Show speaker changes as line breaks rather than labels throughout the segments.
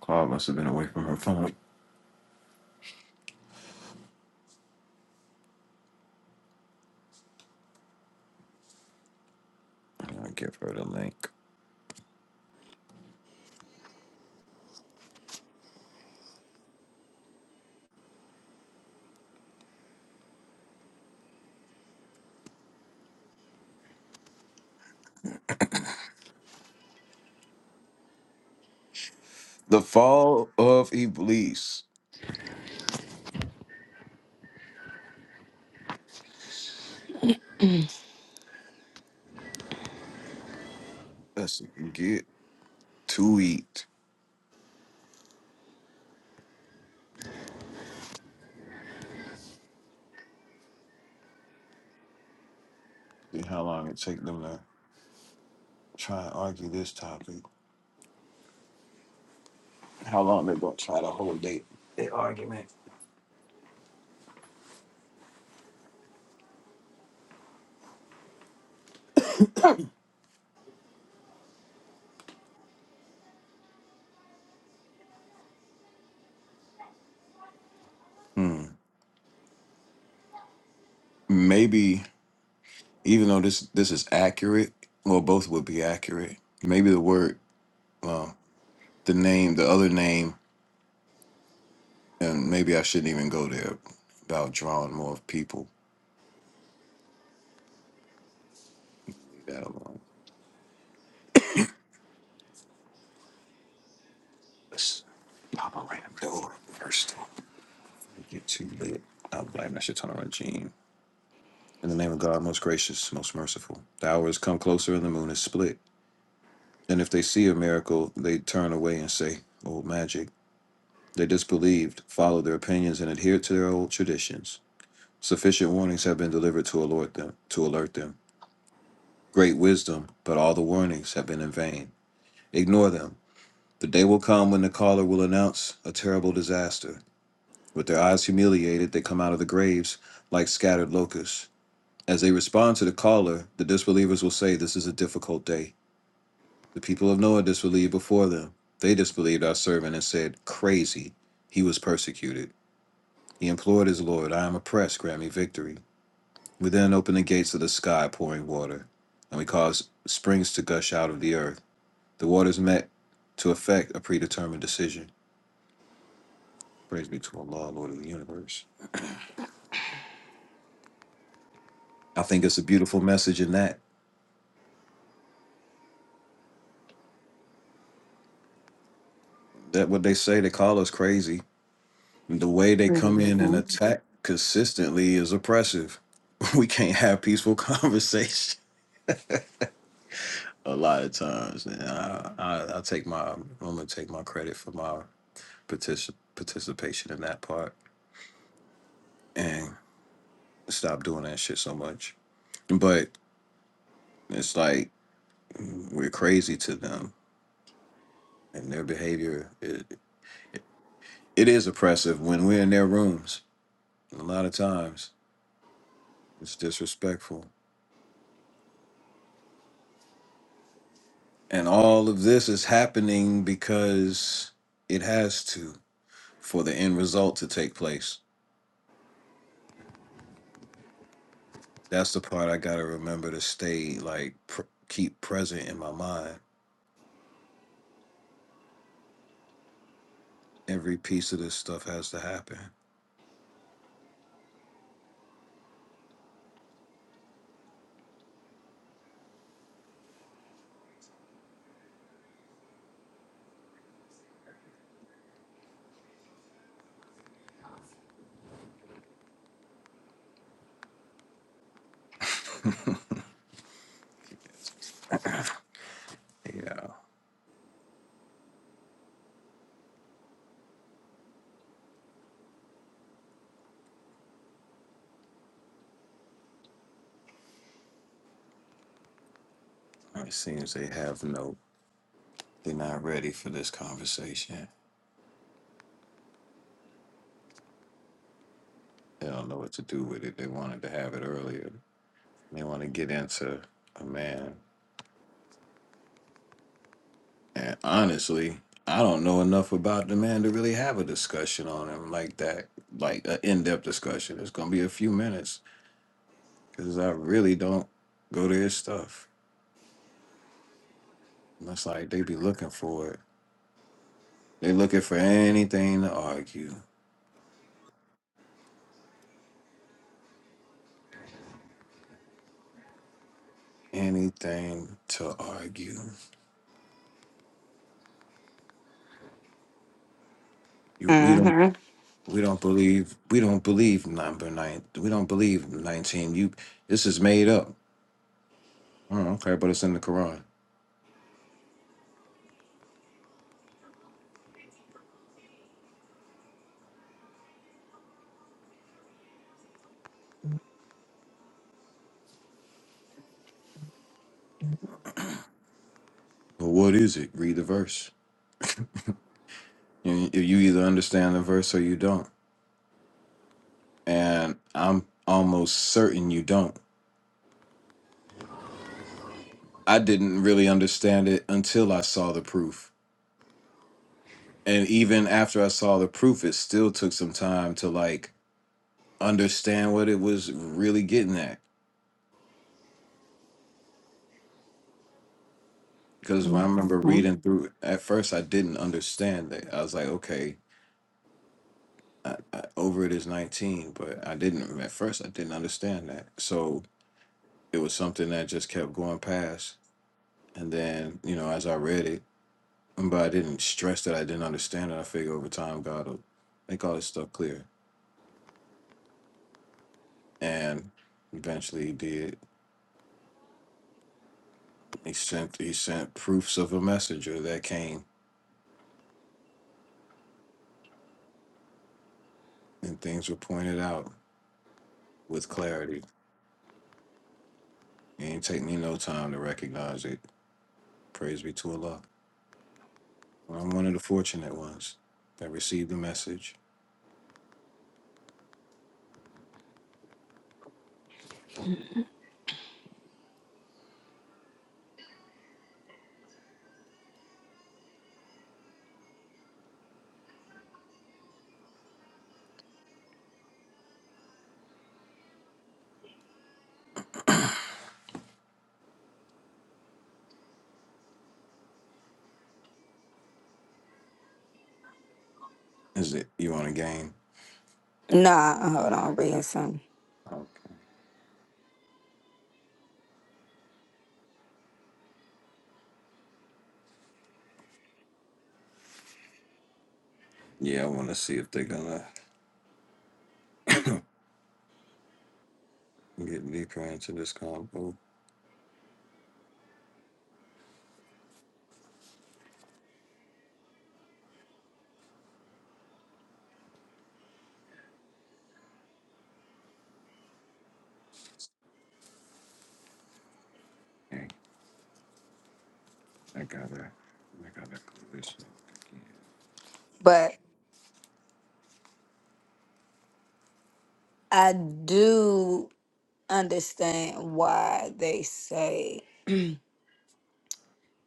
Claude must have been away from her phone. I'll give her the link. The Fall of Iblis. Let's see, get to eat. See how long it take them to try and argue this topic. How long they gonna try the whole date? The argument? Hmm. Maybe even though this this is accurate, well, both would be accurate. Maybe the word, well, the name, the other name, and maybe I shouldn't even go there about drawing more people. Leave that alone. Papa random door 1st Get too lit. Not blame That shit turn on regime. In the name of God, most gracious, most merciful. The hour is come closer and the moon is split. And if they see a miracle, they turn away and say, Old magic. They disbelieved, followed their opinions, and adhered to their old traditions. Sufficient warnings have been delivered to alert them, to alert them. Great wisdom, but all the warnings have been in vain. Ignore them. The day will come when the caller will announce a terrible disaster. With their eyes humiliated, they come out of the graves like scattered locusts. As they respond to the caller, the disbelievers will say, This is a difficult day. The people of Noah disbelieved before them. They disbelieved our servant and said, 'Crazy! He was persecuted. He implored his Lord, 'I am oppressed, grant me victory. We then open the gates of the sky, pouring water, and we cause springs to gush out of the earth. The waters met to effect a predetermined decision. Praise be to Allah, Lord of the universe. I think it's a beautiful message in that That what they say they call us crazy. The way they come in and
Mm-hmm.
attack consistently is oppressive. We can't have peaceful conversation a lot of times. And I, I, I take my I'm gonna take my credit for my particip- participation in that part and stop doing that shit so much. But it's like we're crazy to them and their behavior. It, it it is oppressive when we're in their rooms. A lot of times it's disrespectful And all of this is happening because it has to for the end result to take place. That's the part I got to remember to stay like pr- keep present in my mind. Every piece of this stuff has to happen. Yeah, it seems they have no, they're not ready for this conversation. They don't know what to do with it. They wanted to have it earlier. They want to get into a man. And honestly, I don't know enough about the man to really have a discussion on him like that, like an in depth discussion. It's going to be a few minutes because I really don't go to his stuff. And it's like they be looking for it. They looking for anything to argue, anything to argue. You, we don't.
Mm-hmm.
We don't believe we don't believe number nine. We don't believe nineteen. You, this is made up. "Oh, okay, but it's in the Quran. Well, what is it? Read the verse. You, you either understand the verse or you don't. And I'm almost certain you don't. I didn't really understand it until I saw the proof. And even after I saw the proof, it still took some time to like understand what it was really getting at. Because when I remember
Mm-hmm.
reading through it, at first, I didn't understand it. I was like, okay, I, I, over it is 19, but I didn't, at first, I didn't understand that. So it was something that just kept going past. And then, you know, as I read it, but I didn't stress that I didn't understand it. I figure over time God will make all this stuff clear. And eventually he did. He sent he sent proofs of a messenger that came and things were pointed out with clarity. It didn't take me no time to recognize it. Praise be to Allah. I'm one of the fortunate ones that received the message. Is it you want a game?
Nah, hold on, i reading something.
Okay. Yeah, I want to see if they're gonna get deeper into this combo. Okay, I gotta, I gotta close this up again.
But I do understand why they say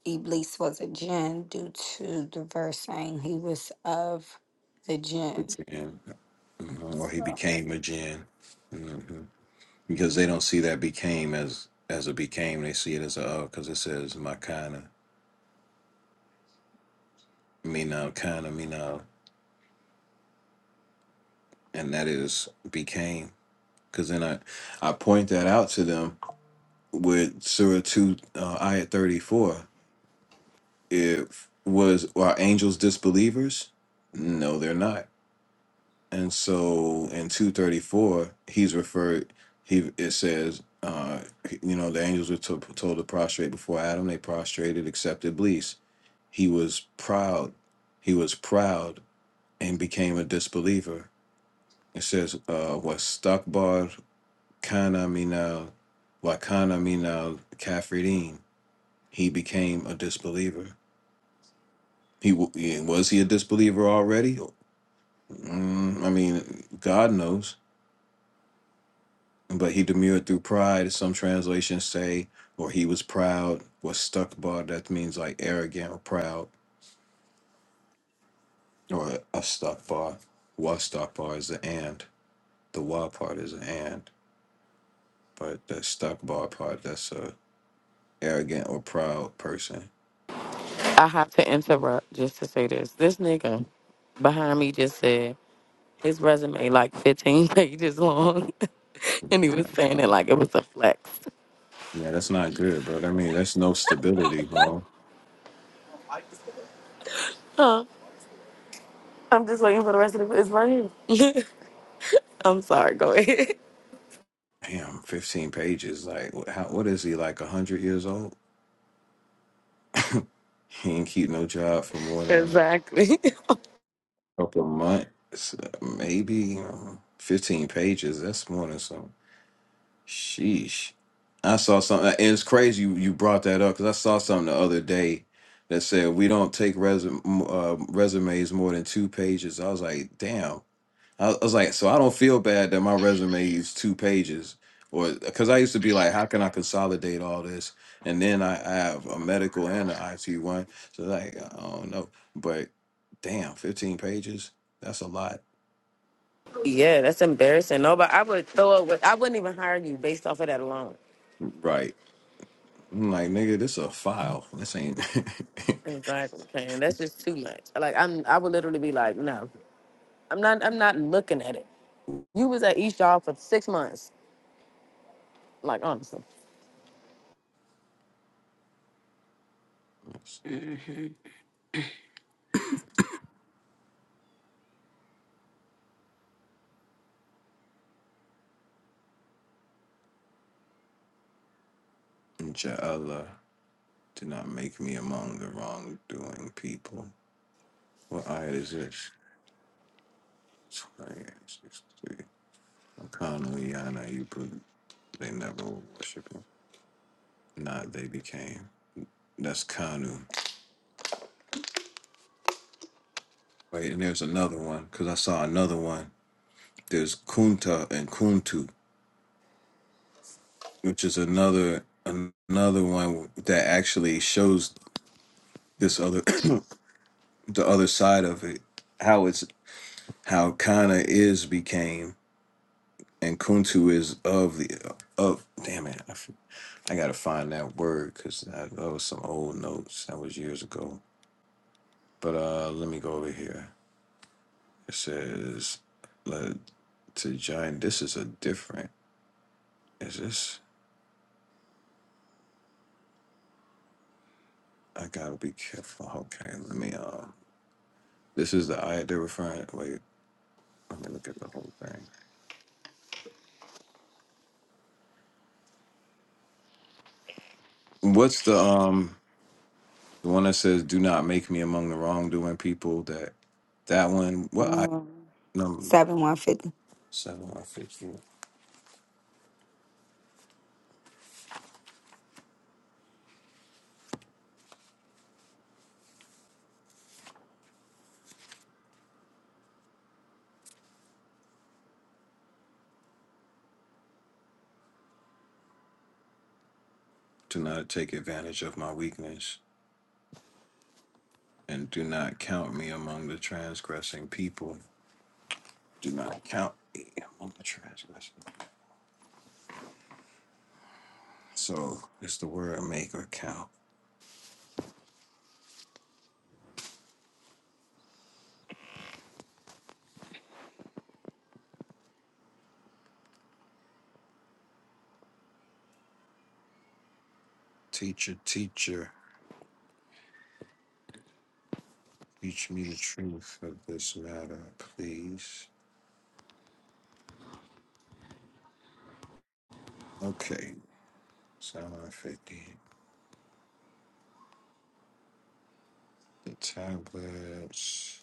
Iblis was a jinn due to the verse saying he was of the
the
jinn.
jinn, mhm, or he
So,
became a jinn, hmm because they don't see that became as as a became. They see it as a oh, because it says makana, mina kana mina, and that is became. Because then I I point that out to them with Surah two uh, ayat thirty four. If was are angels disbelievers? No, they're not And so in 234, he's referred, he it says, uh, you know, the angels were to, told to prostrate before Adam. They prostrated, accepted bliss. He was proud. He was proud and became a disbeliever. It says, uh, was stakbar kana minal, wa kana minal kafirin. He became a disbeliever. He wa- was he a disbeliever already? Mm, I mean, God knows but he demurred through pride. Some translations say, or he was proud, was stuck bar. That means like arrogant or proud, or a stuck bar. Was stuck bar is the and. The wa part is an and, but the stuck bar part, that's a arrogant or proud person.
I have to interrupt just to say this. This nigga behind me just said his resume like 15 pages long, and he was saying it
Wow.
like it was a flex.
Yeah, that's not good, bro. I mean, that's no stability, bro.
Huh? I'm just waiting for the rest of the. It's right here. I'm sorry. Go ahead.
Damn, 15 pages. Like, wh- how, what is he, like 100 years old? he ain't keep no job for more than
exactly.
couple months, maybe um, 15 pages. That's more than some. Sheesh. I saw something, and it's crazy you, you brought that up because I saw something the other day that said we don't take resume, uh, resumes more than two pages. I was like, damn. I was like, so I don't feel bad that my resume is two pages, or because I used to be like, how can I consolidate all this? And then I, I have a medical and an IT one, so like I don't know, but damn, fifteen pages, that's a lot,
yeah, that's embarrassing. No, but I would throw it. With, I wouldn't even hire you based off of that alone.
right? I'm like, nigga, this a file. This ain't.
Exactly. Man, that's just too much. Like I'm. I would literally be like, no, I'm not. I'm not looking at it. You was at each job for six months. Like honestly.
Inshallah, do not make me among the wrongdoing people. What ayat is this? 28, 63. They never were him. Nah, they became. That's Kanu. Wait, and there's another one because I saw another one. There's Kunta and Kuntu, which is another another one that actually shows this other the other side of it. How it's how Kana is became and Kuntu is of the of. Damn it, I, f- I gotta find that word because that, that was some old notes that was years ago. But uh, let me go over here. It says let to join. This is a different. Is this? I gotta be careful. Okay, let me. Um, this is the I they're referring. Wait, let me look at the whole thing. What's the um the one that says "Do not make me among the wrongdoing people"? That that one. What I
um,
number
7150.
seven or fifteen? Do not take advantage of my weakness, and do not count me among the transgressing people. Do not count me among the transgressing. So it's the word maker count. Teacher, teacher, teach me the truth of this matter, please. Okay, 750. The tablets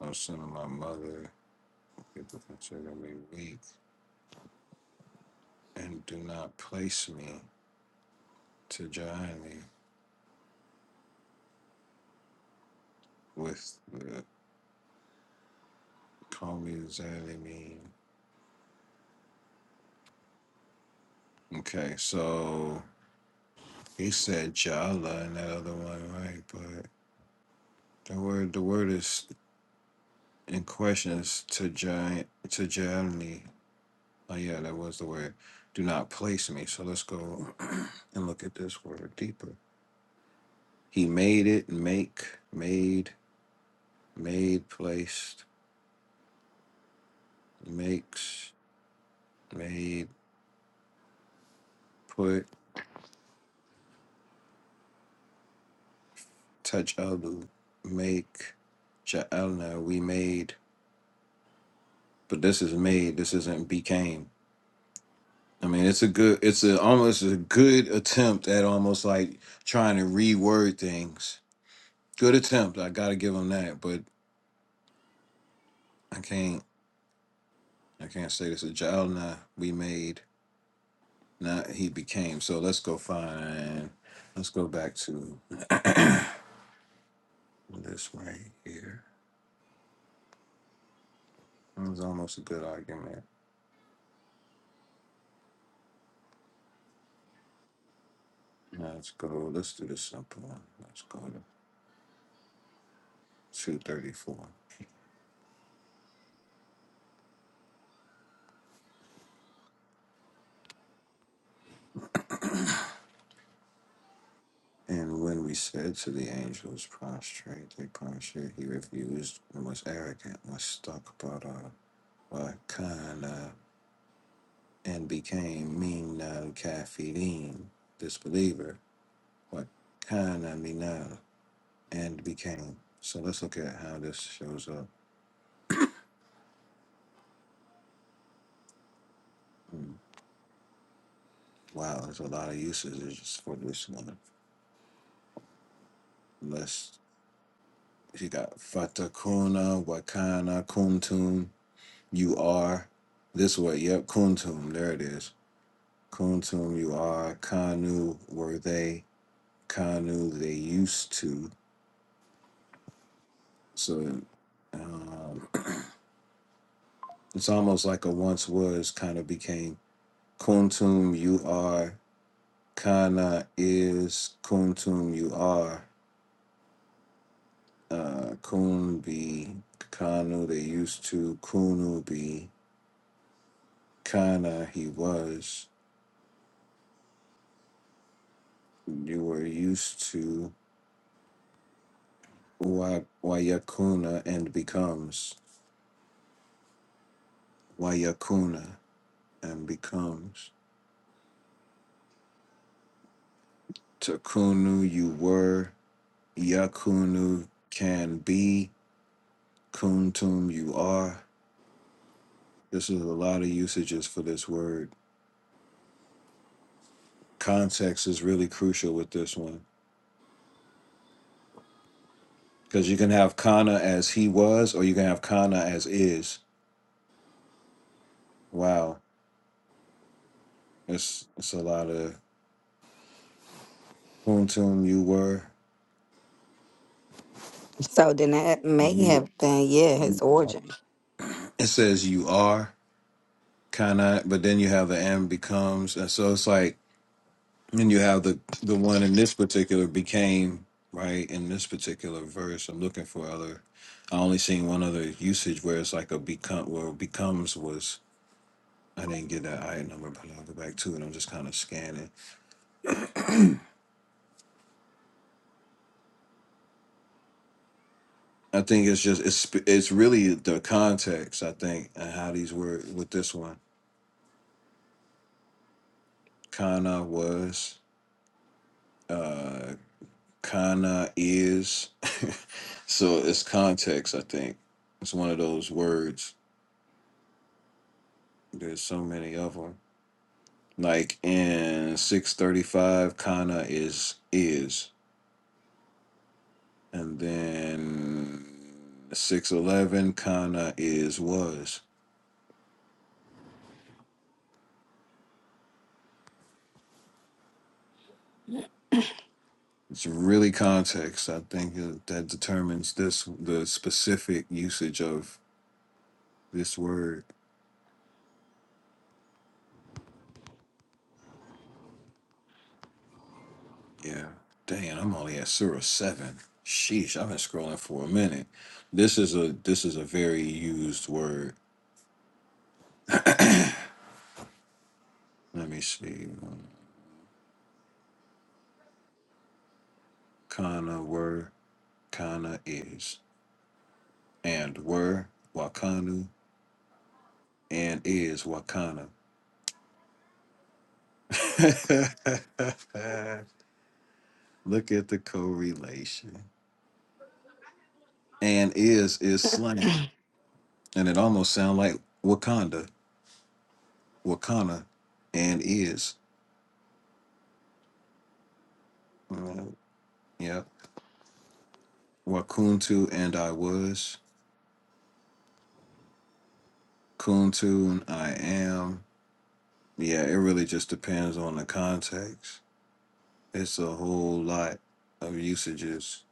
are sent to my mother. People consider me weak and do not place me to Johnny with the call me the Okay, so he said Jala and that other one, right? But the word, the word is and questions to giant to Germany. Oh yeah, that was the word. Do not place me. So let's go and look at this word deeper. He made it, make, made, made, placed, makes, made, put, touch alu, make, ja'alna, we made. But this is made, this isn't became. I mean, it's a good, it's a almost a good attempt at almost like trying to reword things Good attempt. I gotta give him that, but I can't. I can't say this. A child now we made, not he became. So let's go find. Let's go back to this right here. It was almost a good argument. Now Let's go. Let's do the simple one. Let's go to two thirty four. And when we said to the angels, prostrate, they prostrate. He refused and was arrogant, was stuck, but uh, what kind? of. and became min kafirin, disbeliever, what kana mina, and became. So let's look at how this shows up. Hmm. Wow, there's a lot of usages for this one. Let's, you got fatakuna, wakana, kuntum, you are. This way, yep, kuntum, there it is. Kuntum, you are. Kanu, were they. Kanu, they used to. So, um, It's almost like a once was kind of became kuntum you are, kana is kuntum you are, uh, kun be kanu they used to, kunu be kana he was, you were used to, wa wayakuna and becomes, wayakuna and becomes, takunu you were, yakunu can be, kuntum you are This is a lot of usages for this word. Context is really crucial with this one because you can have Kana as he was, or you can have Kana as is. Wow, it's it's a lot of kuntum you were.
So then that may
You
have been, yeah, his origin.
it says you are Kana, but then you have the am becomes, and so it's like and you have the the one in this particular became right in this particular verse. I'm looking for other. I only seen one other usage where it's like a become where becomes was I didn't get that item number, but I'll go back to it. I'm just kind of scanning. I think it's just it's it's really the context. I think and how these were with this one. Kana was, uh, Kana is. so it's context. I think it's one of those words. There's so many of them. Like in 635, Kana is is, and then 611, Kana is was. It's really context, I think, that that determines this the specific usage of this word. Yeah. Dang, I'm only at Surah seven. Sheesh, I've been scrolling for a minute. This is a this is a very used word. Let me see. um, Kana were, kana is, and were wakanu and is wakana. Look at the correlation. And is is slang. and it almost sound like Wakanda, Wakana, and is. Uh, yeah, Wakuntu and I was, Kuntu I am. Yeah, it really just depends on the context. It's a whole lot of usages.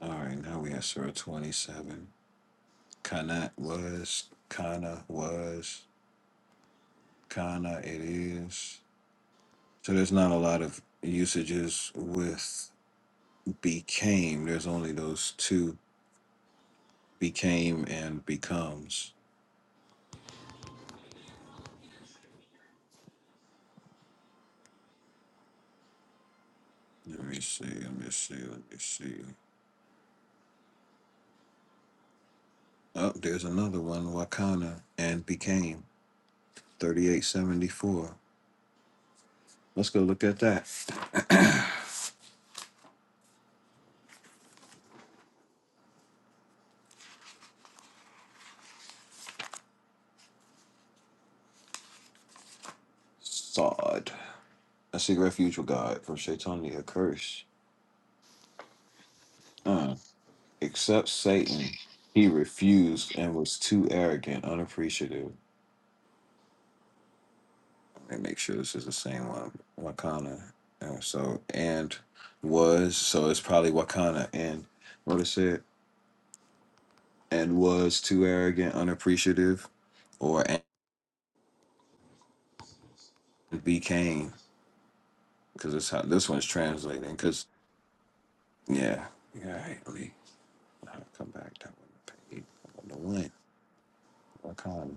All right, now we have Surah 27. Kanat was, Kana was, Kana it is. So there's not a lot of usages with became. There's only those two became and becomes. Let me see. Let me see. Let me see. Oh, there's another one. Wakana and became 3874. Let's go look at that. Sod. I seek refuge with God from Shaitania curse. Uh, except Satan, he refused and was too arrogant, unappreciative. Let me make sure this is the same one. Wakana. Uh, so and was so it's probably Wakana and what it said. and was too arrogant, unappreciative, or and became because it's how this one's translating. Because yeah, yeah, right, Lee. I'll come back that one page. The one Wakana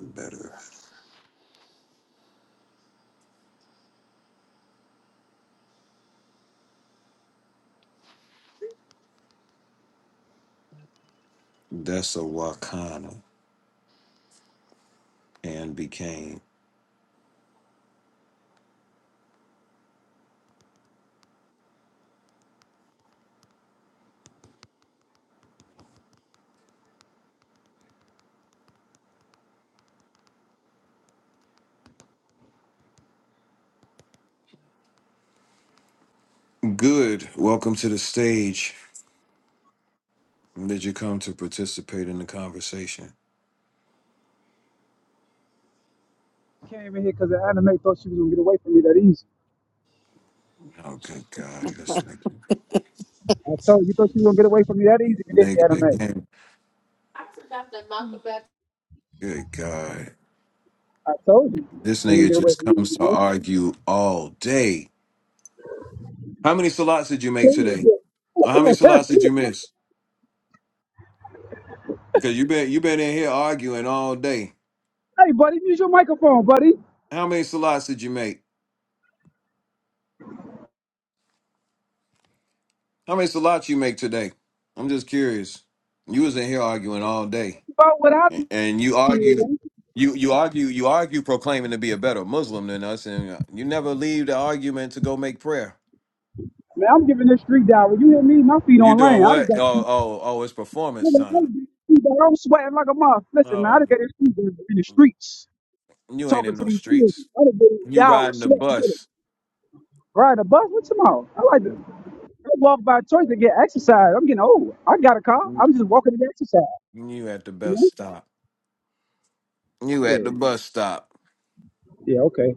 better. That's a Wakana and became good. Welcome to the stage. Did you come to participate in the conversation?
Came in here because the anime thought she was gonna get away from me that easy.
Oh, good God, this nigga,
I told you you thought she was gonna get away from me that easy, you didn't,
nigga
you anime.
again.
I forgot that Malcolm X.
Good God,
I told you,
this
ain't gonna
nigga
get away
just
from you,
comes
you
to
know?
argue all day. How many salats did you make today? Or how many salats did you miss? Because you been you been in here arguing all day.
hey, buddy, use your microphone, buddy.
How many salats did you make? How many salats you make today? I'm just curious. You was in here arguing all day,
About what I
A-
did,
and you argue, you you argue, you argue, proclaiming to be a better Muslim than us, and uh, you never leave the argument to go make prayer.
man. I'm giving this street dive. When you hear me, my feet
You
on
doing
land. I just
what?
got.
Oh oh oh! It's performance time.
I'm sweating like a moth. Listen, man, I
No,
just got this street dive in the streets
you ain't
talking
in
to
no
these kids.
streets.
I done been
You
down with
riding the
sweat.
bus.
Ride a bus? What's tomorrow. I like to. I walk by choice to get exercise. I'm getting old. I got a car. I'm just walking to get exercise.
You at the
You
best
know?
stop. You at the
Shit.
bus stop,
Yeah, okay.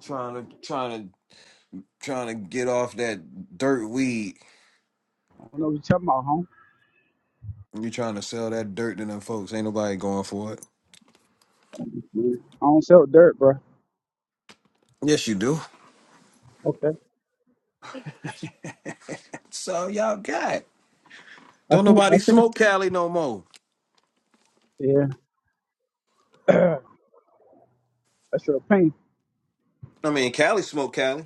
trying to trying to trying to get off that dirt weed.
I don't know what you're talking about, home.
You trying to sell that dirt to them folks? Ain't nobody going for it.
I don't sell dirt, bro.
Yes, you do.
Okay.
So y'all got.
I
Don't
think I
nobody
think
smoke Cali no more.
yeah, that's your pain.
I mean, Cali smoke Cali.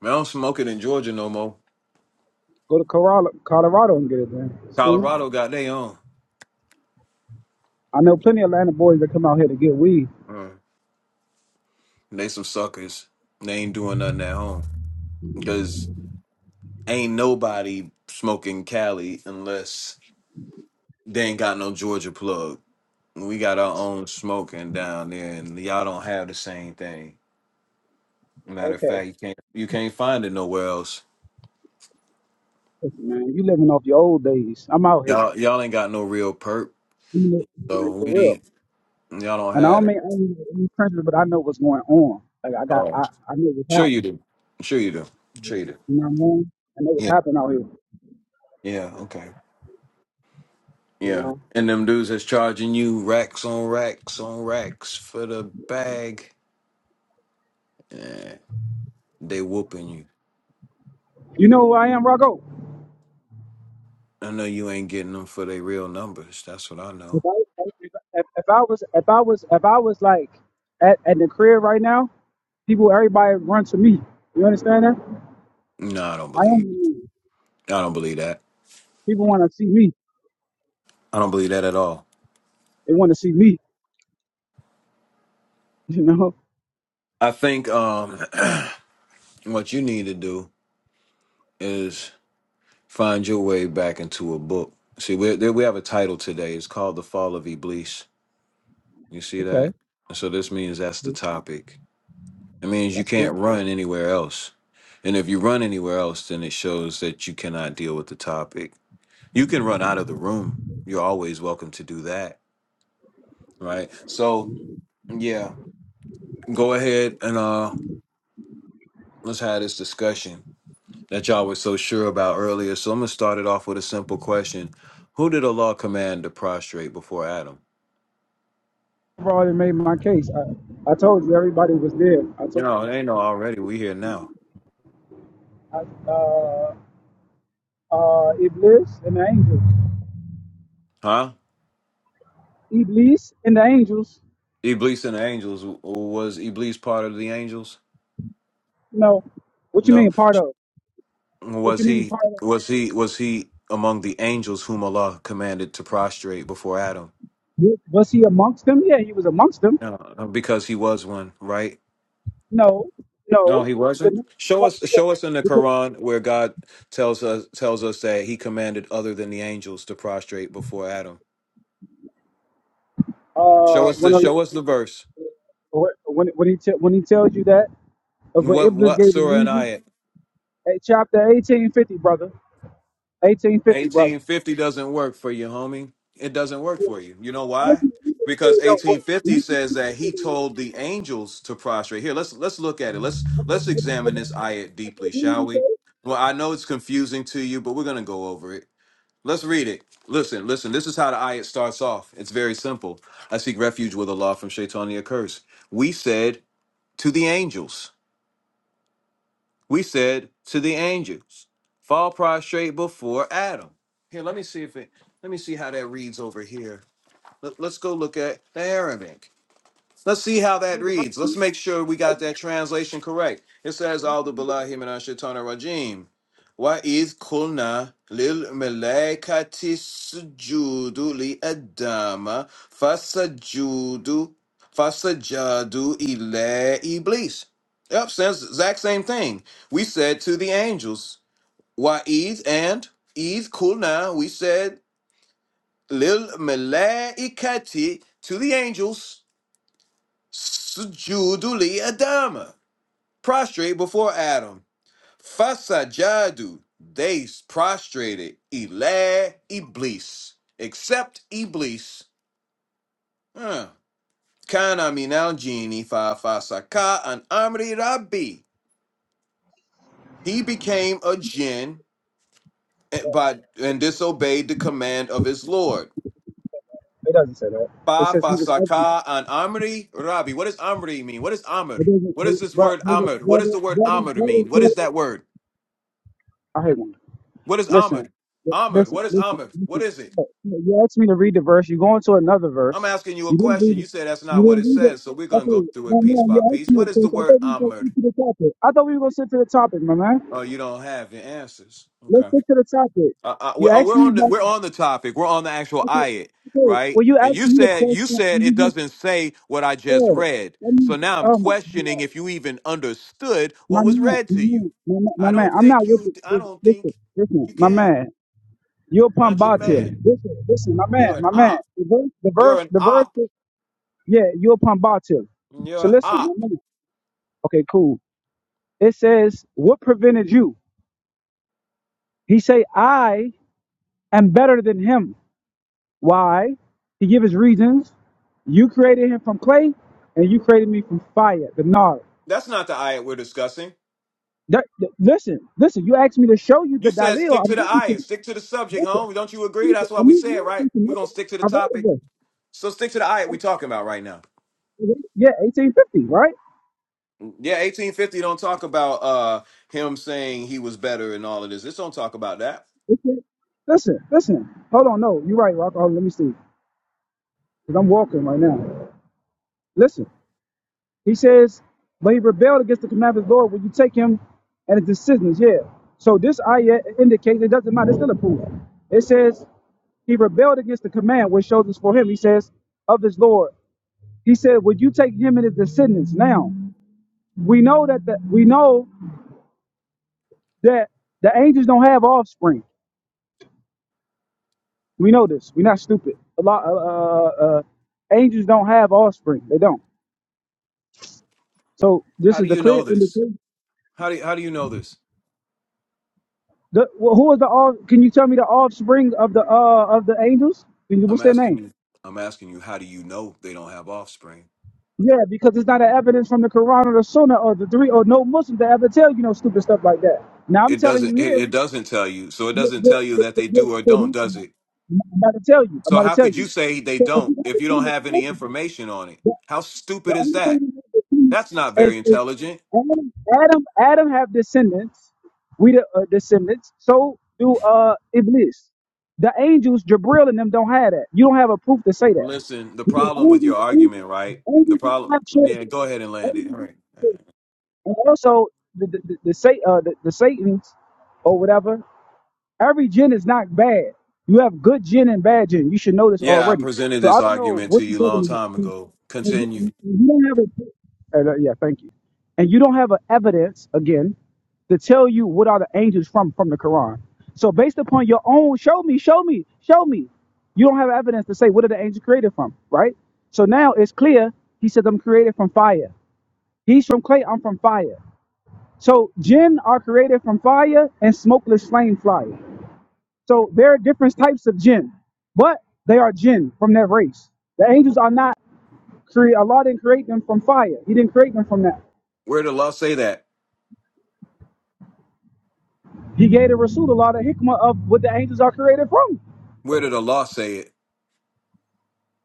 Man, I don't smoke it in Georgia no more.
Go to Colorado, Colorado and get it, man. School.
Colorado got they own.
I know plenty of Atlanta boys that come out here to get weed.
Mm. They some suckers. They ain't doing nothing at home because ain't nobody smoking Cali unless they ain't got no Georgia plug. We got our own smoking down there, and y'all don't have the same thing. Matter of
Okay.
fact, you can't you can't find it nowhere else.
Listen, man, you living off your old days. I'm out here.
Y'all y'all ain't got no real perp,
You know, you know,
so we
for real.
ain't y'all don't
And I
have
don't
it.
mean I don't mean any prejudice, but I know what's going on. Like I got
Oh,
I, I know what's
sure you
happening.
do. Sure you do. Sure you do.
You know what I mean? I know what's
Yeah.
happening out here.
Yeah. Okay.
You
Yeah.
know?
And them dudes that's charging you racks on racks on racks for the bag, eh, they whooping you.
You know who I am, Rocco?
I know you ain't getting them for their real numbers. That's what I know.
If I, if, if I was if I was if I was like at, at the crib right now, people everybody run to me. You understand that?
No, I don't
I am
believe.
the man.
I don't believe that.
people want to see me.
I don't believe that at all.
They want to see me. You know?
I think um, what you need to do is find your way back into a book. See, we there- we have a title today. It's called "The Fall of Iblis." You see
Okay,
that? And So this means that's the topic. It means you
that's cool.
can't run anywhere else. And if you run anywhere else, then it shows that you cannot deal with the topic. You can run out of the room. You're always welcome to do that, right? So yeah, go ahead and uh, let's have this discussion that y'all were so sure about earlier. So I'm gonna start it off with a simple question: Who did Allah command to prostrate before Adam?
I've already made my case. I, I told you everybody was there. I told
No,
you.
it ain't no already. We here now,
I, uh, uh, Iblis and the angels.
huh?
Iblis and the angels.
Iblis and the angels. W- Was Iblis part of the angels?
You know, what you
No.
mean part of? What you
Was
mean
he?
part
Was he? Was he among the angels whom Allah commanded to prostrate before Adam?
of? Was he amongst them? Yeah, he was amongst them.
No, because he was one, right?
No,
No,
no,
he
because,
wasn't.
no,
Show
no,
us,
because,
show us in the
because
Quran where God tells us tells us that He commanded other than the angels to prostrate before Adam. Show
uh,
us the
when
show us
Allah,
the verse.
when when he tell when he tells you that of what
What
Iblis
what
gave the
surah and
reason,
ayat?
at chapter eighteen fifty, brother, eighteen fifty, brother.
Eighteen fifty doesn't work for you, homie. It doesn't work
Yeah,
for you. You know
once
why?
you read it, it say
Because
it don't work.
eighteen fifty
Once you read
says
it,
that
it say
he
it don't work.
told the angels to prostrate. Here, let's let's look at it. Let's
Okay,
let's
okay,
examine
okay,
this ayat
okay,
deeply,
then
shall
you say,
we? Well, I know it's confusing to you, but we're gonna go over it. Let's read it. Listen, listen. This is how the ayat starts off. It's very simple. I seek refuge with Allah from Shaitania curse. We said to the angels. We said to the angels, fall prostrate before Adam. Here, let me see if it, let me see how that reads over here. Let, us go look at the Aramaic. Let's see how that
Read the verse.
reads.
I
Let's make sure we got
didn't-
that translation correct. It says,
you can
Aldu
read the verse.
Billahi Minash Shaitana Rajim. Wa idh kulna lil malaikati sujudu li adama fasajudu fasajadu ila iblis. Yep, says exact same thing. We said to the angels, Wa idh and idh kulna, we said lil malaikati to the angels Sujudu li Adama. Prostrate before Adam. Fasajadu. They prostrated. Ila Iblis. Except Iblis. Huh. Kana minal jini fa fasaka an amri rabbi. He became a jinn and- but and disobeyed the command of his lord.
It doesn't say that. It
Fa
says he was ugly.
fasaka an amri rabbi. What does amri mean? What is amr?
It doesn't,
What is this
brother,
word
brother,
amr? What does the word
brother,
amr
brother,
mean? What
brother.
is that word?
I hate one.
What is
Listen,
Ahmed? Ahmed,
listen,
what is
listen,
Ahmed? What
listen.
is it?
Look, look, You asked me to read the verse. You go into another
I'm
verse.
asking you a
You didn't
question.
read
You
it.
said that's
You
not what
didn't
it
read it.
says, so we're gonna go
Okay,
through
my
it piece
man,
by
you asked
piece.
me
What
a
is the
question. I
word
thought we were going to
Ahmed?
stick to the topic. I thought we were going to stick to the topic, my man.
Oh, you don't have your answers.
Let's
Okay.
stick to the topic.
Uh, uh,
You
we're, oh,
asked
we're
me
on the
about.
we're on the topic. We're on the actual
the. Okay,
ayat,
okay.
right?
Well, you
And
asked
you
me the
said
question,
you
and
said it
you just
doesn't say what I just
said,
read.
"Let
So
me."
now I'm
Oh my
questioning
God,
if you even understood
my
what was
man,
read
my
to you.
man, my man, my
I
man.
don't
I'm
think
not with
you. I
it.
don't think
Listen, listen,
you
my
can.
man. Yopam
Not your
Batil.
man.
Listen, listen, my man,
You're an
my man.
op.
The verse, the
You're
verse,
an
the verse
op.
is, yeah, Yopam Batil.
You're
So
an
listen,
op.
one minute. Okay, cool. It says, What prevented you? He say, I am better than him. Why? He give his reasons. You created him from clay, and you created me from fire, the nard.
That's not the ayat we're discussing.
That, that- listen, listen, you asked me to show you the
You said
Dalil.
stick
I'm
to the
giving you.
ayat, stick to the subject,
Listen,
home. Don't you agree?
listen,
That's
I
what we
mean,
said,
you
right?
need to
We're gonna stick to the
I read it.
topic.
bro.
So stick to the ayat we're talking about right now.
Yeah, 1850, right?
Yeah, 1850 don't talk about uh him saying he was better and all of this. This don't talk about that.
Listen, listen, listen. Hold on, no, you're right, Rock. Hold on, let me see. Because I'm walking right now. Listen, he says, but he rebelled against the command of his Lord Will you take him and his decisions. Yeah. So this ayah indicates it doesn't matter. It's still a proof. It says he rebelled against the command which shows us for him. He says of his Lord. He said, would you take him and his descendants? Now we know that the, we know that the angels don't have offspring. We know this. We're not stupid. A lot. Uh, uh, uh, angels don't have offspring. They don't. So
How
this
do
is the
you know
clear
this?
indication.
How do you, how do you know this?
The, well, who is the off? Can you tell me the offspring of the uh of the angels? Can you-
I'm
What's their
asking
name?
you. I'm asking you. How do you know they don't have offspring?
Yeah, because it's not an evidence from the Quran or the Sunnah or the three or no Muslim to ever tell you no stupid stuff like that. Now I'm
It
telling
doesn't.
you
It,
here.
it doesn't tell you. So it
yeah,
doesn't
yeah,
tell you
yeah,
that they
yeah,
do or don't, does
yeah,
it?
I'm about to tell you. I'm
So
about
how
to tell
could you
you.
say they
So if
don't
you got
if
the
you don't
Sunnah,
have any
listen.
information on it? How stupid
The
is
only thing
that?
we have descendants
That's not very
is if
intelligent.
Adam, Adam, Adam have descendants. We the uh, descendants. So do uh Iblis. The angels, Jabril and them don't have that. You don't have a proof to say that.
Listen, the
Because
problem with
angels,
your
angels,
argument, right? The
angels don't
problem,
have
yeah,
children.
go ahead and land it. All
Angels don't
right.
have children. And also the the, the, the, sa- uh, the the Satan's or whatever. Every gin is not bad. You have good gin and bad gin. You should know this
Yeah, I
already.
presented
So
this
I don't know
argument to
what
you a
you're
long
talking about.
time
And
ago.
You
Continue.
you don't have a, and, uh, yeah, thank you. And you don't have a evidence again to tell you what are the angels from from the Quran. So based upon your own, show me, show me, show me. You don't have evidence to say what are the angels created from, right? So now it's clear. He said I'm created from fire. He's from clay. I'm from fire. So jinn are created from fire and smokeless flame fire. So there are different types of jinn, but they are jinn from that race. The angels are not created. Allah didn't create them from fire. He didn't create them from that.
Where did the law say that?
He gave the Rasul Allah the hikmah of what the angels are created from.
Where did the law say it?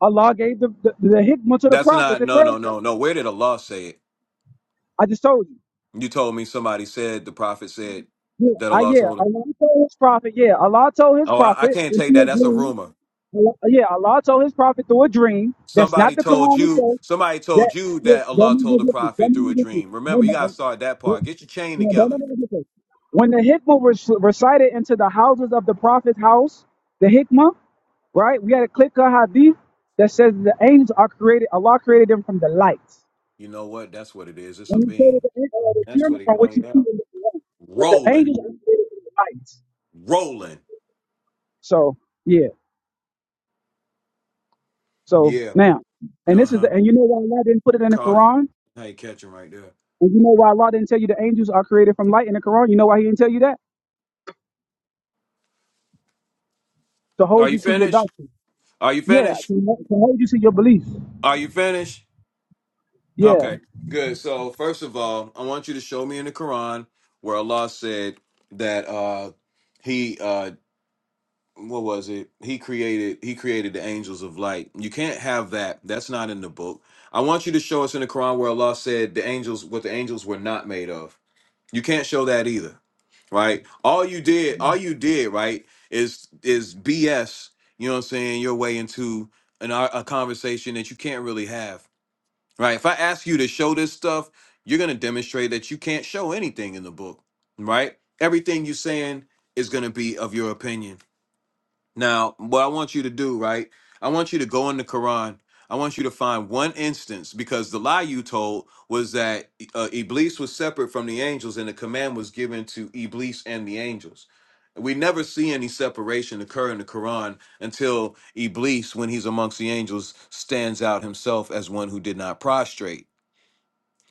Allah gave the, the, the hikmah to the
That's
prophet
not,
to
no, no,
clarify.
no, no. Where did the law say it?
I just told you.
You told me somebody said, the prophet said
Yeah,
that
I,
Allah
yeah,
told him.
Allah told his prophet. Yeah, Allah told his
Oh, I, I
prophet
can't
in
take that.
a
That's a
dream.
rumor.
Allah, yeah, Allah told his prophet through a dream. That's not
Somebody
the
told
Quran
you,
itself.
somebody
That
told you
that
that
that
Allah
means no
told the
difference. That
prophet through a
means no difference.
dream.
No,
Remember, you
no,
gotta
no.
start that
Yeah.
part. Get your chain
No, don't
together.
let me get this. When the hikmah was recited into the houses of the prophet's house, the hikmah, right? We had a click a hadith that says the angels are created, Allah created them from the light.
You know what? That's what it is. It's a
And he created
beam.
the, an- uh, the
That's
children
what it
from which
on.
you
Yeah.
see in the Quran. But the
Rolling.
angels are created from the light.
Rolling.
So, yeah. So
Yeah.
now, and this is
Uh-huh.
the, and you know why Allah didn't put it in the
Caught him.
Quran?
How you catch him right there?
And you know why Allah didn't tell you the angels are created from light in the Quran? You know why he didn't tell you that? To
Are
hold
you
you to your
finished?
doctrine.
Are you
Yeah,
finished?
to, to hold you to your beliefs.
Are you finished?
Yeah.
Okay. Good. So first of all, I want you to show me in the Quran where Allah said that uh he uh what was it? He created he created the angels of light. You can't have that. That's not in the book. I want you to show us in the Quran where Allah said the angels what the angels were not made of. You can't show that either. Right? All you did, all you did, right, is is BS, you know what I'm saying, your way into an ar- a conversation that you can't really have. Right? If I ask you to show this stuff, you're going to demonstrate that you can't show anything in the book, right? Everything you're saying is going to be of your opinion now, what I want you to do, right? I want you to go in the Quran. I want you to find one instance because the lie you told was that uh, Iblis was separate from the angels and the command was given to Iblis and the angels. We never see any separation occur in the Quran until Iblis, when he's amongst the angels, stands out himself as one who did not prostrate.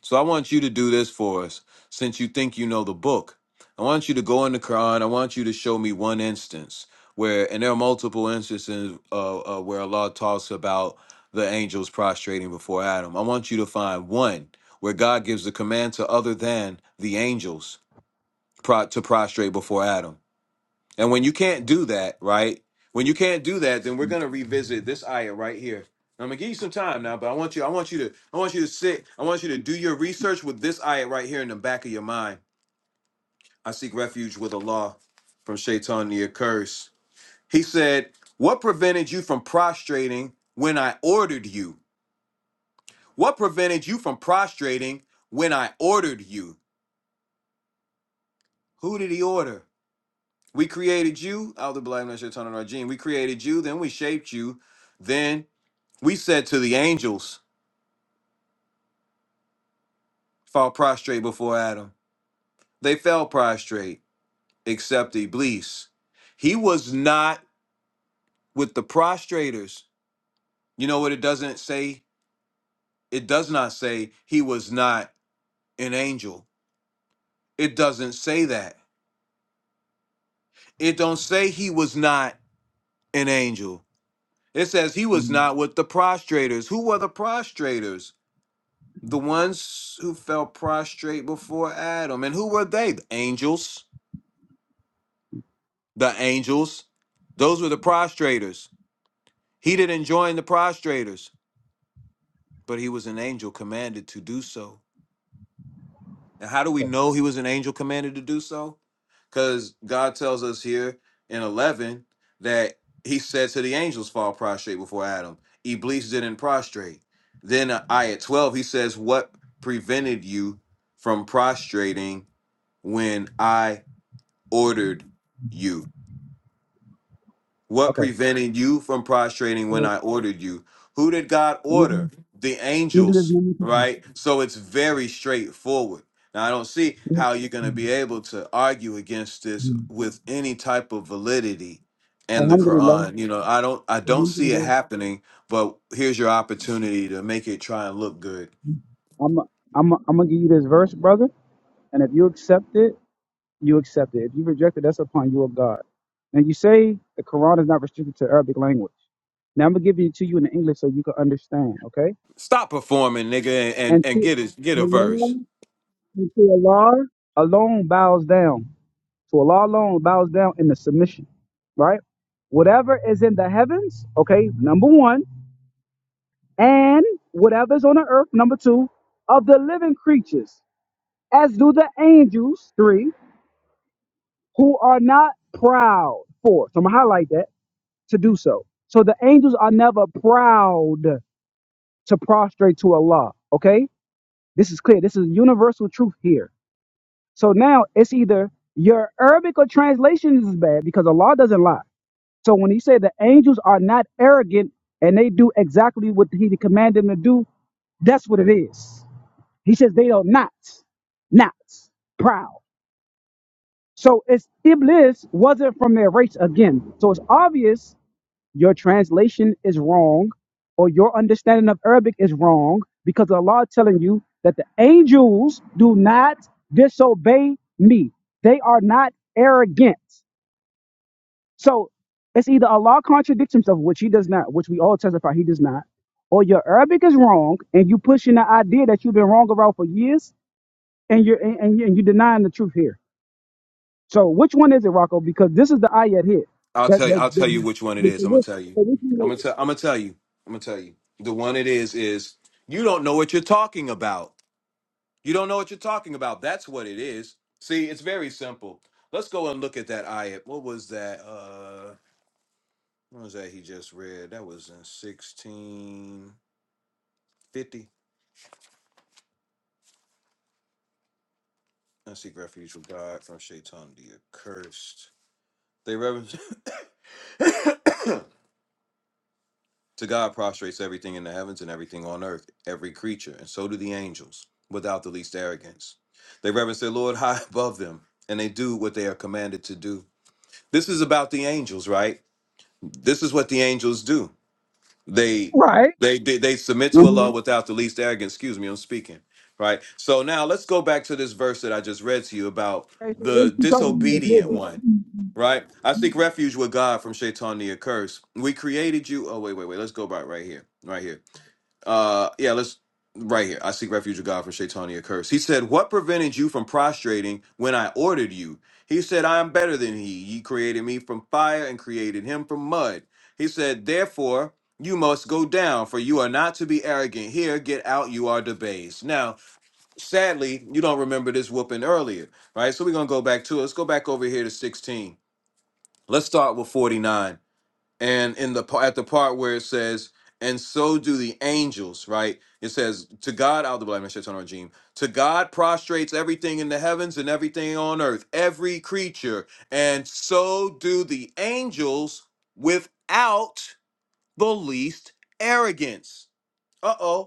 So I want you to do this for us, since you think you know the book. I want you to go in the Quran. I want you to show me one instance where, and there are multiple instances uh, uh, where Allah talks about the angels prostrating before Adam. I want you to find one where God gives the command to other than the angels pro- to prostrate before Adam. And when you can't do that, right? When you can't do that, then we're gonna revisit this ayah right here. I'm gonna give you some time now, but I want you, I want you to, I want you to sit, I want you to do your research with this ayah right here in the back of your mind. I seek refuge with Allah from Shaitan the accursed. He said, What prevented you from prostrating when I ordered you? What prevented you from prostrating when I ordered you? Who did he order? We created you, Alder Black Shaitan Rajim. We created you, then we shaped you, then We said to the angels, fall prostrate before Adam. They fell prostrate, except Iblis. He was not with the prostrators. You know what it doesn't say? It does not say he was not an angel. It doesn't say that. It don't say he was not an angel. It says he was
Mhm.
not with the prostrators. Who were the prostrators? The ones who fell prostrate before Adam. And who were they? The angels. the angels. Those were the prostrators. He didn't join the prostrators, but he was an angel commanded to do so. And how do we know he was an angel commanded to do so? Because God tells us here in 11 that he said to the angels, fall prostrate before Adam. Iblis didn't prostrate. Then uh, I at 12, he says, What prevented you from prostrating when I ordered you? What
Okay.
prevented you from prostrating when
So,
I ordered you? Who did God
Let me
order?
do
The
let me do this
angels,
one more time.
right? So it's very straightforward. Now, I don't see
Let me-
how you're going to be
Mhm.
able to argue against this
Mhm.
with any type of validity in the
Alhamdulillah.
Quran. You know, I don't I don't see it
Alhamdulillah.
happening, but here's your opportunity to make it try and look good.
I'm I'm I'm gonna give you this verse, brother, and if you accept it, you accept it. If you reject it, that's upon you of God. Now you say the Quran is not restricted to Arabic language. Now I'm gonna give it to you in English so you can understand, okay?
Stop performing, nigga, and and,
And
and
to
get a get a verse.
Allah, and to Allah alone bows down. So Allah alone bows down in the submission, right? Whatever is in the heavens, okay, number one, and whatever's on the earth, number two, of the living creatures, as do the angels, three, who are not proud, four. So I'm gonna highlight that to do so. So the angels are never proud to prostrate to Allah, okay? This is clear. This is universal truth here. So now it's either your Arabic or translation is bad because Allah doesn't lie. So when he said the angels are not arrogant and they do exactly what he commanded them to do, that's what it is. He says they are not, not proud. So it's Iblis wasn't from their race again. So it's obvious your translation is wrong or your understanding of Arabic is wrong because Allah is telling you that the angels do not disobey me. They are not arrogant. So it's either Allah contradicts himself, which he does not, which we all testify he does not, or your Arabic is wrong and you pushing the idea that you've been wrong about for years and you're and, and, you- and you're denying the truth here. So which one is it, Rocco? Because this is the ayat here.
I'll
That
tell you.
that,
I'll
that,
tell
that,
you which one it
that,
is. I'm gonna
that-
tell you.
that- which
I'm
one is
gonna
it?
tell. I'm gonna tell you. I'm gonna tell you. The one it is is you don't know what you're talking about. You don't know what you're talking about. That's what it is. See, it's very simple. Let's go and look at that ayat. What was that? Uh, what was that he just read? That was in 1650. I seek refuge from God, from Shaitan the accursed. They reverence. To God prostrates everything in the heavens and everything on earth, every creature, and so do the angels, without the least arrogance. They reverence their Lord high above them, and they do what they are commanded to do. This is about the angels, right? This is what the angels do. They
Right.
they they, they submit to
Mhm.
Allah without the least arrogance. Excuse me, I'm speaking. Right. So now let's go back to this verse that I just read to you about
Okay, so what
the
you talking about? Hold
disobedient one.
on.
Right? I seek refuge with God from Shaitan the accursed. We created you. Oh, wait, wait, wait. Let's go back right here. Right here. Uh, yeah, let's right here. I seek refuge of God from Shaitania curse. He said, What prevented you from prostrating when I ordered you? He said, I am better than he. Ye created me from fire and created him from mud. He said, Therefore, you must go down, for you are not to be arrogant. Here, get out, you are debased. Now, sadly, you don't remember this whooping earlier, right? So we're gonna go back to it. Let's go back over here to 16. Let's start with 49 and in the pa- at the part where it says and so do the angels right it says to god out the regime to god prostrates everything in the heavens and everything on earth every creature and so do the angels without the least arrogance uh-oh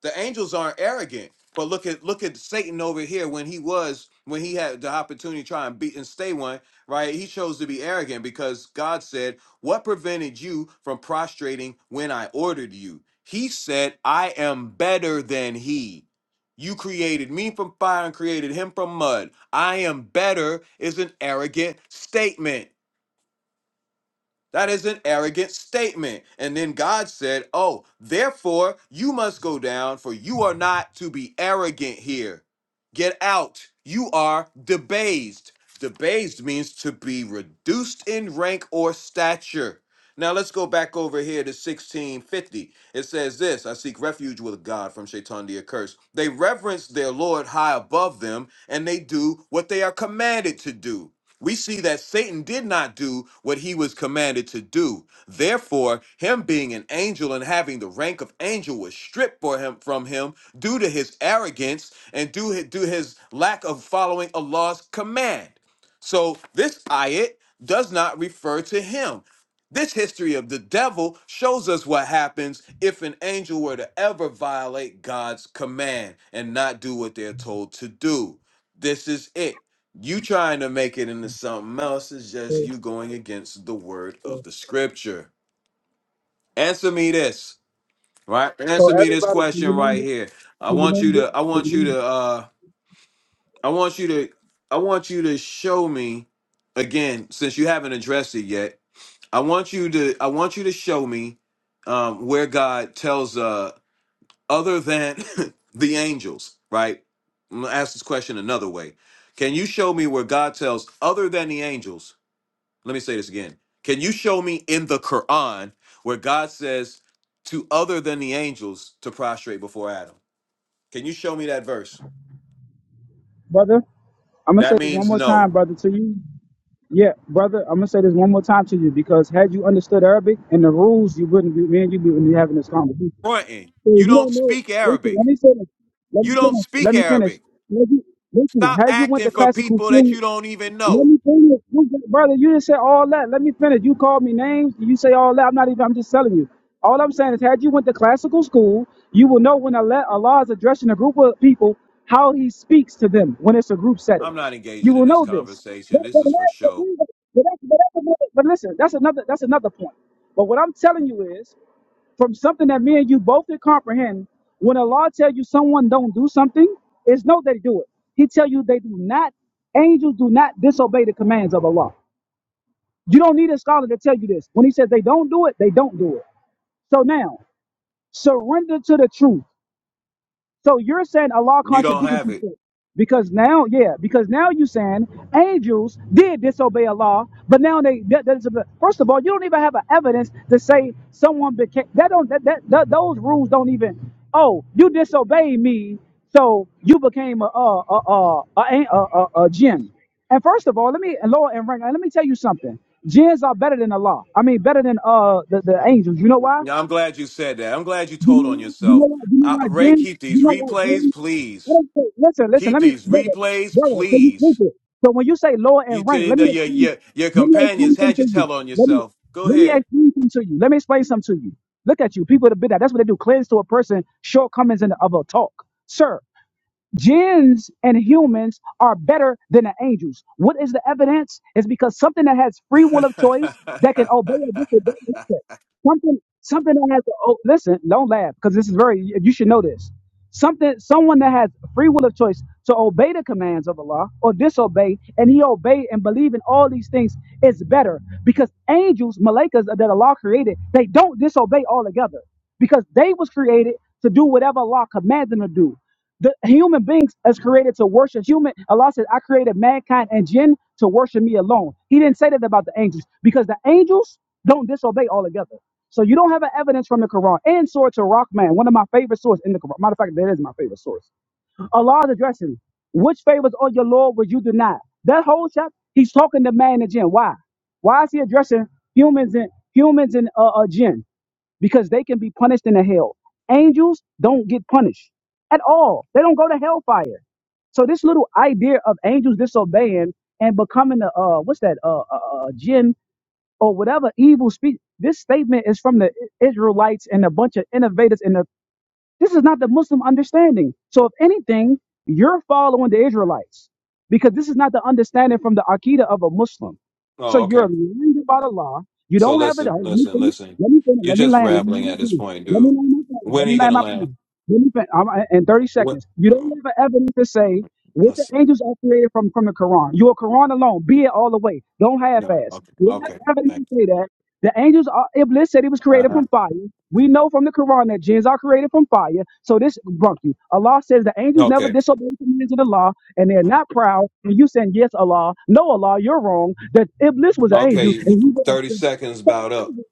the angels aren't arrogant, but look at look at Satan over here when he was when he had the opportunity to try and beat and stay one, right? He chose to be arrogant because God said, "What prevented you from prostrating when I ordered you?" He said, "I am better than he." You created me from fire and created him from mud. I am better is an arrogant statement. That is an arrogant statement. And then God said, Oh, therefore you must go down, for you are not to be arrogant here. Get out. You are debased. Debased means to be reduced in rank or stature. Now let's go back over here to 1650. It says this I seek refuge with God from Shaitan the accursed. They reverence their Lord high above them, and they do what they are commanded to do we see that Satan did not do what he was commanded to do. Therefore, him being an angel and having the rank of angel was stripped for him from him due to his arrogance and due his, due his lack of following Allah's command. So this ayat does not refer to him. This history of the devil shows us what happens if an angel were to ever violate God's command and not do what they're told to do. This is it you trying to make it into something else is just
So
you going against the word
so-
of the scripture. Answer me this, right?
so
Answer me this
everybody, can
question
you name
right
it?
here. I
Can you
want you
name it?
to I
Can
want
you
you
name
to uh I want you to I want you to show me again since you haven't addressed it yet. I want you to I want you to show me um where God tells uh other than the angels, right? I'm going to ask this question another way. Can you show me where God tells other than the angels Let me say this again. Can you show me in the Quran where God says to other than the angels to prostrate before Adam? Can you show me that verse?
it? Brother, I'm gonna
That
say this one
means
more
no.
time, brother, to you. Yeah, brother, I'm gonna say this one more time to you because had you understood Arabic and the rules, you wouldn't be man. you wouldn't be having this conversation.
Fronting.
So
You
you
don't
don't know.
speak
Listen, let
Arabic.
me finish. Let
You
me
don't
finish.
speak
Let me finish.
Arabic.
Had you, listen,
Stop
had you went
acting
to
for
classical
people that
school
you don't even
let
know.
me finish. You just- Brother, you didn't say all that. Let me finish. You called me names. You say all that. I'm not even, I'm just telling you. All I'm saying is, had you went to classical school, you will know when Allah Allah is addressing a group of people, how he speaks to them when it's a group setting.
I'm not
You
engaging in
will
this
know this.
conversation.
But,
This
but, but,
is for
but,
show.
that's- but that's another- but listen, that's another, that's another point. But what I'm telling you is, from something that me and you both can comprehend. When Allah tell you someone don't do something, it's no they do it. He tell you they do not. Angels do not disobey the commands of Allah. You don't need a scholar to tell you this. When he says they don't do it, they don't do it. So now surrender to the truth. So you're saying Allah
You don't
contradicted
have it.
himself. Because now, yeah, because now you saying angels did disobey Allah, but now they that, that is a, first of all, you don't even have an evidence to say someone became that don't that, that, that those rules don't even oh you disobeyed me, so you became a a a a, a, a, a, a jinn. And first of all, let me and Lord and rank, let me tell you something. Jinns are better than Allah. I mean, better than uh the, the angels. You know why?
Yeah, I'm glad you said that. I'm glad you
You
told
know
on
why? You
yourself.
know why? You
Uh,
know why,
Ray,
Jim?
keep
You
these
know why,
replays,
Jim? I
please.
don't say, listen, listen,
Keep
let me,
these
brother,
replays,
brother, so you
please.
stupid. So when you say lower in
You tell
rank,
you
let me
that your
explain,
your your
let me
companions
explain
had you
something to you.
tell on
Let me,
yourself. Go
let me
ahead.
explain something to you. Let me explain something to you. Look at you, people of the bid'ah. That's what they do, cleanse to a person shortcomings in the other talk. Sir, Jinns and humans are better than the angels. What is the evidence? It's because something that has free will of choice that can obey or disobey. nature. Something, something that has. Oh, listen, don't laugh because this is very. You should know this. Something, someone that has free will of choice to obey the commands of Allah or disobey, and he obey and believe in all these things is better because angels, malakas that Allah created, they don't disobey altogether because they was created to do whatever Allah commands them to do. The human beings is created to worship human. Allah says, I created mankind and jinn to worship me alone. He didn't say that about the angels because the angels don't disobey altogether. So you don't have an evidence from the Quran and Surah to Rahman, one of my favorite sources in the Quran. Matter of fact, that is my favorite source. Allah is addressing which favors of your Lord would you deny? That whole chapter, he's talking to man and jinn. Why? Why is he addressing humans and humans and uh, uh, jinn? because they can be punished in the hell. Angels don't get punished at all. They don't go to hellfire. So this little idea of angels disobeying and becoming a uh, what's that uh, uh, uh, jinn or whatever evil speak. This statement is from the Israelites and a bunch of innovators in the this is not the Muslim understanding. So, if anything, you're following the Israelites because this is not the understanding from the Aqidah of a Muslim. So,
oh,
you're
okay.
lying about Allah. You
So
don't have it.
listen,
Let me
listen,
finish.
listen.
Let me finish.
You're
Let me
just
land. Let me land
rambling
my
at this
plane.
point,
Let me
dude.
land my plane. Let
When are
me
you
land
gonna
my
land?
plane. Let me fin- I'm, I- in 30
What?
seconds. You don't
mm,
have an evidence to say what
Let's
the
see.
angels are created from from the Quran. You are Quran alone. Be it all the way. Don't
No,
half-ass.
okay,
You don't have
okay.
evidence to
Thank you.
say that. The angels are, Iblis said he was created
Uh-huh.
from fire. We know from the Quran that jinns are created from fire. So this bunk you. Allah says the angels never
Okay,
disobey the commands of the law and they're
Mm.
not proud. And you saying, yes, Allah, no, Allah, you're wrong. That Iblis was an angel
okay.
and he
Thirty seconds, about up.
was.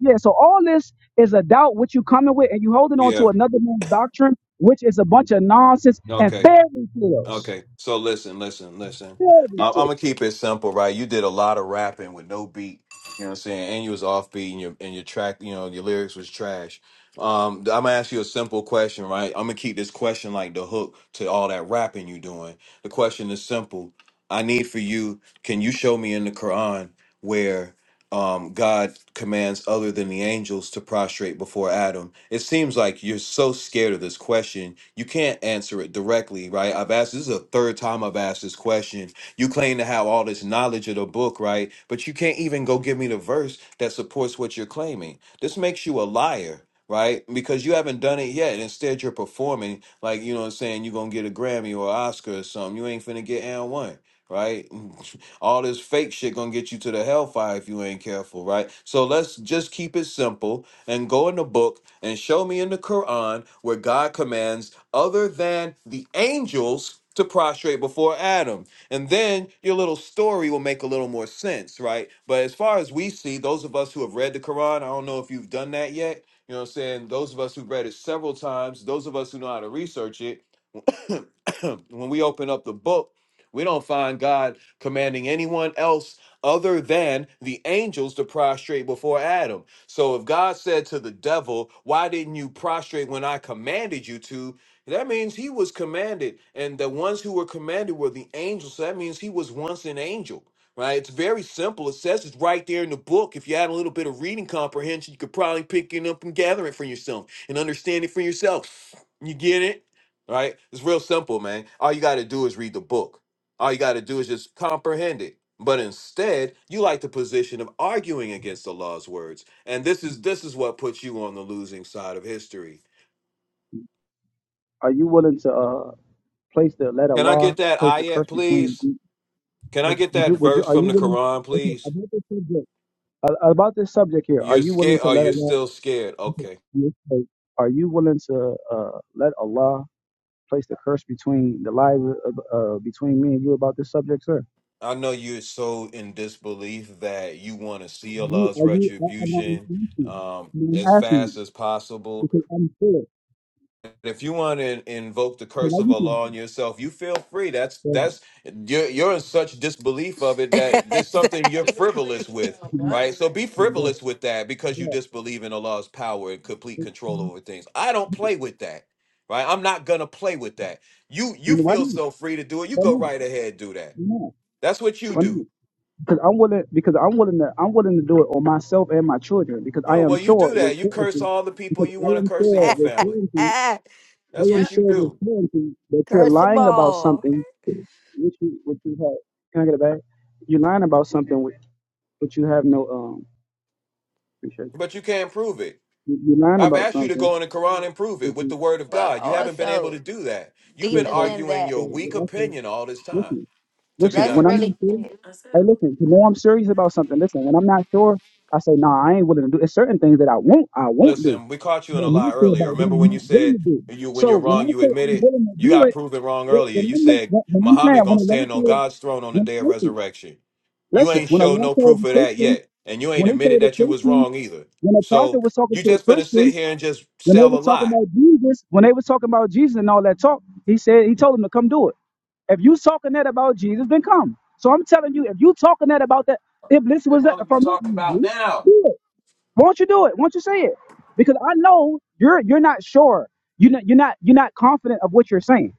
Yeah, so all this is a doubt which you coming with and you holding on to
Yeah.
another man's doctrine, which is a bunch of nonsense and
Okay.
fairy tales.
Okay, so listen, listen, listen.
Fairy
I- I'm
tales.
gonna keep it simple, right? You did a lot of rapping with no beat. You know what I'm saying? And you was offbeat, and your and your track, you know, your lyrics was trash. Um, I'm gonna ask you a simple question, right? I'm gonna keep this question like the hook to all that rapping you doing. The question is simple. I need for you. Can you show me in the Quran where? um, God commands other than the angels to prostrate before Adam. It seems like you're so scared of this question, you can't answer it directly, right? I've asked this is the third time I've asked this question. You claim to have all this knowledge of the book, right? But you can't even go give me the verse that supports what you're claiming. This makes you a liar. Right? Because you haven't done it yet. Instead, you're performing like, you know what I'm saying, you're going to get a Grammy or an Oscar or something. You ain't finna get and one, right? All this fake shit gonna get you to the hellfire if you ain't careful, right? So let's just keep it simple and go in the book and show me in the Quran where God commands other than the angels to prostrate before Adam. And then your little story will make a little more sense, right? But as far as we see, those of us who have read the Quran, I don't know if you've done that yet. You know what I'm saying? Those of us who've read it several times, those of us who know how to research it, when we open up the book, we don't find God commanding anyone else other than the angels to prostrate before Adam. So if God said to the devil, Why didn't you prostrate when I commanded you to? That means he was commanded, and the ones who were commanded were the angels. So that means he was once an angel, right? It's very simple. It says it's right there in the book. If you had a little bit of reading comprehension, you could probably pick it up and gather it for yourself and understand it for yourself. You get it? right? It's real simple, man. All you got to do is read the book. All you got to do is just comprehend it. But instead, you like the position of arguing against Allah's words, and this is this is what puts you on the losing side of history.
Are you willing to uh, place the let
Can I
Allah
get that
place the
ayat,
curse between
please?
you?
Can I
Would,
get
would you?
that
Would you?
verse
Are
from
you
the
willing?
Quran,
Okay,
please?
about this subject. Uh, about this subject here, are
You're
you willing
scared.
to
Oh,
let
you're
Allah?
still scared.
Okay,
Okay.
yes, wait. are you willing to uh, let Allah place the curse between the lives uh, uh, between me and you about this subject, sir?
I know you're so in disbelief that you want to see
You
Allah's
are you? I, I'm not
retribution
asking.
um,
I mean,
as
I'm asking you
fast as possible
because I'm sure.
if you want to invoke the
So
curse
why
of
you think
Allah
that?
on yourself, you feel free. That's
that-
that's you're, you're in such disbelief of it that there's something you're
Exactly.
frivolous with, right? So be
that- that-
frivolous with that because you
that-
disbelieve in Allah's power and complete control over things. I don't play with that, right? I'm not gonna play with that. You
You
you
know why
feel
not?
so free to do it. You
Why
go
not?
right ahead, do that.
Why not?
That's what you
Why not?
do.
because I'm willing because I'm willing to I'm willing to do it on myself and my children because I
Oh
am
well, you
sure
do
with
that. You curse
certainty
all the people
because
you
I
want to
am
curse in
sure
your
with
family.
certainty I
That's
am
what you
sure with
do,
certainty that you're
Curse them
lying about
all.
something which you which you have. Can I get it back? You're lying about something which which you have no um. Appreciate
but you can't prove it.
you. You- You're lying
I've
about
asked you to
something
go in the Quran and prove it
which
with the
you
word of
But
God. You haven't been able
also,
to do that. You've
yeah.
been
deeper
So,
than
arguing
that.
so
your weak
what I say,
opinion all this time,
listen,
to be
listen.
Let's
When I'm
honest.
not
really,
serious, hey, listen. You know I'm serious about something. Listen, when I'm not sure, I say, nah, I ain't willing to do. It's certain things that I won't, I won't do
Listen, we caught you
that
in a
I'm
lie
not sure
earlier.
about, that
Remember
I'm
when you
not willing
said
to do.
you when you're
So when
wrong,
I
you
say
admit
I'm
it?
willing to
You
do
got
it,
proven wrong
it-
earlier.
when
You
I'm not,
said
when when I'm mad,
Muhammad
when
gonna
a law
stand on
says,
God's throne on the
when
day of
listen,
resurrection. You
listen,
ain't
when a
showed
law
no
told
proof
the
of that
Christian,
yet. And you ain't
when they
admitted
told the
that you was
Christian,
wrong either.
when a prophet
So
was talking
you
to the
just gonna sit
Christian,
here and just
when they
sell a
were talking
lie.
about Jesus, when they were talking about Jesus and all that talk, he said he told them to come do it. If you talking that about Jesus, then come. So I'm telling you, if you talking that about that, if this
The
was that
hell are you
from that,
talking
you
about
do
now?
it. Won't you do it? Won't you say it? Because I know you're you're not sure. You're not you're not you're not confident of what you're saying.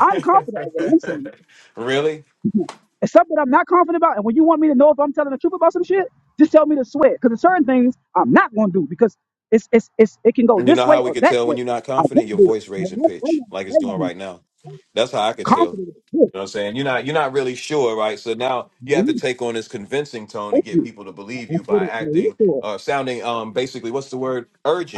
I'm confident of what I'm saying.
really?
It's something I'm not confident about. And when you want me to know if I'm telling the truth about some shit, just tell me to sweat. Because there's certain things I'm not gonna do because it's it's it's it can go
And you know
this
how
way
we
or
could
that
tell when
way.
you're not
I
confident?
won't
Your
do it.
voice
But
raising
I, I,
pitch,
am,
like
I
it's doing
am
right now. That's how I could tell.
confident
You
of this.
know what I'm saying? You're not you're not really sure, right? So now
I'm
you have to
not
take on this convincing tone and get
confident.
people to believe
I I
you
feel
by
it. I am
acting
sure.
uh sounding um basically what's the word?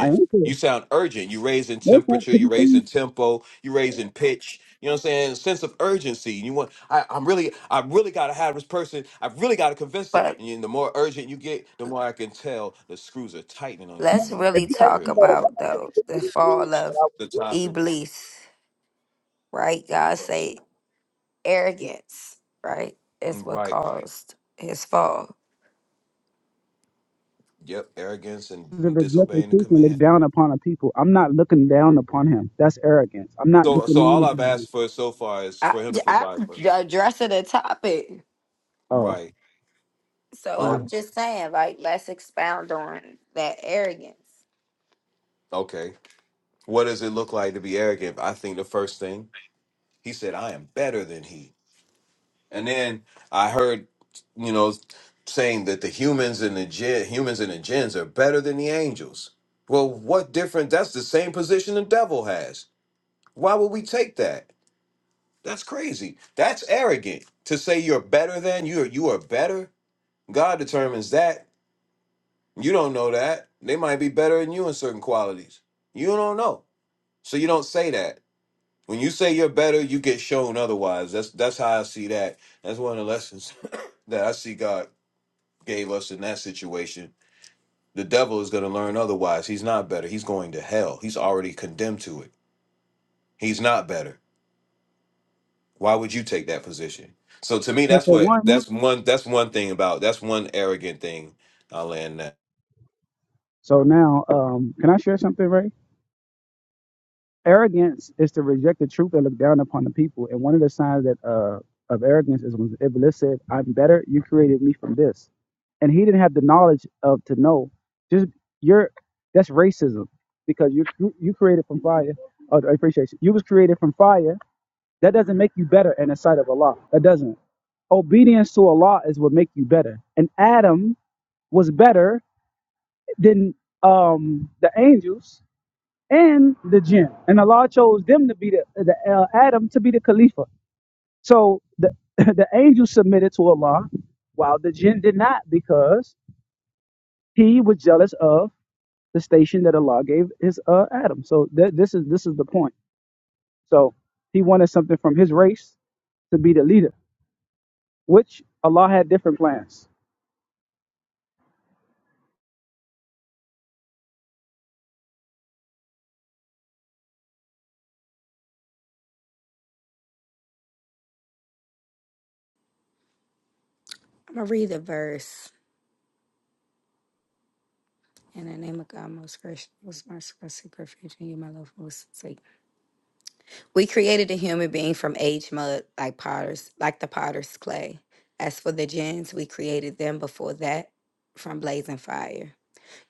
I am sure.
You sound urgent. You raising
Most times,
temperature,
'cause
you
you see,
raising tempo, you raising pitch. You know what I'm saying? Sense of urgency. You want I, I'm really I really gotta have this person, I really gotta convince them.
but
And the more urgent you get, the more I can tell the screws are tightening on you.
let's really
If you
For
ask
talk
me
real
about
about though the fall
it,
of
the topic.
Iblis, right? God
Yes.
say arrogance, right, is what
Right.
caused his fall.
Yep. Arrogance and
and reject the
disobeying the
truth and look
command.
down upon a people. I'm not looking down upon him. That's arrogance. I'm not
So,
looking
so all I've
down
asked for so far is
I,
for him to
I
provide
I'm
first.
addressing the topic,
upon him. Oh.
Right.
so
All right.
I'm
Okay.
just saying, like, let's expound on that arrogance.
Okay. What does it look like to be arrogant? I think the first thing he said, I am better than he. And then I heard, you know, saying that the humans and the gen, humans and the gens are better than the angels. Well, what different? That's the same position the devil has. Why would we take that? That's crazy. That's arrogant to say you're better than you are. You are better. God determines that. You don't know that. They might be better than you in certain qualities. You don't know, so you don't say that. When you say you're better, you get shown otherwise. That's that's how I see that. That's one of the lessons that I see God gave us in that situation. The devil is going to learn otherwise. He's not better. He's going to hell. He's already condemned to it. He's not better. why would you take that position so to me
So
that's
for
what
one,
that's one that's one thing about that's one arrogant thing i'll end that
so now, um, can I share something, Ray? Arrogance is to reject the truth and look down upon the people. And one of the signs that uh, of arrogance is when Iblis said, I'm better, you created me from this. And he didn't have the knowledge of to know. Just you're that's racism. Because you you created from fire. Oh, I appreciate you. You was created from fire That doesn't make you better in the sight of Allah. That doesn't. Obedience to Allah is what make you better. And Adam was better than um, the angels and the jinn. And Allah chose them to be the, the uh, Adam to be the Khalifa. So the the angels submitted to Allah, while the jinn did not because he was jealous of the station that Allah gave his uh, Adam. So th- this is this is the point. So he wanted something from his race to be the leader. which Allah had different plans.
I'm gonna read the verse. In the name of God, most gracious, most merciful, super future, you, my love, most forsaken. We created a human being from age mud, like potter's, like the potter's clay. As for the gins, we created them before that from blazing fire.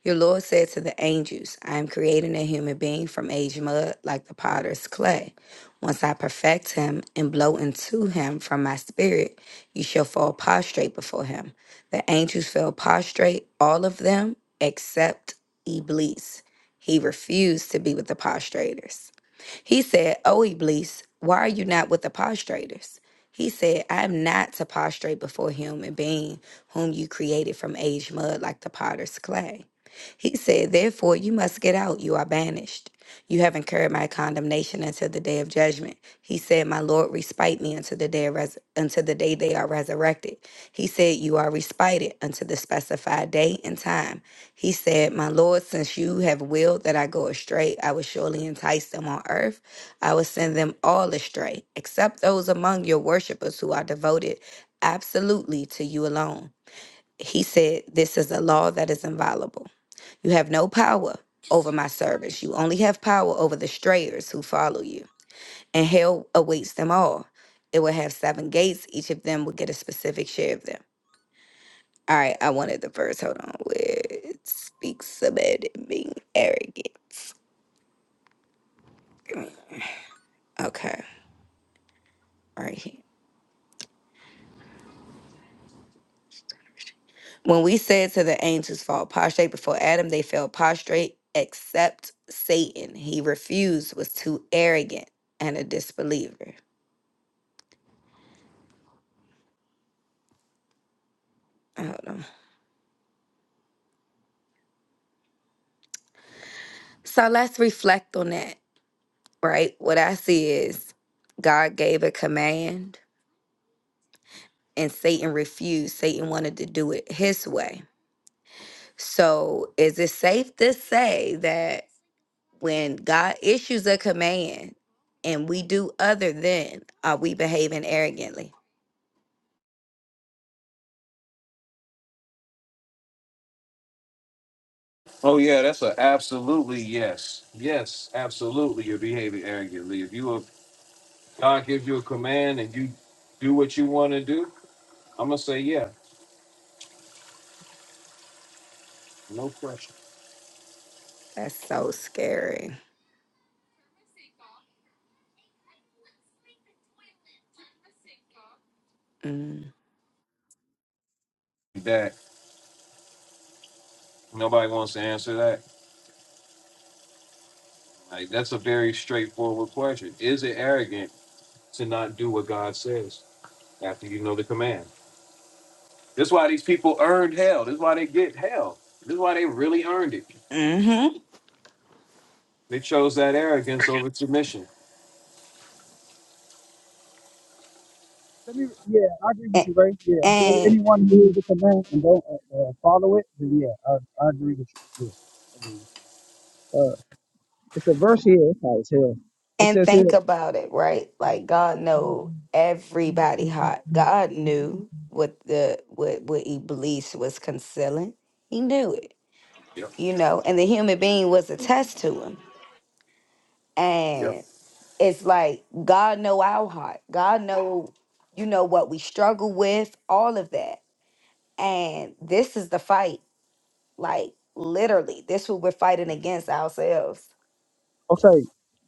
Your Lord said to the angels, I am creating a human being from aged mud like the potter's clay. Once I perfect him and blow into him from my spirit, you shall fall prostrate before him. The angels fell prostrate, all of them except Iblis. He refused to be with the prostrators. He said, O Iblis, why are you not with the prostrators? He said, I am not to prostrate before a human being whom you created from aged mud like the potter's clay. He said, Therefore, you must get out. You are banished. You have incurred my condemnation until the day of judgment. He said, My Lord, respite me until the day of res- until the day they are resurrected. He said, You are respited until the specified day and time. He said, My Lord, since you have willed that I go astray, I will surely entice them on earth. I will send them all astray, except those among your worshippers who are devoted absolutely to you alone. He said, This is a law that is inviolable. You have no power over my servants. You only have power over the strayers who follow you. And hell awaits them all. It will have seven gates. Each of them will get a specific share of them. All right, I wanted the verse. Hold on. Where it speaks about it being arrogant. Okay, right here. When we said to the angels, fall prostrate before Adam, they fell prostrate except Satan. He refused, was too arrogant and a disbeliever. Hold on. So let's reflect on that. right? What I see is God gave a command and Satan refused. Satan wanted to do it his way. So, is it safe to say that when God issues a command and we do other than, are we behaving arrogantly?
Oh yeah, that's a absolutely yes. Yes, absolutely. You're behaving arrogantly. If you if God gives you a command and you do what you want to do, I'm gonna say yeah, no question.
That's so scary. Mm.
That nobody wants to answer that. Like that's a very straightforward question. Is it arrogant to not do what God says after you know the command? This is why these people earned hell. This is why they get hell. This is why they really earned it.
Mm-hmm.
They chose that arrogance over submission.
Let me, yeah, I agree with you, Ray. Yeah, well,
And,
anyone who hears the command and don't uh, uh, follow it, then yeah, I, I agree with you. Yeah, I agree. Uh, it's a verse here. It's not- it's here. It
And
says here,
think about it, right? Like God know everybody hot. God knew what the what what Iblis was concealing. He knew it,
Yep.
you know. And the human being was a test to him. And it's like God know our heart. God know, you know what we struggle with, all of that. And this is the fight. Like literally, this what we're fighting against ourselves.
okay,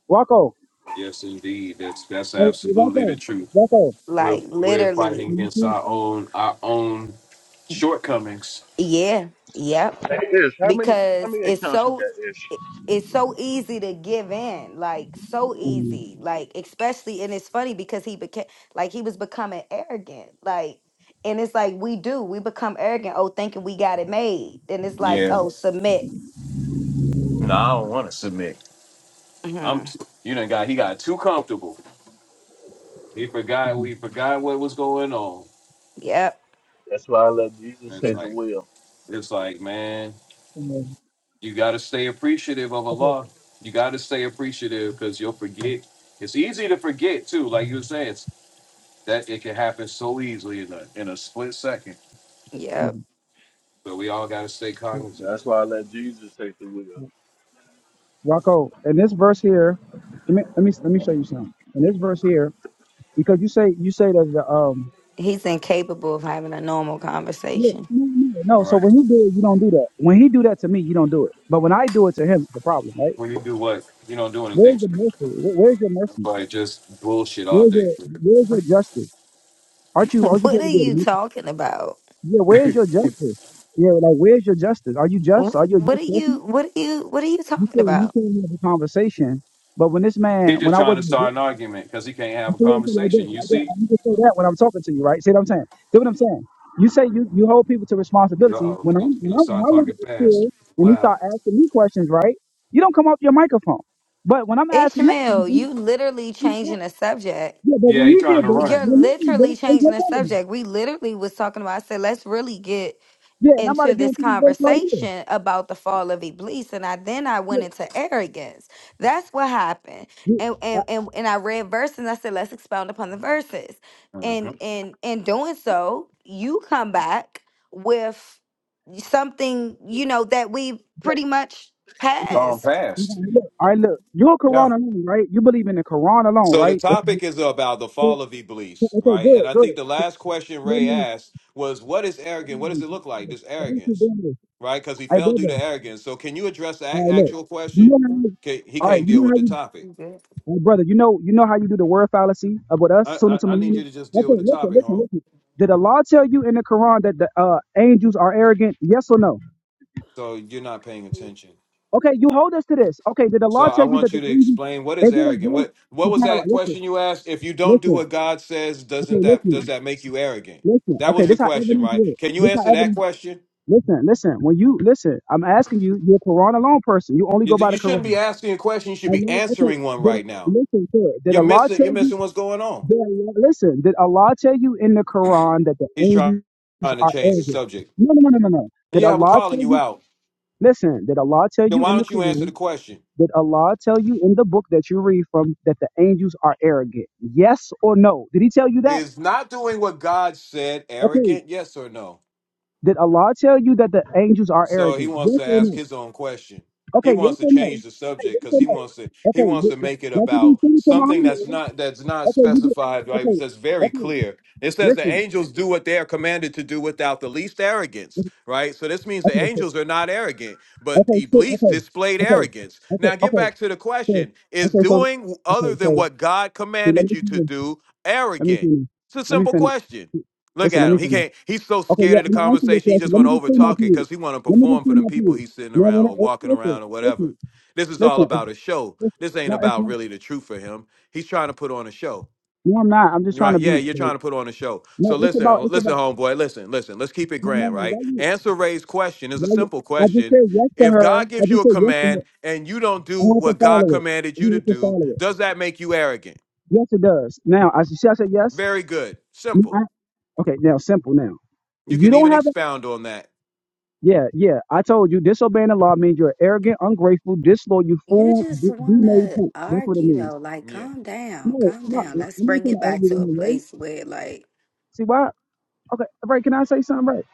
Rocco,
Yes, indeed. That's that's
Hey, hey,
absolutely the
Rocco,
truth.
Rocco,
We're
Like
we're fighting
literally,
can you
against
see?
our own our own shortcomings.
yeah, yep.
Hey, Ish, how many how
because
many
it's
accounts you
so
got, Ish?
it- it's so easy to give in like so
Um,
easy like especially and it's funny because he became like he was becoming arrogant like and it's like we do we become arrogant oh thinking we got it made and it's like
Yeah.
oh submit
No, I don't want to submit. I'm
hmm
t- you know got he got too comfortable. He forgot
mhm,
he forgot what was going on.
yep
That's why I let
And
Jesus
It's
take
okay,
the
like
wheel.
it's like man.
um,
You got to stay appreciative of
okay.
Allah. You got to stay appreciative because you'll forget. It's easy to forget too, like you were saying, it's, that it can happen so easily in a in a split second.
yep
mhm,
But we all got to stay
yeah,
cognizant.
That's why I let Jesus take the wheel.
yeah. Rocco, in this verse here, let me let me let me show you something. In this verse here, because you say you say that the um
he's incapable of having a normal
No,
conversation
no, no. no.
All
So
right.
when he do it, you don't do that. When he do that to me, you don't do it. But when I do it to him, it's a problem, right?
When you do what, you don't do anything
Where's the
to me.
mercy? Where- Where's your mercy?
Like just bullshit all
Where's
day.
your
For real.
Where's your justice? Aren't you Aren't you
what are
supposed to be?
you
a-
talking about
Yeah. Where's your justice? Yeah. Like where's your justice? Are you just? Are
what,
you a
what are
just
you
person?
what are you what are you
You
talking
can't You
about
can't have a conversation. But when this man,
He's just
when I
trying to
wasn't a
start an argument because he can't
I
have a
say it like that,
conversation. You
like that.
see?
Like you can say that when I'm talking to you, right? See what I'm saying? See what I'm saying? You say you, you hold people to
Uh
responsibility.
oh.
When I
He'll,
when
he'll
I, when
start
I want
talking
to get
fast,
killed and he
loud.
start asking me questions, right? You don't come off your microphone. But when I'm asking him,
ishmael
something,
you literally
he said-
changing the subject
yeah. But
Yeah,
when
he
he
trying
did
to
that,
run.
You're
when he did
literally
that, it's
changing
your
the
problem.
subject. We literally was talking about, I said, let's really get
Yeah, and I'm about to
into
get
this
into this verse right here.
conversation about the fall of Iblis. And I then I
Yeah,
went into arrogance. That's what happened.
you.
And
I,
and and, and I read verses and I said, let's expound upon the verses.
Mm-hmm.
And and in doing so, you come back with something, you know, that we
okay,
pretty much
Gone
passed.
past.
okay, look, all right, look. You're Quran
Yeah.
alone, right? You believe in the Quran alone,
So the
right? If
topic is about the
you-
fall of Iblis,
Okay,
right?
good,
And I
good.
think the last question
Let
Ray
me
asked was, "What is
let
arrogant?
me
What does
do.
it look like? This
Let me do
arrogance,
this.
right? Because he
Hey,
fell due
brother.
to arrogance. So can you address the
All
ac-
right, look.
actual
You
question?
know how you,
Ca- He
all right,
can't
you
deal
know
with
how
the
you,
topic.
hey, brother, you know, you know how you do the word fallacy about us,
I,
Sunnah
I
to
I need you
Muhammad?
to just deal
Okay,
with the
listen,
topic,
listen,
huh?
listen. Did Allah tell you in the Quran that the uh, angels are arrogant? Yes or no?
So you're not paying attention.
Okay, you hold us to this. Okay, did
So
Allah
I
tell you that
want you
the
to
angels,
explain what is
is it a
arrogant.
verse
What what
to
was
kind of like,
that
listen,
question you asked? If you don't do
listen,
what God says,
okay,
doesn't that does
listen,
that make you arrogant?
listen.
That
Okay,
was the
this how
question,
evidence
right?
is.
Can you
This how
answer that
evidence,
question?
listen, listen. When you, listen, I'm asking you, you're a Quran alone person. You only
You,
go by the
you shouldn't
Quran.
be asking a question. You should be
Allah, okay,
answering one
did,
right now.
listen, sir, did
You're
Allah
missing.
tell
You're
you?
missing what's going on.
Did Allah- listen, did Allah tell you in the Quran that the
He's try-
angels
trying to
are
change the
angels?
subject.
No, no, no, no, no. no. Did
Yeah, we're
Allah
calling
tell
you
you?
out.
Listen, did Allah tell
Then
you
why
in the
don't you answer the
Quran?
question?
Did Allah tell you in the book that you read from that the angels are arrogant? Yes or no? Did He tell you that?
Is not doing what God said
Okay.
arrogant? Yes or no?
Did Allah tell you that the angels are
So he
arrogant?
wants
Yes
to
or
ask
no?
his own question. He
Okay, yes
wants to
or no?
change the
Okay,
subject
yes
because
or
he
no?
wants to he
Okay,
wants
y-
to
y-
make it
like you
about
did to
something
Muhammad,
that's
right?
not that's not
Okay, you did.
specified, right?
Okay,
That's very
okay.
clear. It says the
Listen,
angels do what they are commanded to do without the least arrogance, right? So this means the
Okay, so
angels are not arrogant, but
Okay, shit,
Iblis
okay,
displayed
okay,
arrogance.
okay,
Now get
okay,
back to the
so,
question: Is
okay, so,
doing
okay,
other than
so,
what God
so let
commanded
me
you to
finish,
do
let me
arrogant?
finish,
It's a
let me
simple
finish.
question. Look
Listen, let
at
me
him. He
finish.
can't. He's so
Okay,
scared
yeah,
of the
I'm gonna answer your
conversation. He
question.
just
Let
want
me
to
just
over
say my
talk it
point.
because he want to
Let me just
perform for
say
them
my
people
point.
he's sitting
No,
around
no, no,
or
eh,
walking
listen,
around or whatever.
listen,
This is all
listen, it's,
about a show.
it's,
This ain't
no, it's
about
not,
really the truth for him. He's trying to put on a show.
no, I'm not, I'm just trying
Right?
to
Yeah,
be,
you're
like,
trying to put on a show. So
no, it's
listen, uh,
about, it's
listen,
about,
homeboy. Listen, listen. Let's keep it
no, no,
grand,
no,
right?
why you,
Answer Ray's question is a
why you,
simple
I just
question.
said yes to
If
her,
God
I
gives you
just
a
said yes to her,
command and you don't
I
do
have to
what God
follow it,
commanded you
I
to
have to
do,
follow it.
does that make you arrogant?
Yes, it does. Now, I, see, I said yes,
Very good. Simple.
Okay, now simple now.
You
You
can
don't
even
have a
expound on that.
yeah, yeah. I told you disobeying the law means you're arrogant, ungrateful, disloyal, you
You
fool,
just
be be
want
made
to
poop. That's what it
argue
means.
though. Like,
Yeah.
calm down,
No,
calm
Yeah,
no,
you
down.
I'm
do.
Let's
not
bring it
gonna argue
back
with
to a
you, right?
place where, like,
See why? Okay, right, can I say something right?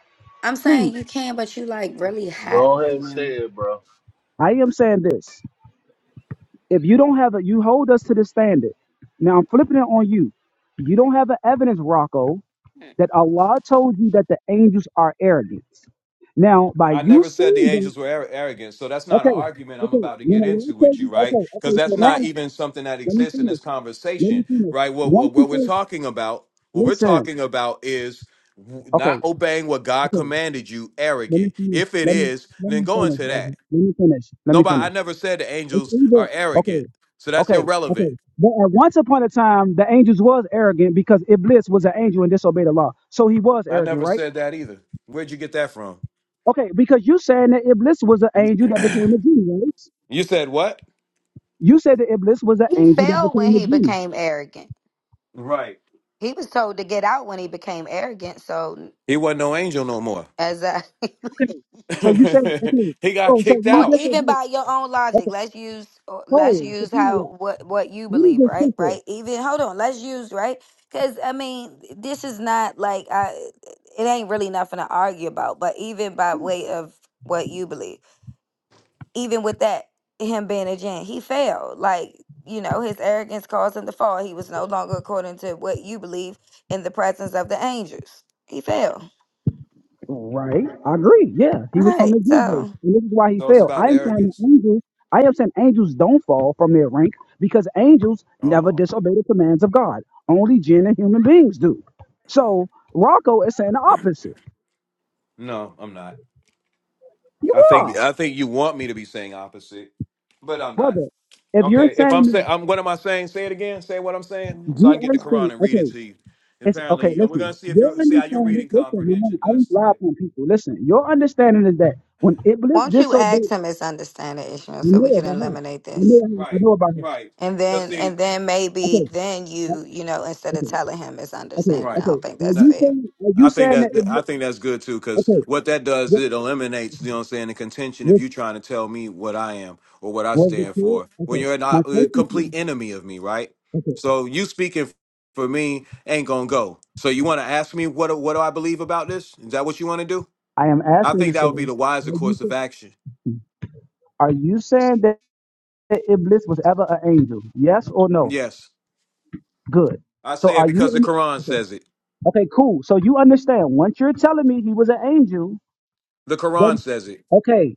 I'm
Please.
saying you can, but you like really hot
Go ahead
right
and
now.
say it, bro.
I am saying this. If you don't have a you hold us to the standard. Now I'm flipping it on you. You don't have an evidence, Rocco, that Allah told you that the angels are arrogant. Now, by
I
you
never said the
saying that.
angels were ar- arrogant. So that's not an
Okay,
argument I'm
okay.
about to
When
get
the Lord
into
told
with you,
you,
right?
okay,
Because
okay. So
that's not
now,
even something that
let me
exists in
finish.
this
Let me
conversation,
finish.
right? What,
Once
what
you
what we're
think,
talking about, what we're
listen.
talking about is w-
Okay,
not obeying what God
okay.
commanded you,
Let me
arrogant.
finish.
If it
Let me
is,
let
then
me
go
finish,
into
brother.
that.
Let me finish. Let me
Nobody, I
finish.
never said the
It's
angels
either
are arrogant.
okay,
So that's
okay, okay.
irrelevant.
But at once upon a time, the angels was arrogant because Iblis was an angel and disobeyed the law, so he was
I
arrogant,
never
right?
said that either. Where'd you get that from?
Okay, because you saying that Iblis was an
You
angel that became a genie, right?
you said what?
You said that Iblis was an
He
angel that
failed when
became a
he
genie.
became arrogant.
Right.
He was told to get out when he became arrogant. So,
He wasn't no angel no more.
as I.
Okay. So you say okay.
he got
So so
kicked
when
or
you
out.
get that
even
dude,
by your own
that's
logic
a
let's use or let's
soul,
use
subpoena
how
law.
what what you
Who is
believe
this
right
people?
right even hold on let's use right because i mean this is not like i it ain't really nothing to argue about but even by way of what you believe even with that him being a gent he failed like you know his arrogance caused him to fall he was no longer according to what you believe in the presence of the angels he failed
Right. I agree. Yeah.
all
He was from
right
the universe.
so
And this is why he
So it's
fell.
about
I
the
am saying that
arrogance.
angels I am saying angels don't fall from their rank because angels never
Oh
disobey the commands of God. Only jinn and human beings do. So Rocco is saying the opposite.
no, I'm not.
You
I think
are,
I think you want me to be saying opposite, but I'm not.
brother. If you're
Okay, if I'm
saying
saying,
that
I'm what am I saying? Say it again. Say what I'm saying, so I
you
can get
are
the Quran
saying,
and read it
okay.
to you.
It's, okay,
Apparently, and we're gonna
listen.
see if
Your
you see how your
understanding,
reading
listen, man,
comprehension
I
does
ain't lied
today.
on people. Listen, your understanding is that when Iblis
won't you ask
disobeyed,
him his understanding issue
you
so we
know
can
about her.
eliminate
I
this
know, her- I
Right,
know about her.
right.
And
Cause
then
see,
and then maybe
Okay,
then
right?
you, you know, instead of
okay,
telling him it's
okay,
understanding.
right.
I
okay.
don't
Are
think that's
you
fair.
saying, are
I
you
think
saying that
that I
Iblis,
think that's good too, because
okay,
what that does,
what,
it eliminates, you know what I'm saying, the contention of
what,
you trying to tell me what I am or what I
was the
stand
kid?
for when
Okay,
you're
my
not a
question to
complete
you,
enemy of me, right?
okay,
So you speaking for me ain't gonna go. So you want to ask me what do- what do I believe about this? Is that what you want to do?
I am
I
asking you,
think that
sir,
would be the wiser
are you
course
saying,
of action.
are you saying that Iblis was ever an angel? Yes or no?
Yes,
Good.
I
So
say
are
it because the
you?
Quran says it.
Okay, cool. So you understand. Once you're telling me he was an angel,
The Quran
then
says it.
okay,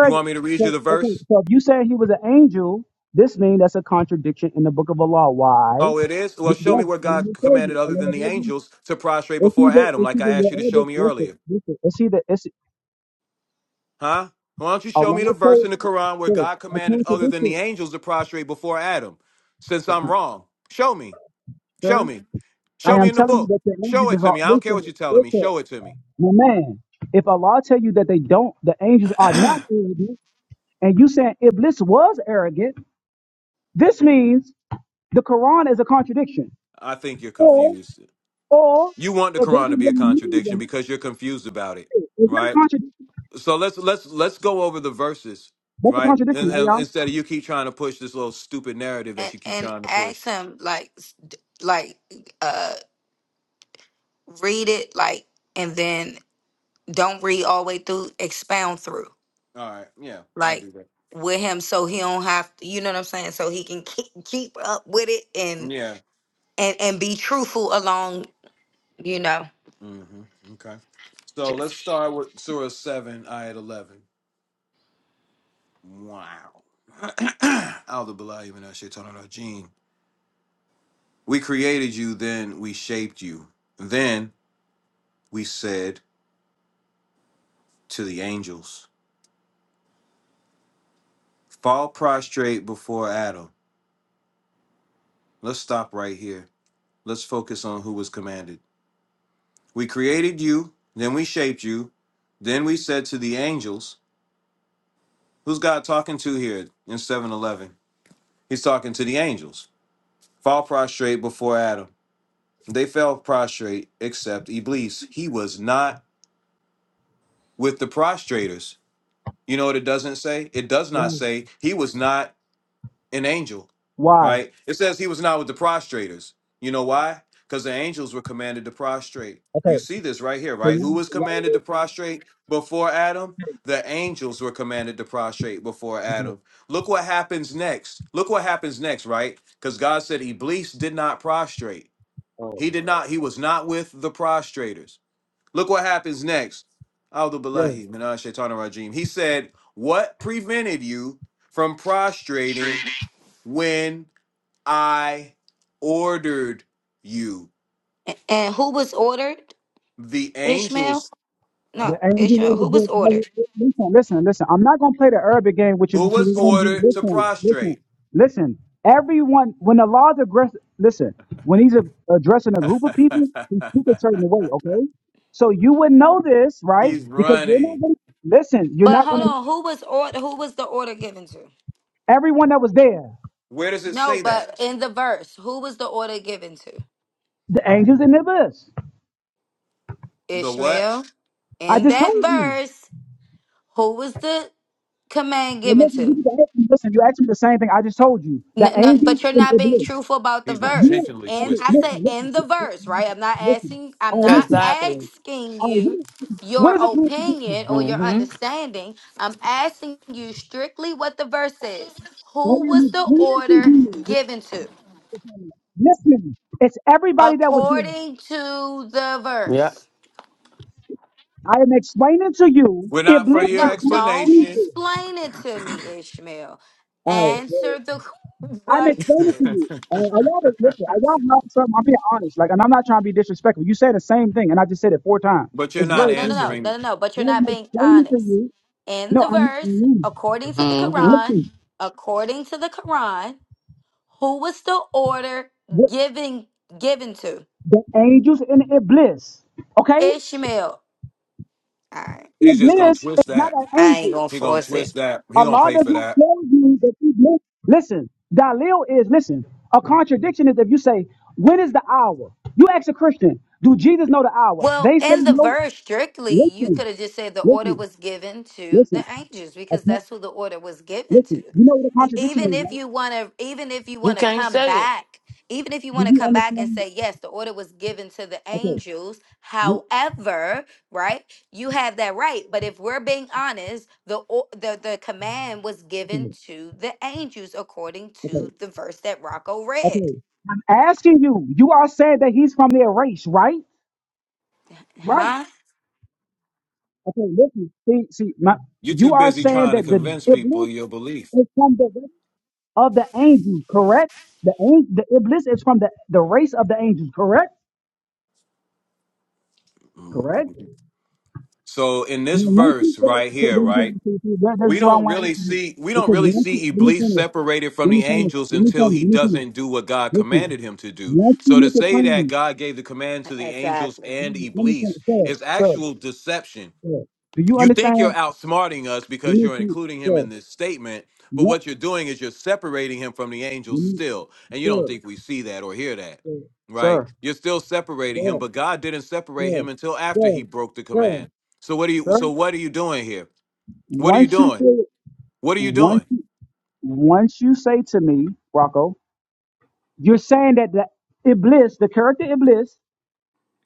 You want me to read you
So,
the verse?
okay, so if you say he was an angel, this means that's a contradiction in the Book of Allah. Why?
Oh, it is? Well,
Yes,
show me where
and let
God
me tell
commanded
you, and
other
let
than
me
the
tell you,
angels to prostrate
it's
before
either,
Adam,
it's
like
either
I asked
your
you to
other,
show me
listen,
earlier.
listen, it's either, it's,
Huh? Why don't you show me
Allah
the verse
told
in the
you,
Quran where
sir,
God
I
commanded other than
contradiction,
the angels to prostrate before Adam? Since I'm wrong, show me. Show
sir,
me.
I
Show me
am
in the
telling you
book.
that the
Show
Arabic
it
is
to
all,
me. I don't care
listen,
what you're telling me.
listen,
Show it to me.
my man, if Allah tell you that they don't, the angels are not
I
Arabic, and you saying Iblis was arrogant, this means the Quran is a contradiction.
think you're
Or,
confused.
or
You want the
it doesn't
Quran to be a
really mean
contradiction
that.
because you're confused about it,
Is that a
right?
contradiction?
so let's let's let's go over the verses,
That's a
right? And,
contradiction, right,
and
y'all?
instead of you keep trying to push this little stupid narrative that
And
you keep
and
trying to push.
ask him like s- d- like uh read it like and then don't read all the way through, expound through.
All right, yeah, I'll
Like
do that.
with him so he don't have to, you know what I'm saying? So he can keep, keep up with it and
Yeah.
and and be truthful along, you know.
hmm Okay. So let's start with Surah seven, ayat eleven. Wow. Allahu billahi min ash-shaytanir rajim. We created you, then we shaped you, then we said to the angels, "Fall prostrate before Adam." Let's stop right here. Let's focus on who was commanded. We created you, then we shaped you, then we said to the angels, Who's God talking to here in 7:11, He's talking to the angels. Fall prostrate before Adam. They fell prostrate except Iblis. He was not with the prostrators. You know what it doesn't say? It does not
Yeah.
say he was not an angel,
Why?
right? It says he was not with the prostrators. You know why? Because the angels were commanded to prostrate. You
Okay.
see this right here,
So
right?
y'all,
Who was
y'all
commanded to prostrate before Adam? The angels were commanded to prostrate before
agree? Okay.
Adam. Look what happens next. Look what happens next, right? Because God said Iblis did not prostrate.
Oh.
He did not, he was not with the prostrators. Look what happens next. Audu billahi minash shaitanir rajim. He said, What prevented you from prostrating when I ordered you.
A- And who was ordered?
The
Ishmael?
angels,
No,
The
no,
angel
Ishmael.
in
Who
the
was
good
ordered?
place. Listen, listen, listen. I'm not gonna play the urban game with you
who
because
was
it's gonna be
ordered to
listen, listen,
prostrate?
listen. Everyone, when the Lord's address, listen, when he's a, addressing a group of people, he speaks a certain way. Okay, so you would know this, right?
He's
Because you're
running.
not gonna listen. You're
But
not
hold
gonna.
on, who was order? Who was the order given to?
Everyone that was there,
Where does it
No,
say that?
but in the verse, who was the order given to?
the angels in the abyss.
The what?
Ishmael.
I
In
just
that
told you.
verse, who was the command
And
given
listen,
to?
you can ask me, listen, you asked me the same thing I just told you. The
N- no,
angels
but you're
in
not
the
being
abyss.
truthful about the
He's
You know,
verse.
intentionally
And
okay,
I
twisting it.
said
listen, listen,
in the verse,
listen,
right? I'm not
listen.
asking. I'm
All right,
not
listen.
Exactly.
asking
All right, what
you
is, what
your
is a
opinion
contradiction?
or your
Mm-hmm.
understanding. I'm asking you strictly what the verse says.
All right,
Who
I am
was the
explaining to
order
you.
given to?
what's the problem? Listen, it's everybody that was there.
According to the
Yep.
verse.
I am explaining to you.
We're
It
not for
lives
your
is
No,
not
don't
evil.
explanation,
explain it to me, Ishmael.
All right, well,
Answer the
I'm explaining to
question.
you. Uh, I love it. Listen, I love how something. I'm being honest. Like, and I'm not trying to be disrespectful. You said the same thing, and I just said it four times.
but you're
It's
not
No,
very
no, no, no,
painful.
answering.
no, no, no. But
I
you're
am
not being
explaining to
honest.
you.
In
No,
the
I'm
verse,
not.
according to the
Mm-hmm.
Quran,
Listen.
according to the Quran, who was the order given given to?
the angels and Iblis. Okay?
Ishmael. All right.
He's just gonna
Iblis
twist
is not
that.
an
I ain't
angel.
gonna
He gonna
force it.
twist that. He gonna
Allah
pay
does
for
not
that.
tell you that Iblis. Listen, Dalil is, listen, a contradiction is if you say, when is the hour? You ask a Christian, do Jesus know the hour?
Well,
They say
in the
no.
verse, strictly, you
Listen,
could have just said the order
listen,
was given to the
listen.
angels because
Okay?
that's who the order was given to.
Listen, you know what a
E-
contradiction
Even
is,
if
right?
you want to, even if you
You
want to
can't
come
say it.
back, even if you
Do
want to
you
come back and
understand?
say, yes, the order was given to the
Okay,
angels.
you,
However, right, you have that right. But if we're being honest, the, o- the, the command was given
okay,
to the angels according
okay.
to the verse that Rocco read.
okay. I'm asking you, you are saying that he's from their race, right? Right?
Huh?
Okay, listen. See, see, my,
You're too
you are
busy
saying
trying to
that the
convince people
Iblis
your belief.
is from the race of the angels, correct? The an- the Iblis is from the, the race of the angels, correct? Correct.
So in this
Now, once you
verse
say,
right
see,
here,
there you go,
right?
see, see, there- this
We
is why I
don't
want to
really
answer you.
see we don't
Because
really
once you,
see
let me
Iblis
finish,
separated from
let me
the
finish,
angels
let me
until
finish,
he
let me finish.
doesn't do what God
Listen,
commanded him to do.
once you
So to
make a
say that
claim,
God gave the command to the angels
Exactly.
let
and
me let me finish,
Iblis
sir,
is
sir,
actual deception.
sir. Do you
You think you're
understand?
outsmarting us
Let
because
me
you're
finish,
including him
sir.
in this statement, but
Let,
what you're doing is you're separating him from the
let
angels
me,
still, and you don't
sir,
think we see that or hear that. Right?
sir,
You're still separating
sir.
him, but God didn't separate
Sir,
him until after
sir,
he broke the
sir,
command. So what are you
sir.
so what are you doing here? What are you
Once you
doing?
say,
What are you
once
doing?
you, once you say to me, Rocco, you're saying that the Iblis, the character Iblis,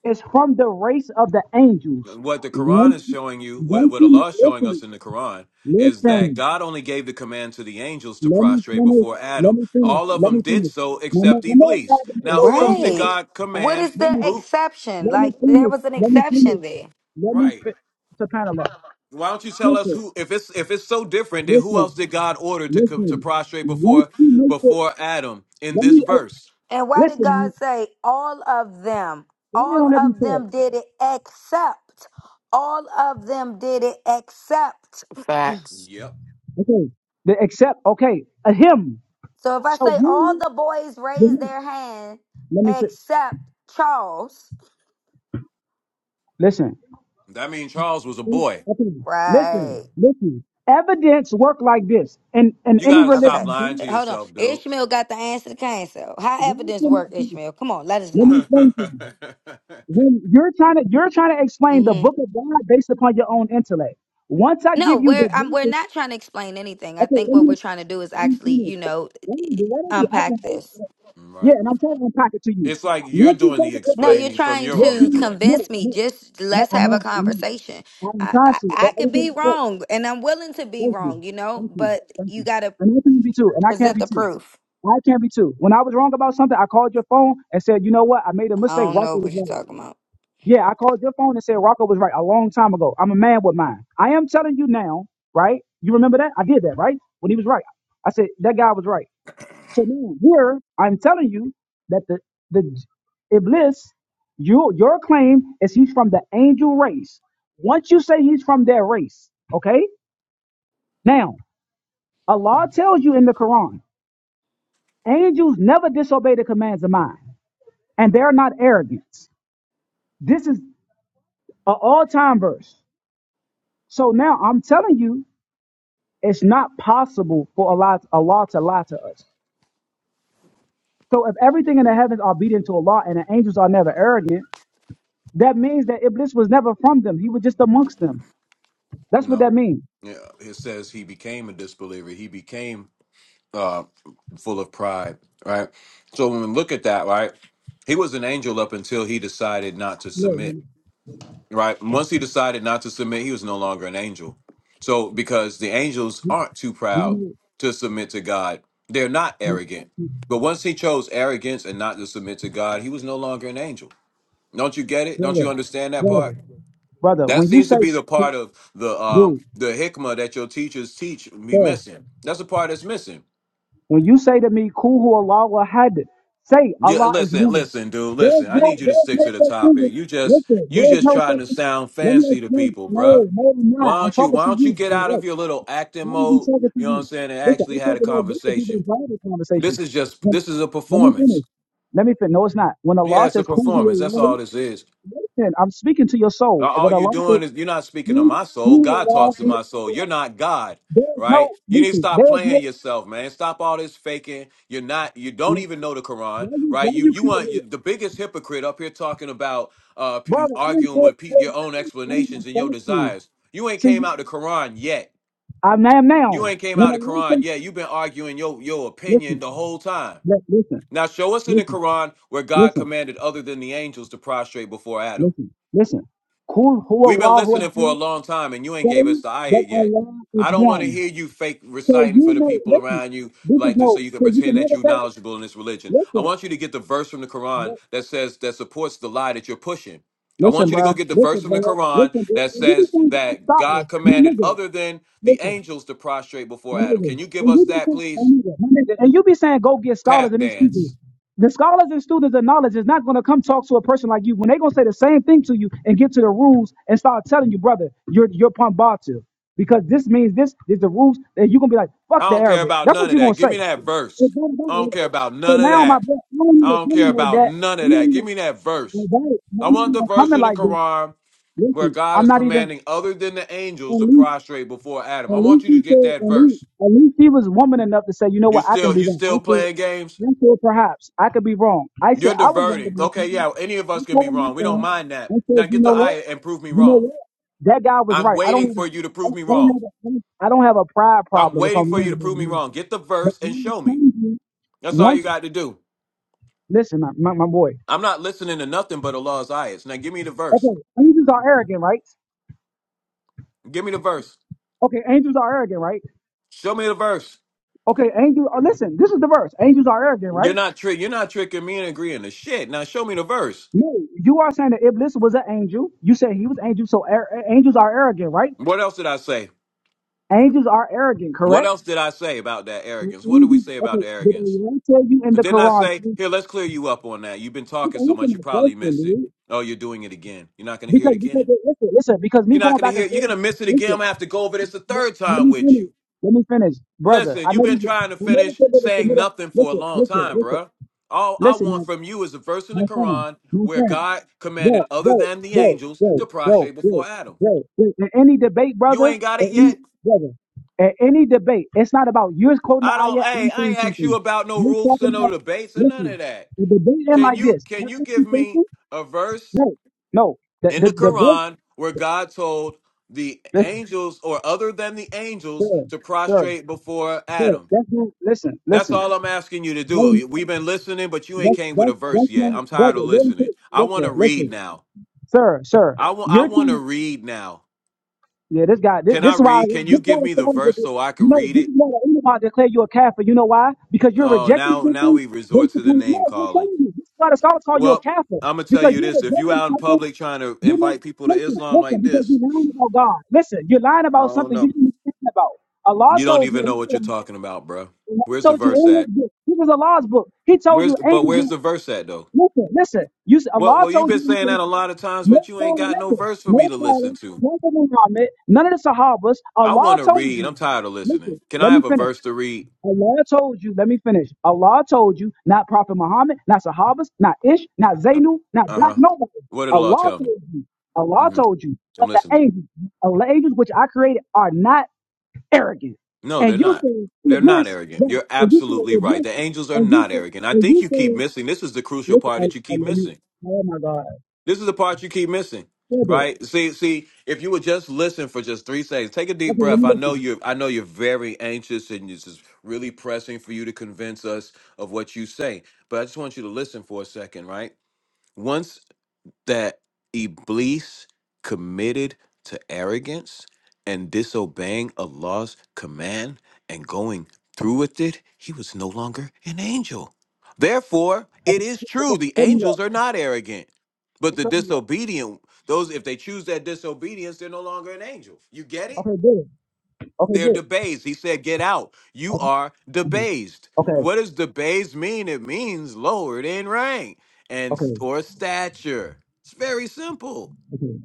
is from the race of the angels.
What the Quran
Once,
is showing you, what,
once
what
you
Allah is showing us
listen,
in the Quran, is that
listen.
God only gave the command to the angels to
Let me
prostrate
finish.
before
Let
Adam.
me finish.
All of
Let
them
me
did
finish.
so
My man,
except
I know it's hard
Iblis.
to make
Now,
those
who
some
else
people
did
Right.
think,
God
What
command?
is
Let
the
me,
Who?
exception?
let me
Like there
finish.
was an
Let me finish.
exception there.
Let me.
Right.
fi- Subhanallah.
Why don't you tell us
Listen,
who? If it's if it's so different, then who
listen,
else did God order to co- to
listen.
prostrate
Once
before
you make the
before Adam in
Let
this
me uh,
verse?
And why did
listen.
God say all of them?
Let me
All
on every let
of them did it except. All of them did it except.
Facts.
Yep.
Okay. The except. Okay. A him.
So if I
So
say all
him.
the boys
The
raised
him.
their hand
Let me sit.
except Charles,
Listen.
That means Charles was a boy.
Okay. Listen.
right.
Listen. Evidence work like this in in
You
any
got to stop
Okay.
religion. okay?
lying to
Hold on.
yourself, dude.
Ishmael got the answer to Cain. So how
Why
evidence work,
cannot be?
Ishmael? Come on, let us
Let
know.
me explain to you. When you're trying to you're trying to explain the
Mm-hmm.
book of God based upon your own intellect. Once I
No,
give you
we're
the
um, we're
verses,
not trying to explain anything. I
okay.
think
Let
what
me
we're trying to do is
let me
actually,
finish.
you know,
Let me do whatever you acting
unpack this.
like. Yeah,
right.
and I'm trying to unpack it to you.
it's like you're
Once you
doing the
take
No,
it,
you're
explaining from
trying
your
Your
own
to
opinion?
intellect.
No,
convince me.
no,
Just
no,
let's
I'm
have a
not. I'm
conversation.
not. I'm
I, I,
conscious, but
I could
everything
be
I said.
wrong, and I'm willing to be
Thank you.
wrong, you know.
Thank you.
But
Thank
you
you.
got to
And I can be too. And I can't
present
be
the
too.
proof.
I can't be too. When I was wrong about something, I called your phone and said, you know what? I made a
I
mistake.
don't know
Rocco was
what you're
right.
talking about.
Yeah, I called your phone and said Rocco was right a long time ago. I'm a man with mine. I am telling you now, right? You remember that? I did that, right? When he was right. I said, that guy was right. So now here I'm telling you that the the Iblis, you your claim is he's from the angel race. Once you say he's from their race, okay? Now, Allah tells you in the Quran, angels never disobey the commands of mine, and they're not arrogant. This is a all-time verse. So now I'm telling you, it's not possible for Allah, Allah to lie to us. So if everything in the heavens are obedient to Allah and the angels are never arrogant, That means that Iblis was never from them. He was just amongst them.
You
That's what
know,
that means.
yeah. It says he became a disbeliever. He became uh, full of pride, right? So when we look at that, right, he was an angel up until he decided not to
No, you
submit, right? Once he decided not to submit, he was no longer an angel. So because the angels aren't too proud
know,
to submit to God, they're not
you-
arrogant. But once he chose arrogance and not to submit to God, he was no longer an angel. Don't you get it? Don't you
brother,
understand that
brother,
part?
Brother,
That
when you
seems
say,
to be the part of the um
dude,
the hikmah that your teachers teach be
sir.
missing. That's the part that's missing.
when you say to me, "Kuhu Allah wa had," say
Yeah,
Allah is
listen,
one.
listen, dude,
There's
listen. I
no,
need you to
there's
stick
no
to the
such thing.
topic.
as-
You just
Listen,
you
there's
just
no
trying
such
to
thing.
sound
Let me
fancy to
explain.
people, bruh.
No, no, I'm
Why
not. I'm
don't you
talking
why
to
don't you
you.
get out of your little acting
Why would you
mode,
talking to
you know what I'm
you?
saying, and
Listen, I
actually had
talk
a
about this to people
conversation.
in private
This
conversations.
is just
Let,
this is a
let me
performance.
finish. Let me finish. No, it's not. When
Yeah,
Allah
it's a
says, "Qul
performance.
huwa
That's
Allahu,"
all this is.
listen, I'm speaking to your
Uh,
soul.
All
When
you're
Allah says,
doing is you're not speaking to
"Qul
my soul.
huwa
God
Allahu
talks to my soul. You're not God,
there is
right?
no,
You need to
listen,
stop
there is no,
playing yourself, man. Stop all this faking. You're not. You don't
why
even know the Quran,
you,
right?
why
You
you
you
kidding
want you,
me?
the biggest hypocrite up here talking about uh p- you
Brother, I didn't
arguing
call
with pe-
you your
your own
name. I didn't
explanations
even
and your
thank you.
desires. You ain't came
See,
out the Quran yet.
I'm now,
You
now.
ain't came
When
out the
Allah
Quran
says,
yet. You've been arguing your your opinion
listen,
the whole time.
li- listen,
Now show us in the
listen,
Quran where God
listen,
commanded other than the angels to prostrate before Adam.
listen, listen. Qul huwa
We've been
Allahu
listening for
ahad.
a long time, and you ain't gave us
Say
the
that
ayat yet.
Allah is
I don't want to
one.
hear you fake
So
reciting for
you
the
know,
people
listen,
around you,
this is
like so
no,
you can
so you can
pretend that
never
you're
say,
knowledgeable in this religion. I
listen,
want you to get the verse from the Quran
li-
that says that supports the lie that you're pushing. I
listen,
want you to
bro,
go get the verse
listen,
from the
bro,
Quran
listen, bro.
that
You be
says
saying that you're
that God
solid. My
commanded
nigga,
other than the
listen.
angels to prostrate before
my
Adam.
nigga.
Can you give
And you
us
be
that,
saying, my
please?
nigga, my nigga, and you be saying, go get scholars
Tap
and these people.
dance.
The scholars and students of knowledge is not going to come talk to a person like you when they going to say the same thing to you and get to the rules and start telling you, brother, you're you're Pambatu. Because this means this is the rules that you're going to be like,
I
fuck the
don't care
Arabic.
about
That's
none
what
of
you're going
that.
to
Give me
say.
that verse.
It's not
I
about
don't care
Arabic.
about
So
none of
now my
that.
brother, I don't
I
even
don't care
coming like
about
that.
none of
I'm not
that.
even,
Give me that verse.
like, that. I'm
I
not
want
even
the verse
coming
in the
like this.
Quran where
Listen,
God
I'm
is
not
commanding other than the angels to
even,
prostrate before Adam. I
at
want
least
you to
he
get
said,
that
at least,
verse.
at least he was woman enough to say, you know
You
what, I can
still
be
you
wrong. I
still
said,
playing games?
I said perhaps I could be wrong. I said
You're
I was wrong
diverting.
about
Okay,
that.
yeah, any of us
He
can be
told me
wrong. We don't
that.
mind
I
that. Now
said, you
get the
know what,
ayah and prove me
you know
wrong.
what, that guy was
I'm
right. I don't
waiting
have a,
for you to
I
prove me
don't
wrong.
have a, I don't have a pride
I'm
problem if
waiting
I'm
for
wrong
you to
about a
prove me
man.
wrong. Get the
But
verse and
I'm
show me.
telling you,
That's all you
once
got to do.
listen, my, my my boy.
I'm not listening to nothing but Allah's ayahs. Now give me the verse.
Okay, angels are arrogant, right?
Give me the verse.
Okay, angels are arrogant, right?
Show me the verse.
Okay, angels. Oh, listen, this is the verse. Angels are arrogant,
You're
right?
not tri- you're not tricking me and agreeing to shit. Now show me the verse.
No, you are saying that Iblis was an angel. You said he was angel, so ar- a- angels are arrogant, right?
What else did I say?
Angels are arrogant,
What
correct?
else did I say about that
Well,
arrogance? What did we
angels-
say about
Okay,
the
did
arrogance?
Allah tell you in the
Didn't I
Quran?
say,
You
here, let's clear you up on that? You've been
you
talking
can
so
answer
much, you
my
probably
question,
missed it.
dude.
Oh, you're doing it again. You're not going to hear it
Because, because,
again.
listen, listen, because
You're
me
not
going
going to
back
hear
and
it. You're going
forth,
to miss it again.
listen,
I'm going to have to go over this a
let,
third
let
time
me
with
finish.
you.
Let me finish, brother.
Listen,
I
you've
never,
been
I
trying to
never
finish
said that it's a
saying
middle.
nothing for a
Listen,
long
listen,
time,
listen,
bruh. All I
listen,
want
man.
from you is a verse in the
My friend,
Quran
my
where
friend.
God
bro,
commanded other
bro,
than the
bro,
angels
bro,
to
bro,
prostrate before
bro,
Adam.
bro. bro. In any debate,
You
brother,
ain't got it
in any,
yet?
brother, at any debate, it's not about you is quoting the
I don't.
ayat.
Hey,
I'm
I
saying
ain't asked you
something.
about no
You're
roofs or
talking
no
about.
debates or none of
Listen,
that.
the debate end
Can
like
you
this.
can
That's
you
what
give
you
me
thinking?
a verse
No, no. The
in
the
the
the debate.
Quran where God told the
Listen,
angels or other than the angels
sir,
to
sir,
prostrate before
sir.
Adam?
That's not. Listen,
That's
listen.
all I'm asking you to
I am,
do. We've been listening, but you ain't
that's
came with
that's
a verse
that's
yet.
not
I'm tired
brother.
of
You're,
listening. I want to
listen,
read
listen,
now.
sir, sir.
I want I
You're
want
trying
to
to
read now.
Yeah, this guy. This,
Can I
this is why.
read? Can you
This is why
give
the
me the
Psalms
verse
are-
so I
You
can
know,
read
this
it?
is why the Enoch declare you a kafir. You know why? Because you're
Oh,
rejecting
now now
something
we resort
based
to the
upon.
name
No, I'm
calling.
telling you. This is why the scholars call you a
Well,
kafir
I'm gonna tell
because
you
you're
this: if you
rejecting
out in
something.
public trying to
You're not
invite people to
listen,
Islam
listen.
like
Because
this,
you're lying about God. Listen, you're lying
I
about
don't
something you
know.
didn't think about. Allah
You don't
told you.
even know what you're talking about, bruh.
Allah
Where's the
told you
verse
in His
at?
book. It was Allah's book. He told
Where's
you
but where's
angels.
the verse at though?
Listen, listen. You s-
Well,
Allah
well, you've
told
been saying
you.
that a lot of times,
No
but you ain't
father,
got no
listen.
verse for me
No
to
father,
listen to.
Prophet Muhammad, none of the Sahabas.
I want
Allah
to
told
read.
you.
I'm tired of listening.
Listen,
Can
let
I have
me
a
finish.
verse to read?
Allah told you, let me finish. Allah told you, not Prophet Muhammad, not Sahabas, not Ish, not
Uh
Zainu, not Black,
huh.
nobody.
What did the law
Allah
tell me?
told you. Allah
hmm
told you.
I'm
But the
listening.
angels, uh, the angels which I created are not arrogant.
No,
And
they're
you
not.
say,
They're not
Iblis,
arrogant.
that,
You're
and you say,
absolutely right.
Iblis,
The angels are
and you
not
say,
arrogant. I
and
think
you
you keep
say,
missing. This is the crucial
listen,
part
oh,
that you
oh,
keep
let me,
missing
oh my God,
This is the part you keep missing,
brother,
right? See, see, if you would just listen for just three seconds, take a deep
okay, let
breath.
me
I
listen.
know you're, I know you're very anxious, and it's just really pressing for you to convince us of what you say. But I just want you to listen for a second, right? Once that Iblis committed to arrogance and disobeying Allah's command and going through with it, he was no longer an angel. Therefore,
Okay,
it is true
okay,
the
show me that.
angels are not arrogant. But
Hey,
the
Show me that.
disobedient, those if they choose that disobedience, they're no longer an angel. You get it?
Okay, good. Okay,
They're
good.
debased. He said, Get out. You
Okay,
are debased.
okay,
What does debased mean? It means lowered in rank and s-
okay.
or stature. It's very simple.
okay.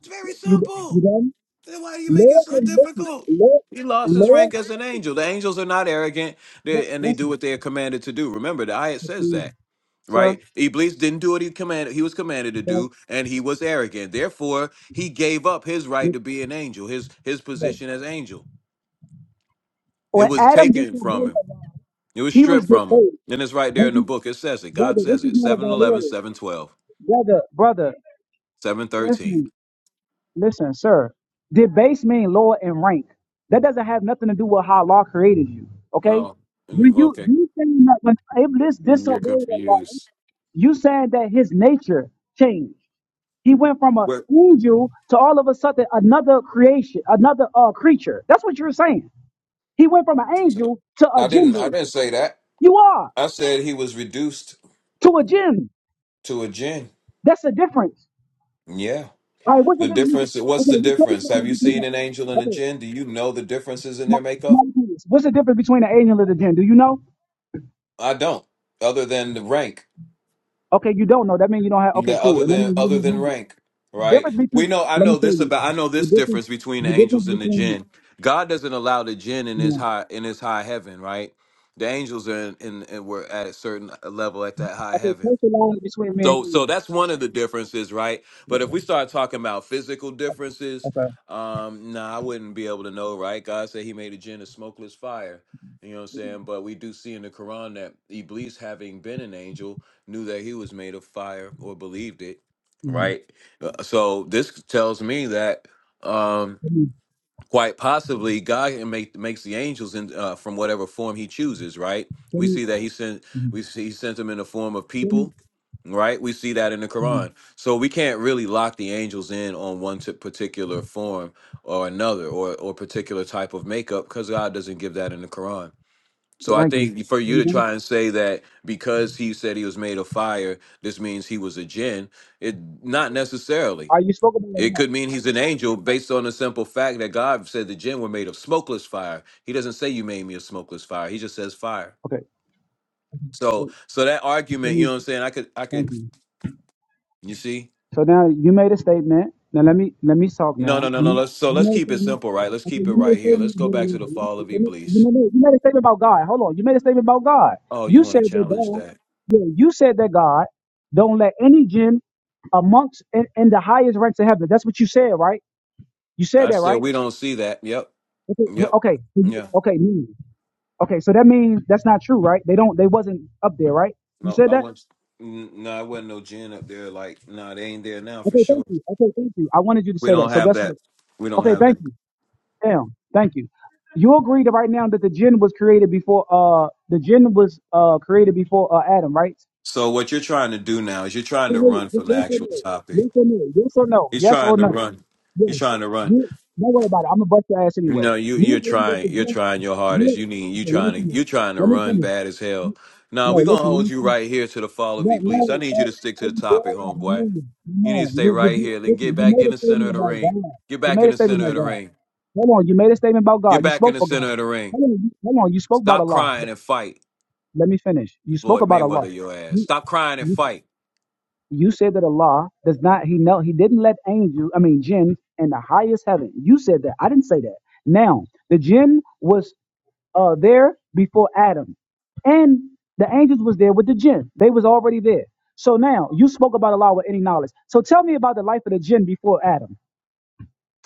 It's very
You you
simple.
done?
Then why do you make it
Lord
so
will make you.
difficult?
Lord,
He lost his rank
Lord
as
will
an
make
angel. The angels are not arrogant
you.
they, and they do
Listen,
what they are commanded to do. Remember, the ayat says
Katrina,
that,
sir.
right? Iblis didn't do what he commanded he was commanded to
Don't
do, and he was arrogant. Therefore, he gave up his right
you
to be an angel, his his
know.
position as angel. It
When
was
Adam
taken from
disobeyed
him.
Allah,
It was
he was
stripped from him.
deposed.
And it's right there in
Thank
the
you,
book. It says it. God
brother. This
says
is
it.
not
Seven,
about
eleven,
Lord.
seven, twelve,
Brother, brother.
seven, thirteen.
Listen. Listen, sir, did base mean lower in rank? That doesn't have nothing to do with how Allah created you. Okay?
Well,
When
mm,
you
okay.
you saying that when Iblis
Mm, You're
disobeyed Allah,
confused.
you saying that his nature changed. He went from an
What?
angel to all of a sudden another creation, another uh creature. That's what you're saying. He went from an
So-
angel to a
I didn't I
jinn.
didn't say that.
You are
I said he was reduced
to a jinn.
to a jinn.
That's the difference.
Yeah.
All right, what's the
The
difference?
difference what's
Okay,
the
we
difference?
can't-
Have you
we
seen an angel and
can't-
a jinn? Do you know the differences in
My,
their makeup?
my goodness. What's the difference between an angel and a jinn? Do you know?
I don't. Other than the rank.
Okay, you don't know. That means you don't have. Okay,
That
cool.
other
And that
than
means you don't
other
have
than
knowledge.
rank, right?
Difference
We
between.
know I
Let me
know
tell
this
you.
about I know
The
this
difference.
difference between the
The difference
angels and the
between.
jinn. God doesn't allow the jinn in his
Yeah.
high in his high heaven, right? The angels are in, in, in were at a certain level at that high
Okay,
heaven.
take the line between me and
So
you.
so
Know.
that's one of the differences, right? But if
Yeah,
we start talking about physical differences,
Okay.
um, nah, I wouldn't be able to know, right? God said he made a jinn of smokeless fire. You know what I'm saying? But we do see in the Quran that Iblis, having been an angel, knew that he was made of fire or believed it,
Mm-hmm.
right? Uh, So this tells me that um
Let me.
quite possibly god can make makes the angels in uh, from whatever form he chooses right
Let
we
me.
see that he sent
mhm.
we see he sent them in the form of
Let me.
people right we see that in the
mhm.
quran so we can't really lock the angels in on one t- particular form or another or or particular type of makeup because god doesn't give that in the quran so i
Thank you.
think for
Are
you
you
to
done?
try and say that because he said he was made of fire this means he was a jinn it not necessarily
Are you spoke about a
it
lot?
could mean he's an angel based on the simple fact that God said the jinn were made of smokeless fire. He doesn't say you made me a smokeless fire. He just says fire.
Okay. Let
So so that
let
argument, you
me.
know what I'm saying? I could I could
Thank you.
you see?
So now you made a statement. Now let me let me talk
No,
now.
no, no, no.
You,
Let's so
you
let's
made a
keep it
statement.
simple, right? Let's
Okay,
keep it
you made a
right here. Let's
statement about
go
Allah. Let
back to
me,
the
let me,
fall of
you,
Iblis.
made, a- you made a statement about God. Hold on. You made a statement about God.
Oh, you
You
want to
said that
challenge
God,
that?
yeah, you said that God don't let any jinn amongst in, in the highest ranks of heaven. That's what you said, right? You said
I
that,
said
right?
we don't see that. Yep.
Okay, yeah,
Yep.
okay, so you-
Yeah.
okay, mean. okay. So that means that's not true, right? They don't, they wasn't up there, right? You
No,
said
I
that.
want n- no, I wasn't no gin up there like no, they ain't there now for
Okay,
sure.
thank you. Okay, thank you. I wanted you to
We
say that.
don't
So
have
guess
that.
what?
We don't
Okay,
have that.
thank you. Damn. Thank you. You agree that right now that the jinn was created before uh the jinn was uh created before uh Adam, right?
So what you're trying to do now is you're trying
Hey,
to run from
just
the actual topic.
Yes or no? Yes or no?
He's
Yes or
trying
no? Yes or
to
no?
run. He's
Yes.
trying to run.
You don't worry about it. I'm gonna bust your ass
You
anyway.
know, you
You
you're
agree that the
trying you're
jinn?
trying your hardest.
You
You need you
okay? Let me
trying to
finish.
you trying to
Let me
run
finish.
bad as hell.
You,
Now we're
no,
gonna
listen. Let
hold
me
you
finish.
right here to the fall of
No,
Iblis. I
no,
need you
no.
to stick to
Are
the
you there?
topic,
No, My
homeboy.
man, my
You need
man.
to stay
You, you
right
do.
here. Then get
Listen. You
back
made
in
a
the center
statement
of the
about
ring.
God.
Get
You
back
made
in
a
the
statement
center of
about
the
God.
ring.
Hold on, you made a statement about
Get
God. You
back in
spoke
the
for God.
center of the ring.
Hold on, you, hold on, you spoke about
Stop
Allah.
crying and fight,
Let me finish. You spoke
Floyd
about Allah.
Mayweather, your ass.
You,
Stop crying and
you,
fight.
you said that Allah does not, he know, he didn't let angels, I mean, jinn in the highest heaven. You said that. I didn't say that. Now, the jinn was uh, there before Adam, and the angels was there with the jinn. They was already there. So now, you spoke about Allah with any knowledge. So tell me about the life of the jinn before Adam.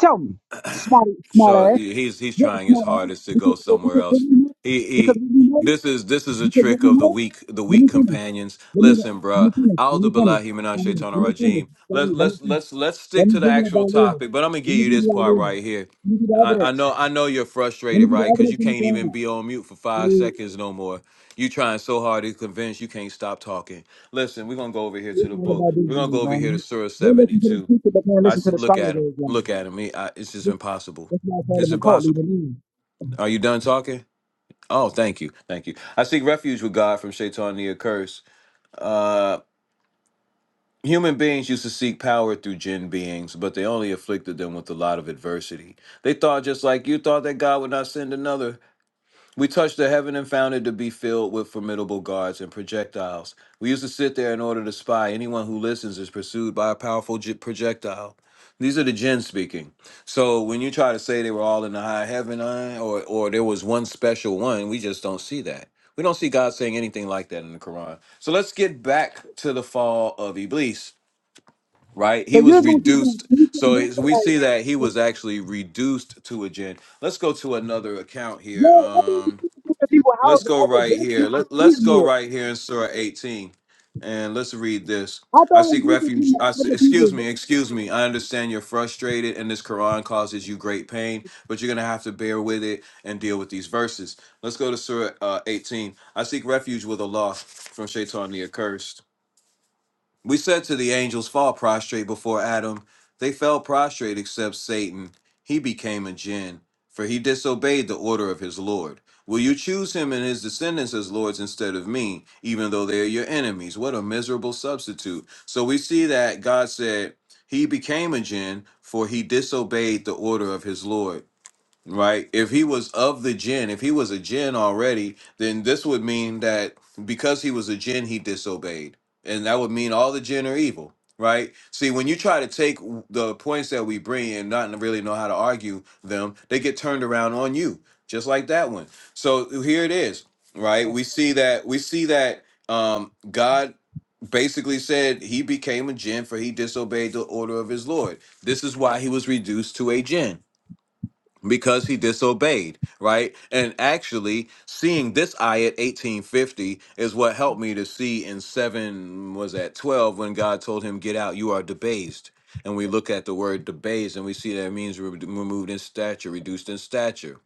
Tell me, smart,
So
smart ass.
he's he's
Yeah, it's
trying
not
his
on.
hardest to
Because,
go
well,
somewhere
because what
else.
do we know?
He
Because
he.
what do we know?
This is this is a
Because what
trick
do we
of the
know?
weak the
Let
weak
me finish.
companions.
Let me, let
Listen, bruh.
me finish. Let me
Aldu
finish.
billahi minash
Let me,
shaitanir
let me finish.
rajim.
Let
Let's
me, let me
let's
finish.
let's let's
Let
stick
me
to the
give you the
actual
idea.
topic. But I'm gonna
Let
give
me
you
give you
this
the
part
idea.
right here.
Let me give you the
I, I
evidence.
know I know you're
Let
frustrated,
me give you the
right? Because
evidence
you
in the
can't even
ground.
be on mute for five
See,
seconds no more. You trying so hard to convince you can't stop talking. Listen, we're gonna go over here to
It's
the
not
book.
about this
We're gonna
view,
go over here
man.
to Surah
They listen to the
72.
teacher, but they
I
listen to
said,
the
look
scholars
at
of
him.
Islam.
Look at him. He, I, it's just
This,
impossible.
that's why I call
It's
them a cult leader.
impossible.
leader.
Are you done talking? Oh, thank you. Thank you. I seek refuge with God from Shaitan the accursed. Uh, human beings used to seek power through jinn beings, but they only afflicted them with a lot of adversity. They thought, just like you thought, that God would not send another. We touched the heaven and found it to be filled with formidable guards and projectiles. We used to sit there in order to spy. Anyone who listens is pursued by a powerful j- projectile. These are the jinn speaking. So when you try to say they were all in the high heaven, uh, or or there was one special one, we just don't see that. We don't see God saying anything like that in the Quran. So let's get back to the fall of Iblis. Right,
So
he
you are
was
just going to keep on
reduced.
preaching,
So
brother,
it's-
like,
we see that he
like,
was actually reduced to a jinn. Let's go to another account here.
yo, I think the
Um,
people houses, the people out
Let's
of the
go
other
right
they're
here.
people,
Let,
excuse
let's
me.
go right here in Surah 18 and let's read this.
Hata
I
hao
seek
ndugu
refuge.
tuna
I se-
hata
excuse
hivyo
me, excuse me. I understand you're frustrated and this Quran causes you great pain, but you're going to have to bear with it and deal with these verses. Let's go to Surah uh, 18. I seek refuge with Allah from Shaitan the accursed. We said to the angels, Fall prostrate before Adam. They fell prostrate except Satan. He became a jinn, for he disobeyed the order of his Lord. Will you choose him and his descendants as lords instead of me, even though they are your enemies? What a miserable substitute. So we see that God said, He became a jinn, for he disobeyed the order of his Lord right? If he was of the jinn, if he was a jinn already, then this would mean that because he was a jinn, he disobeyed. And that would mean all the jinn are evil, right? See, when you try to take w- the points that we bring and not really know how to argue them, they get turned around on you, just like that one. So here it is, right? We see that we see that um God basically said he became a jinn for he disobeyed the order of his Lord. This is why he was reduced to a jinn because he disobeyed, right? And actually, seeing this ayat 1850 is what helped me to see in 7 was at 12 when God told him, "Get out, you are debased." And we look at the word debased and we see that it means re- removed in stature, reduced in stature.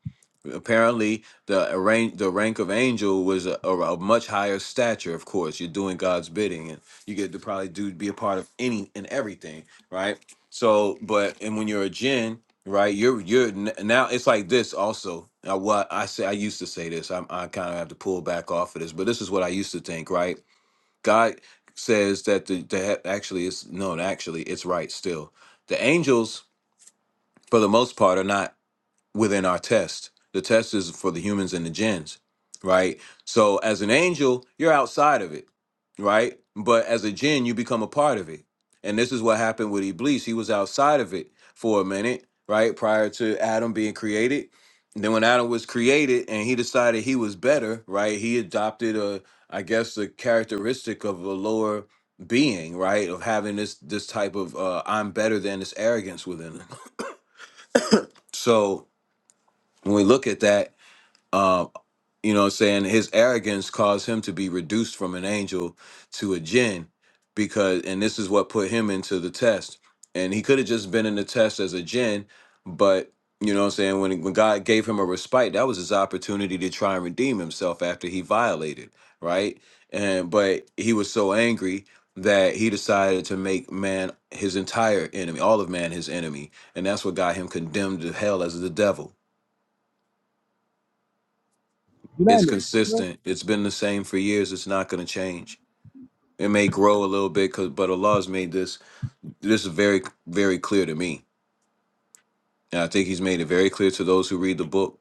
Apparently, the rank, the rank of angel was a, a, a much higher stature. Of course, you're doing God's bidding, and you get to probably do be a part of any and everything, right? So, but and when you're a jinn, right you're you're n- now it's like this also now what i say i used to say this I'm, i kind of have to pull back off of this but this is what i used to think right god says that the, the he- actually it's no actually it's right still the angels for the most part are not within our test. The test is for the humans and the gens, right? So as an angel, you're outside of it, right? But as a jinn, you become a part of it. And this is what happened with Iblis. He was outside of it for a minute, right? Prior to Adam being created. And then when Adam was created and he decided he was better, right? He adopted a, I guess, the characteristic of a lower being, right? Of having this this type of uh, I'm better than this arrogance within him. So when we look at that, uh, you know what I'm saying? His arrogance caused him to be reduced from an angel to a jinn because and this is what put him into the test. And he could have just been in the test as a jinn, but you know what I'm saying? When when God gave him a respite, that was his opportunity to try and redeem himself after he violated, right? And but he was so angry that he decided to make man his entire enemy, all of man his enemy. And that's what got him condemned to hell as the devil It's
United. you know?
consistent. It's been the same for years. It's not going to change. It may grow a little bit, 'cause- but Allah's made this this is very very clear to me, and I think He's made it very clear to those who read the book.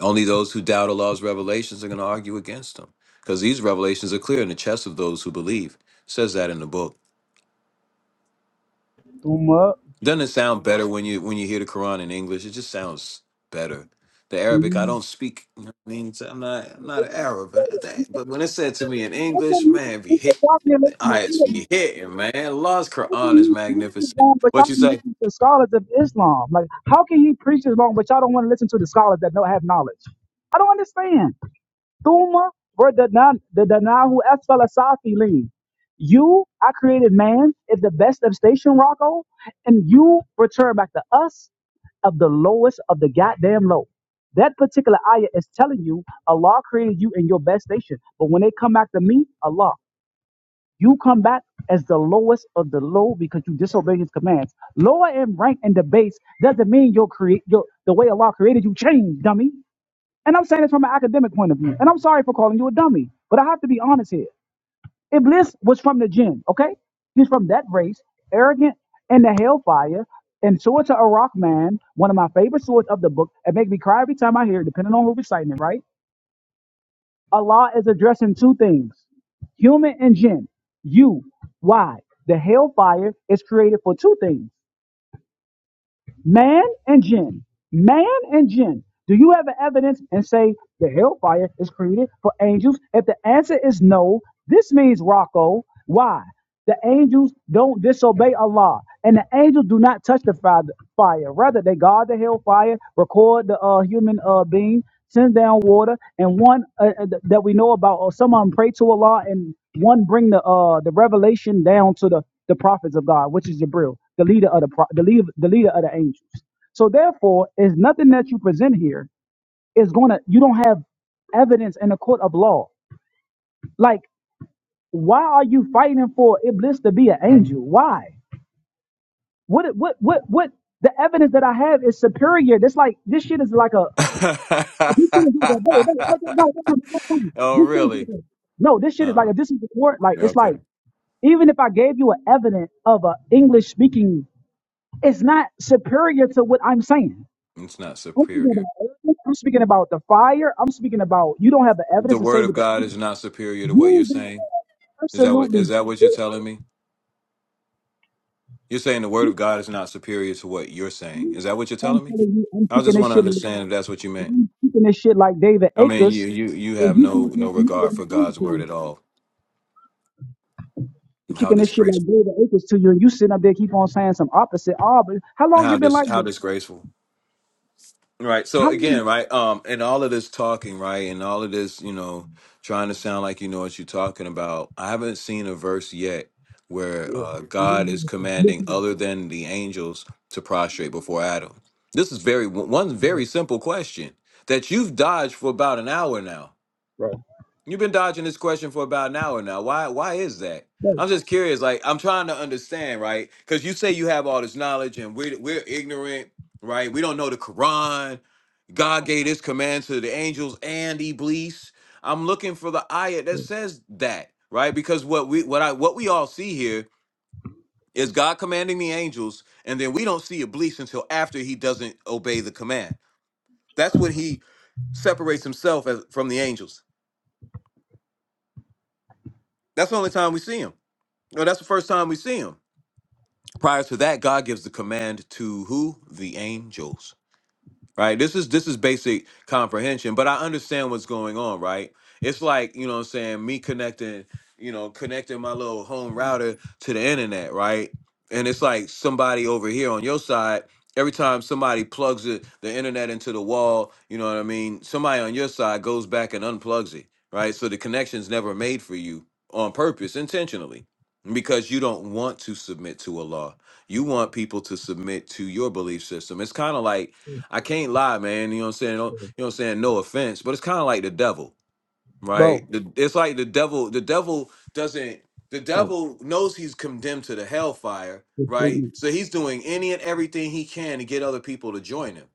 Only those who doubt Allah's revelations are going to argue against them, because these revelations are clear in the chest of those who believe. It says that in the book.
Tuma
Doesn't it sound better when you when you hear the Quran in English? It just sounds better. The Arabic, I don't speak. You know what I mean, So I'm not I'm not an Arab, but, that, but when it's said to me in English,
Nothing you can
man, it be
think
hit.
of why you're making an
I
enemy.
actually hitting, man. Lost
Nothing
Quran is
you can preach
magnificent.
Islam, but y'all
What you
don't
say?
listen to the scholars of Islam. Like, how can you preach Islam, but y'all don't want to listen to the scholars that don't have knowledge? I don't understand. Thumma Verdanahu Asfala Safilin. You, I created man is the best of station, Rocco, and you return back to us of the lowest of the goddamn low. That particular ayah is telling you Allah created you in your best station. But when they come back to me, Allah, you come back as the lowest of the low because you disobey his commands. Lower in rank and the base doesn't mean your create your the way Allah created you changed, dummy. And I'm saying this from an academic point of view. And I'm sorry for calling you a dummy, but I have to be honest here. Iblis was from the jinn, okay? He's from that race, arrogant and the hellfire. And Surah to Iraq Man, one of my favorite surahs of the book, and make me cry every time I hear it, depending on who reciting it, right? Allah is addressing two things human and jinn. You, why? The hellfire is created for two things. Man and jinn. Man and jinn. Do you have an evidence and say the hellfire is created for angels? If the answer is no, this means Rocco. Why? The angels don't disobey Allah, and the angels do not touch the fire. Rather, they guard the hellfire, record the uh, human uh, being, send down water, and one uh, uh, that we know about, or some of them pray to Allah, and one bring the uh, the revelation down to the, the prophets of God, which is Jibril, the leader of the pro- the leader, the leader of the angels. So therefore, is nothing that you present here is gonna you don't have evidence in the court of law. Like, why are you fighting for Iblis to be an angel? Why? What what what what the evidence that I have is superior. This like this shit is like a if you couldn't do that, wait, wait, wait, wait, wait,
oh,
wait, wait, wait, this shit
really?
is like a- no, this shit is
Uh,
like if this is the court, like
yeah,
it's
okay.
like even if I gave you an evidence of a English speaking, it's not superior to what I'm saying.
It's not
I'm speaking
superior.
about evidence, I'm speaking about the fire. I'm speaking about you don't have the
The
evidence to say
word of
what the
God is not superior to what you're
you don't
saying.
have
Is that what is
absolutely.
that what you're telling me? You're saying the word of God is not superior to what you're saying. Is that what you're
I'm
telling me?
telling you, I'm
I
kicking
just
this
want to
shit.
understand if that's what you meant.
I'm kicking this shit like David
I mean,
Akers,
you you you
and
have
you
no
can't
no
comprehend what
regard
I'm
for
saying
God's
to
word
you.
at all.
I'm
How
kicking this shit
disgraceful.
like David Akers to you, and you sitting up there keep on saying some opposite. Ah, but how long you
How
been
dis
like
how
this?
disgraceful. Right.
How
So
long?
again, right, um, and all of this talking, right, and all of this, you know, trying to sound like you know what you're talking about, I haven't seen a verse yet where
You,
uh, God is
yeah.
commanding other than the angels to prostrate before Adam. This is very one very simple question that you've dodged for about an hour now. You've been dodging this question for about an hour now. Why why is that?
Bro,
I'm just curious. Like I'm trying to understand, right? Because you say you have all this knowledge and we're we're ignorant, right? We don't know the Quran. God gave this command to the angels and Iblis. I'm looking for the ayat that says that, right? Because what we what I what we all see here is God commanding the angels, and then we don't see Iblis until after he doesn't obey the command. That's when he separates himself as, from the angels. That's the only time we see him. No, that's the first time we see him. Prior to that, God gives the command to who? The angels right this is this is basic comprehension but i understand what's going on right it's like you know what i'm saying me connecting you know connecting my little home router to the internet right and it's like somebody over here on your side every time somebody plugs it, the internet into the wall you know what i mean somebody on your side goes back and unplugs it right so the connection's never made for you on purpose intentionally because you don't want to submit to a law you want people to submit to your belief system it's kind of like I can't lie, man. You know what I'm saying? No- You know what I'm saying? No offense, but it's kind of like the devil, right?
bro,
The, it's like the devil. The devil doesn't. The
bro,
devil knows he's condemned to the hellfire,
just three
right?
minutes.
So he's doing any and everything he can to get other people to join him.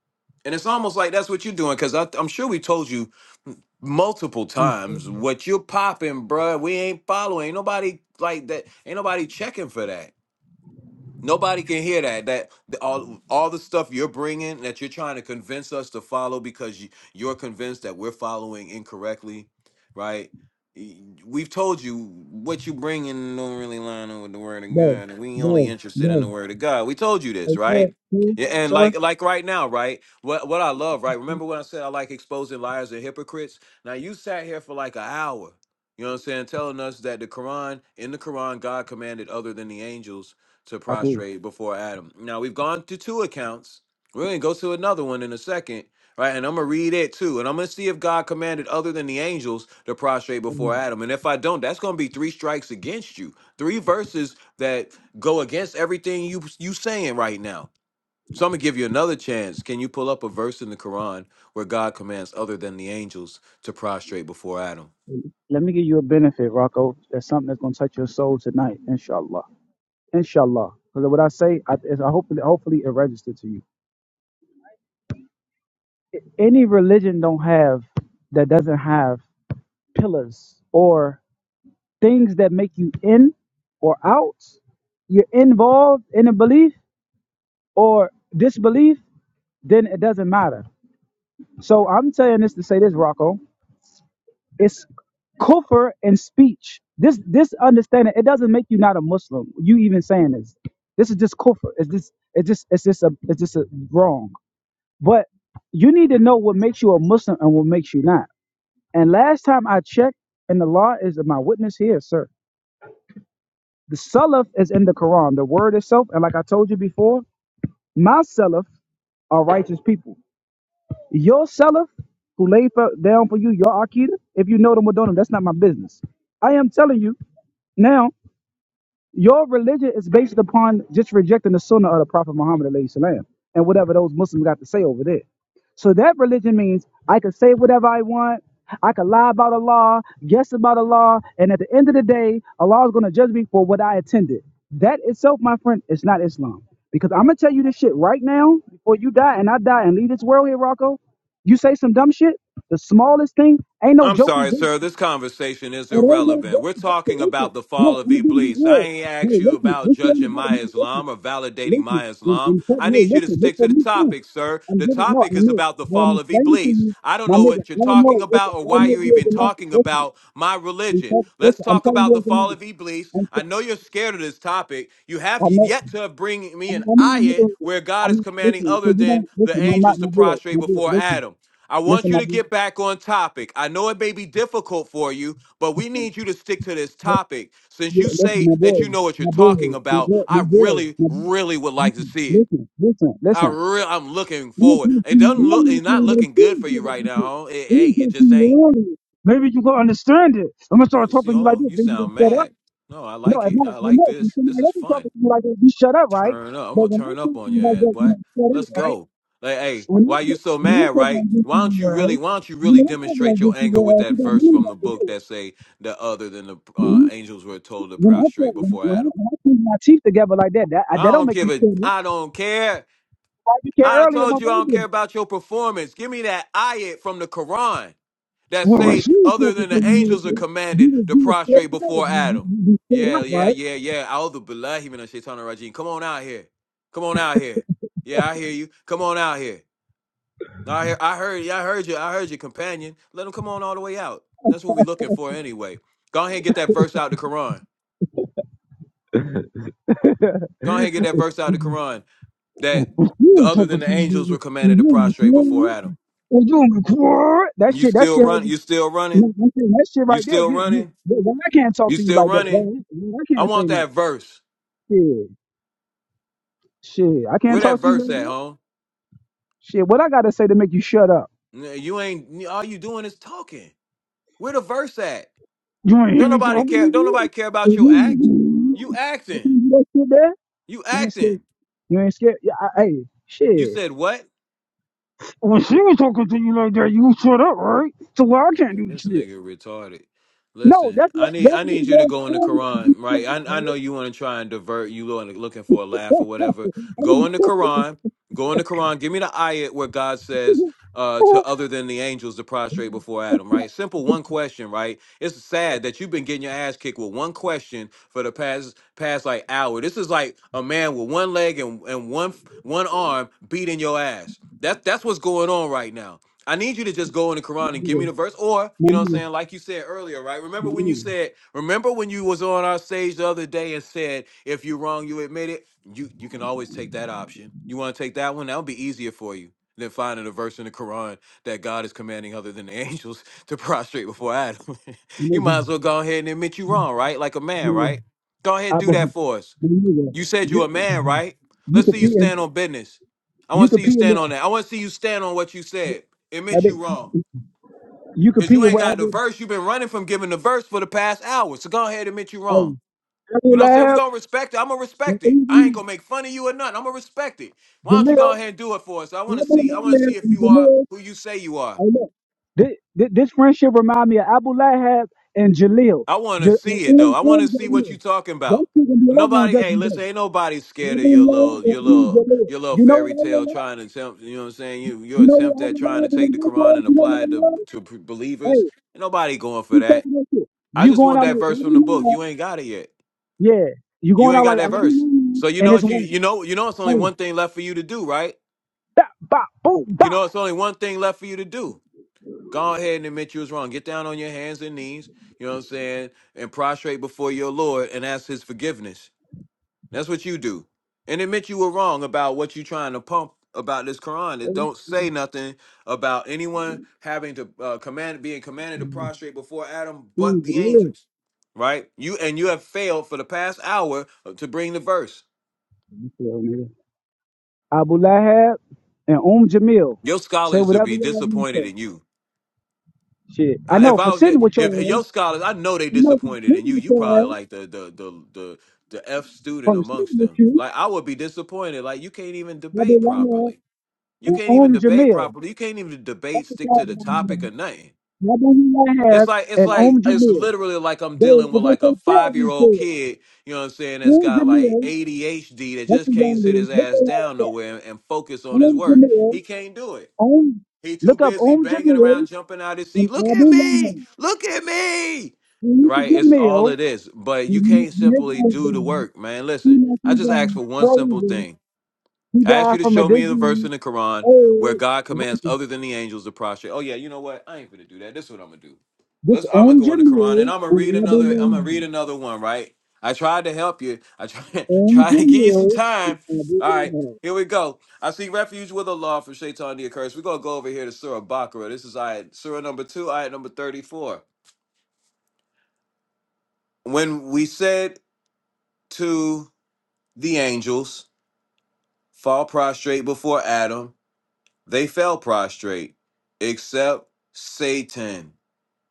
And it's almost like that's what you're doing, because I'm sure we told you multiple
Mm,
times what you're popping, bruh. We ain't following. Ain't nobody like that. Ain't nobody checking for that. Nobody can hear that. That the, all all the stuff you're bringing that you're trying to convince us to follow because you, you're convinced that we're following incorrectly, right? Y- We've told you what you bring in don't really line up with the word of
bro,
God, and we only
bro,
interested in
bro.
the word of God. We told you this,
Okay,
right?
okay,
Yeah, and
sir.
like like right now, right? What what I love, right? Remember when I said I like exposing liars and hypocrites? Now you sat here for like an hour, you know what I'm saying, telling us that the Quran in the Quran God commanded other than the angels to
Okay.
prostrate before Adam. Now we've gone to two accounts. We're gonna go to another one in a second, right? And I'm gonna read it too, and I'm gonna see if God commanded other than the angels to prostrate before
Um,
Adam. And if I don't, that's gonna be three strikes against you. Three verses that go against everything you you saying right now. So I'm gonna give you another chance. Can you pull up a verse in the Quran where God commands other than the angels to prostrate before Adam?
Let me give you a benefit, Rocco. That's something that's gonna touch your soul tonight, inshallah, inshallah. Because what I say, I, is I hopefully, hopefully, it registered to you. any religion don't have that doesn't have pillars or things that make you in or out you're involved in a belief or disbelief then it doesn't matter so i'm saying this to say this rocco it's kufr in speech this this understanding it doesn't make you not a muslim you even saying this this is just kufr it's just it's just it's just a it's just a wrong but you need to know what makes you a muslim and what makes you not And last time I checked, and the law is my witness here, sir. The salaf is in the Quran, the word itself. And like I told you before, my salaf are righteous people. Your salaf who lay for, down for you, your akida, if you know them or don't know them, that's not my business. I am telling you now Your religion is based upon just rejecting the sunnah of the Prophet Muhammad alayhi salam, and whatever those Muslims got to say over there. So that religion means I can say whatever I want. I can lie about Allah, guess about Allah, and at the end of the day, Allah is going to judge me for what I attended. That itself, my friend, is not Islam. Because I'm going to tell you this shit right now before you die and I die and leave this world here, Rocco. You say some dumb shit, the smallest thing, ain't no
I'm sorry,
jokey.
sir. This conversation is
And ain't know
irrelevant.
just
We're
up to
talking
listen.
about the
No,
fall of
I'm gonna give you
Iblis. I
real.
ain't asked
Hey,
you
listen,
about
this ain't
judging
about
my
me. Listen,
Islam or validating
listen,
my
and,
Islam.
and tell
I
me, hey,
need you to
listen, this
stick to
for
the
me too.
topic, sir.
I'm
The
giving, no, I
topic is
know,
about the
I am
fall of
explaining to
Iblis.
you,
I don't
my
know
nigga,
what you're
I don't know,
talking
listen,
about or
I
why
don't know
you're
you as
even
a man.
talking
Listen,
about my religion.
because,
Let's
listen, I'm
talk
telling
about
you
the
as a
fall
man.
of Iblis.
I'm,
I
t-
know you're scared of this topic. You have
I'm not,
yet to bring me
I'm
an
I'm not
ayat
making it.
where God
I'm
is
not,
commanding
listening so
other
you don't,
than the
listen, I'm
angels
not,
to
my boy,
prostrate
my boy,
before
listen,
Adam. I want
listen,
you
my
to
boy,
get back on topic. I know it may be difficult for you, but we
listen,
need you to stick to this topic. Since you
listen,
say
my
that
boy,
you know what you're
my boy, my
talking
boy, my
about, I
boy,
really,
my boy,
really would like to
listen,
see it.
listen, listen,
I
listen.
real, I'm looking
Maybe
forward.
you
It doesn't look, it's not looking good for you right now, huh? It ain't. It just ain't.
can understand it. I'm gonna
Well,
start
you see,
talking to you like
Oh,
this,
you
then you can
sound
shut up.
mad. No, I
No,
like
if
it.
not,
I
no,
like
no. When
this. This
somebody
is
else is
fun.
talking to you like that, you shut up, right?
Turn up. I'm
But
gonna
when I
turn
talk
up
to
on
you
your
like
ass,
that, you
boy.
don't shut up,
Let's
right?
go. Like, hey,
When I
why you
talk,
so
when I
mad,
talk
right?
like this to
Why
you,
don't you really
right?
why don't you
You
really
know, I talk
demonstrate
like this
your
to
anger
you,
with
right?
that
You don't
verse
mean
from the
that to
book
do. it.
that say that other than the uh,
Mhm.
angels were told to
When I
prostrate
talk, when,
before
when I
Adam?
when I put my teeth together like that, that I,
I
that don't
don't
make
give
you
a
stupid.
I don't care.
Why you care
I done
earlier
told
when
you I
we
don't
did it?
care about your performance. Give me that ayat from the Quran that
Well, Rasheed
say
said
other
that
than the
when you were
angels are
there,
commanded
you were
to
you were scared
prostrate
to go.
before
You, you,
Adam.
you you stood
Yeah,
up,
yeah,
right?
yeah, yeah. A'udhu billahi minash shaitanir rajim. Come on out here. Come on out here. Yeah, I hear you. Come on out here. I hear, I heard yeah, I heard you. I heard your companion. Let him come on all the way out. And That's what we're looking for anyway. Go ahead and get that verse out of the Quran. Go ahead and get that verse out of the Quran that
you
the other than
talking
the
to
angels
me,
were commanded
and
to
you were
prostrate before
cool,
Adam.
and you were cool. That
You
shit, that
still
shit,
run
has-
you still running?
that that shit, that shit
You
right there.
still
You, you,
running?
that- why I can't talk
You
to you
still
like that?
running?
Why, why I
I
can't say
want that
nothing?
verse.
Shit, shit, I
Where
can't
that
talk to you
verse
like
at,
that.
huh?
Shit, what I gotta say to make you shut up?
You ain't all you doing is talking. Where the verse at?
You ain't hear
Don't
me
nobody
talking? to
care.
you?
Don't nobody care about your act. You
I can't
acting.
do that shit there.
You
You ain't scared.
acting.
You ain't scared. Yeah, I, hey,
You
shit.
said what?
When she was talking to you like that, you shut up, right? So well, I can't do
Man,
this
this
shit.
nigga retarded.
No,
Listen,
that's
I
what
need I
that's what
need
it
you to
was
go in the
earlier to
Quran,
shut
right? I
up,
I know
bro.
you want to try and divert. You looking looking for a laugh or whatever. Go in the Quran. Go in the Quran. Give me the ayat where God says uh, to other than the angels to prostrate before Adam, right? Simple one question, right? It's sad that you've been getting your ass kicked with one question for the past past like hour. This is like a man with one leg and, and one one arm beating your ass. That that's what's going on right now. I need you to just go in the Quran and give me the verse, or
my
you know what I'm
nigga,
saying, like you said earlier, right? Remember
my
when you
nigga,
said, remember when you was on our stage the other day and said, if you're wrong, you admit it. You you can always take that option. You want to take that one? That would be easier for you than finding a verse in the Quran that God is commanding other than the angels to prostrate before Adam.
my nigga, my
you might
nigga,
as well go ahead and admit you wrong, right? Like a man,
nigga,
right? Go ahead,
I
do that
believe,
for us.
my nigga,
You said you
you,
a man, right?
you
Let's see you
competing,
stand on business. I want
you
to see you
competing
stand on
with,
that. I want to see you stand on what you said.
my
Admit
nigga,
you wrong.
you
Because you
competing
ain't
with
got the
Abu,
verse. You've been running from giving the verse for the past hour. So go ahead and admit you wrong.
hey, Abu
You know what I'm saying? we
Lab,
going to respect it. I'm going to
and
respect it. I ain't
Uzi,
going to make fun of you or nothing. I'm going to respect it. Why don't you go
Jamil,
ahead and do it for us? I
Abu
want to see. I want to
Lab,
see if
and
you are
Jamil.
who you say you are.
Hey, look, this, this friendship remind me of Abu Lahab and Jaleel.
I want to
Ja-
see
and-
it though. I want to
and
see what you
Jalil.
talking
That
about.
shit gonna be over on
Nobody, hey,
Judgment Day.
listen, ain't nobody scared of
Abu
your
Lahab
little, your
and Eve
little, your little
You know
fairy
what
tale
Abu Lahab?
trying to attempt. You know what I'm saying? You, your
You know
attempt
what
at
Abu
trying to
Lahab and
take the
his
Quran
boys?
and
You know what
apply it to
they love?
to p- believers.
Hey,
Ain't nobody going for
he's
that.
talking that shit.
I
You
just
going
want
out
that
like
verse
Abu
from the book.
Lahab?
You ain't got it yet.
Yeah, you
You
going
ain't
out
got
like
that
Abu
verse.
Lahab
So you
and
know
his
what you
wife.
you know you know it's only
Hey,
one thing left for you to do, right?
bop, bop, boom,
You
bop.
know it's only one thing left for you to do. Go ahead and admit you was wrong. Get down on your hands and knees, you know what I'm saying, and prostrate before your Lord and ask his forgiveness. That's what you do. And admit you were wrong about what you trying to pump about this Quran. It
Hey,
don't say nothing about anyone having to uh, command being commanded to prostrate before Adam but
Eve
the
Jalil.
angels. Right? You and you have failed for the past hour uh, to bring the verse.
You feel me? Abu Lahab and Um Jamil.
Your
Say
scholars will
whatever
be
y'all want to say.
disappointed in you.
Shit. I
If
know
I
for
was your-
sitting with your
if
ass.
your scholars, I know they
I know for
disappointed in
sitting
you.
with
You
your
probably
ass.
like the the the the the F student
From sitting
amongst
with
them.
you,
Like I would be disappointed. Like you can't even
I'll be
debate
lying
properly. You
and
can't even
Om
debate
Jamil.
properly. You can't even
That's
debate,
the
stick
side
to the
that I'm
topic
on.
or nothing.
I'll be
It's
lying
like it's
and
like
Om
it's
Jamil.
literally like I'm
They,
dealing
if
with like
they
a
say
five year
therapy
old
to it,
kid, you know what I'm saying, that's
Om
got like
Jamil,
ADHD that
that's the
just can't
young
sit
lady.
his
Look at
ass down
her up.
nowhere and, and focus on his
Om
work.
Jamil,
He can't do it.
Om,
He too
look up
busy
Om
banging
Jamil
around, jumping out his
and
seat. Look
I'll be
at me!
lying.
Look at me!
And Om
Right? It's all
Jamil,
it is. But you
and when
can't
when his
simply do the
died,
work, man. Listen,
he left
I
his
just ask
ass
for one simple
frozen.
thing.
He
I asked you
died
to
from a
show me the verse in
disease,
the Quran where God
AIDS,
commands other than the angels to prostrate. Oh yeah, you know what? I ain't gonna do that. This is what I'm gonna do.
This
Let's. I'm gonna
Om
go in the Quran and
Jamil
I'm gonna read
and Abu
another. I'm gonna read
Rahman.
another one. Right? I tried to help you. I tried
Om
try to give you some
Jamil
time.
and Abu
All right.
Rahman.
Here we go. I seek refuge with Allah from Shaitan the accursed. We're gonna go over here to Surah Baqarah. This is ayat Surah number two, ayat number thirty-four. When we said to the angels, fall prostrate before Adam, They fell prostrate, except Satan.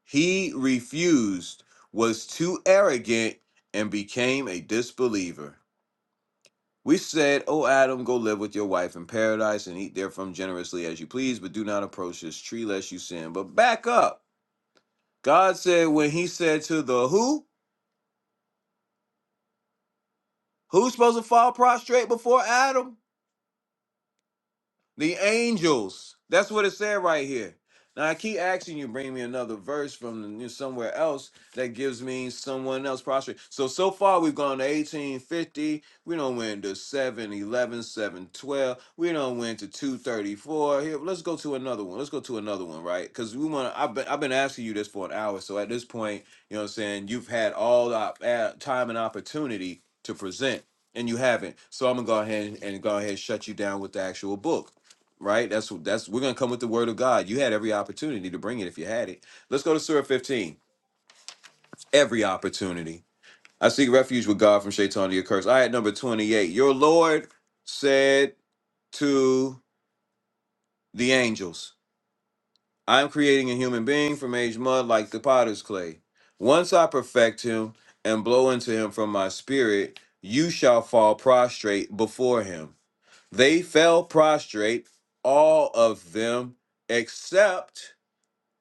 He refused, was too arrogant, and became a disbeliever. We said, O Adam, go live with your wife in paradise and eat therefrom generously as you please, but do not approach this tree lest you sin. But back up. God said, when he said to the who, who's supposed to fall prostrate before Adam? The angels. That's what it said right here. Now I keep asking you, bring me another verse from the somewhere else that gives me someone else prostrate. So so far we've gone to 1850. We don't went to seven eleven seven twelve. We don't went to 234. Here, let's go to another one. Let's go to another one, right? Because we want. to. I've been I've been asking you this for an hour. So at this point, you know what I'm saying. You've had all the op- uh, time and opportunity to present, and you haven't. So I'm gonna go ahead and, and go ahead and shut you down with the actual book right? That's that's we're gonna come with the word of God. You had every opportunity to bring it if you had it. Let's go to Surah 15. Every opportunity. I seek refuge with God from Shaitan to your curse. Ayat number 28. Your Lord said to the angels, I'm creating a human being from age mud like the potter's clay. Once I perfect him and blow into him from my spirit, you shall fall prostrate before him. They fell prostrate, all of them, except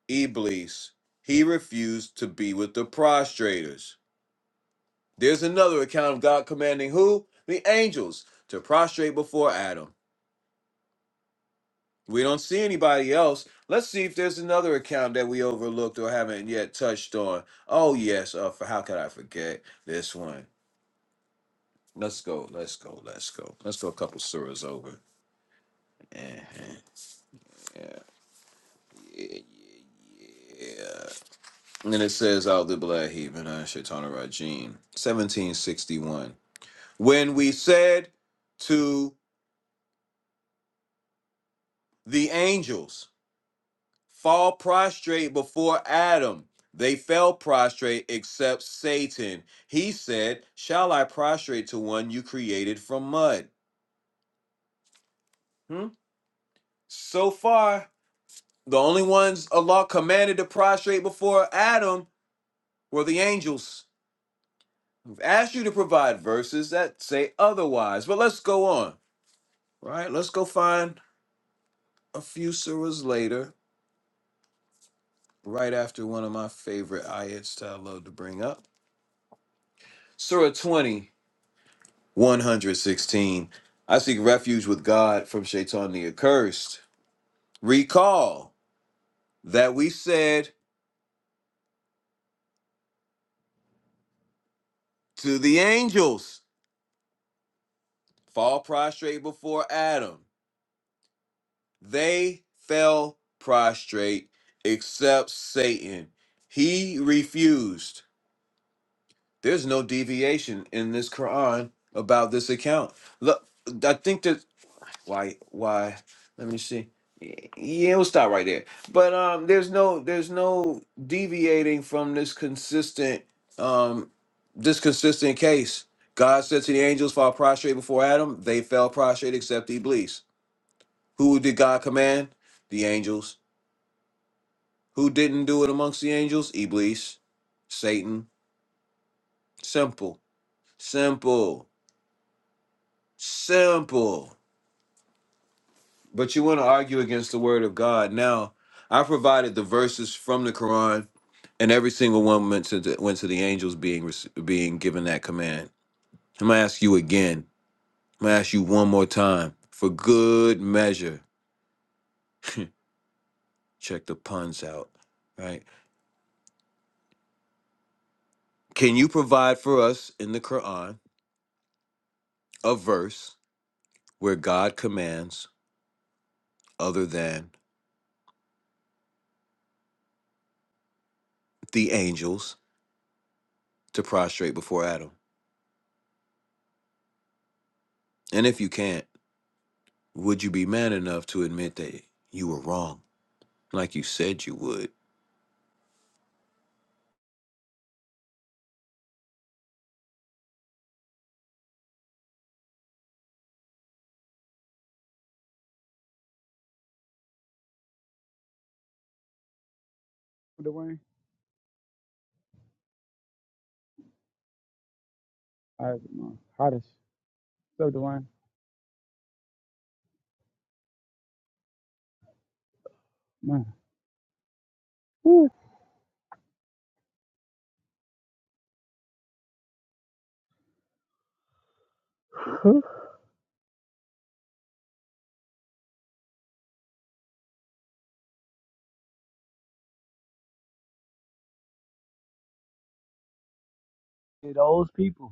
Iblis, he refused to be with the prostrators. There's another account of God commanding who? The angels to prostrate before Adam. We don't see anybody else. Let's see if there's another account that we overlooked or haven't yet touched on. Oh yes, uh, for how could I forget this one? Let's go, let's go, let's go. Let's go a couple surahs over. Mhm. And then it says out the Blahi Benan Shaitana Rajim, 1761. When we said to The angels fall prostrate before Adam. They fell prostrate except Satan. He said, Shall I prostrate to one you created from mud? Hmm? So far, the only ones Allah commanded to prostrate before Adam were the angels. I've asked you to provide verses that say otherwise, but let's go on, right? Let's go find a few surahs later, right after one of my favorite ayats that I love to bring up. Surah 20, 116. I seek refuge with God from Shaitan the accursed. Recall that we said to the angels, fall prostrate before Adam. They fell prostrate except Satan. He refused. There's no deviation in this Quran about this account. Look, I think that why why let me see yeah we'll stop right there but um there's no there's no deviating from this consistent um this consistent case god said to the angels fall prostrate before adam they fell prostrate except iblis who did god command the angels who didn't do it amongst the angels iblis satan simple simple simple But you want to argue against the word of God. Now, I provided the verses from the Quran, and every single one went to the, went to the angels being rec- being given that command. I'm gonna ask you again. I'm gonna ask you one more time for good measure. Check the puns out, right? Can you provide for us in the Quran a verse where God commands other than the angels to prostrate before Adam? And if you can't, would you be man enough to admit that you were wrong? like you said you would.
Dwayne, I don't know. hottest. does so Dwayne? Man. Whew. Those people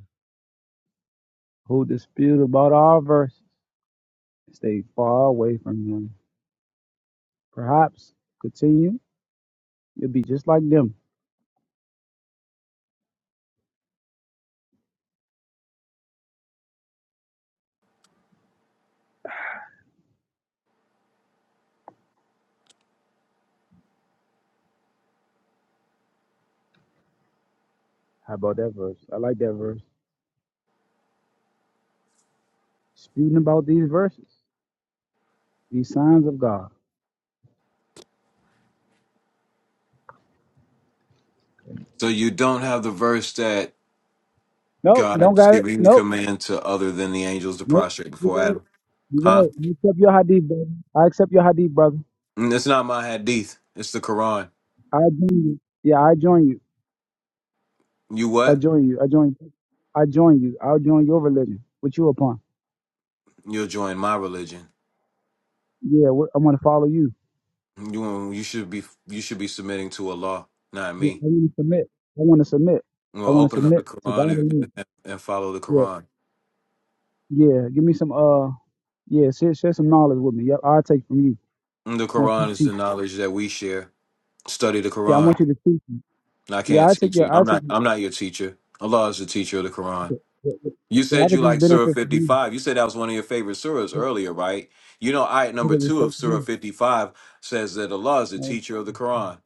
who dispute about our verses stay far away from them. Perhaps continue, you'll be just like them. How about that verse? I like that verse. Disputing about these verses, these signs of God.
So you don't have the verse that
Nope, don't
God's
got it.
giving the
Nope,
command to other than the angels to
nope.
prostrate
You
before
got
Adam,
it. You
huh?
got it. I accept your hadith, brother. I accept your hadith, brother.
Mm, It's not my hadith. It's the Quran.
I join you. Yeah, I join you.
You
I
what?
join you. I join. you. I join you. I'll join your religion. What you upon?
You'll join my religion.
Yeah, what, I want to follow you.
You you should be you should be submitting to Allah, not
Yeah, I
me.
want to submit. I want to submit. I
Well,
want to
open up the
submit to God
Quran and,
alone.
and, follow the
Yeah,
Quran.
yeah. Give me some. Uh, yeah. Share, share some knowledge with me. Yep, I'll take from you.
Mm, The
I want you
Quran
to
is the
teach.
knowledge that we share. Study the
Yeah, I
Quran.
want you to teach me.
I
Yeah,
can't
I take
teach
your.
you.
I
I'm
take.
not.
Your,
I'm not your teacher. Allah is the teacher of the Quran.
yeah, yeah, yeah.
You
Yeah, I
said you
could just
like Surah
benefit from you.
55. You said that was one of your favorite surahs
I
earlier, right? You know, ayat number
could just
two
take
of
from
Surah
you.
55 says that Allah is the
Uh,
teacher of the Quran,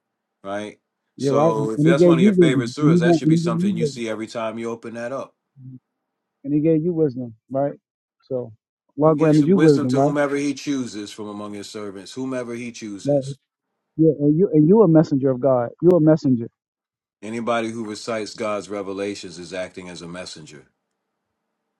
right?
you're right.
So
And
if
and he
that's one
gave
of
you
your favorite
wisdom. And
surahs,
he
that
won't.
should
And
be
he gave you
something you see
wisdom.
every time you open that up.
and he gave you wisdom, right? So
He
God
gives
granted you
wisdom
wisdom,
to
right?
whomever he chooses from among his servants, whomever he
Right.
chooses.
Yeah, and you and you a messenger of God. You're a messenger.
Anybody who recites God's revelations is acting as a messenger.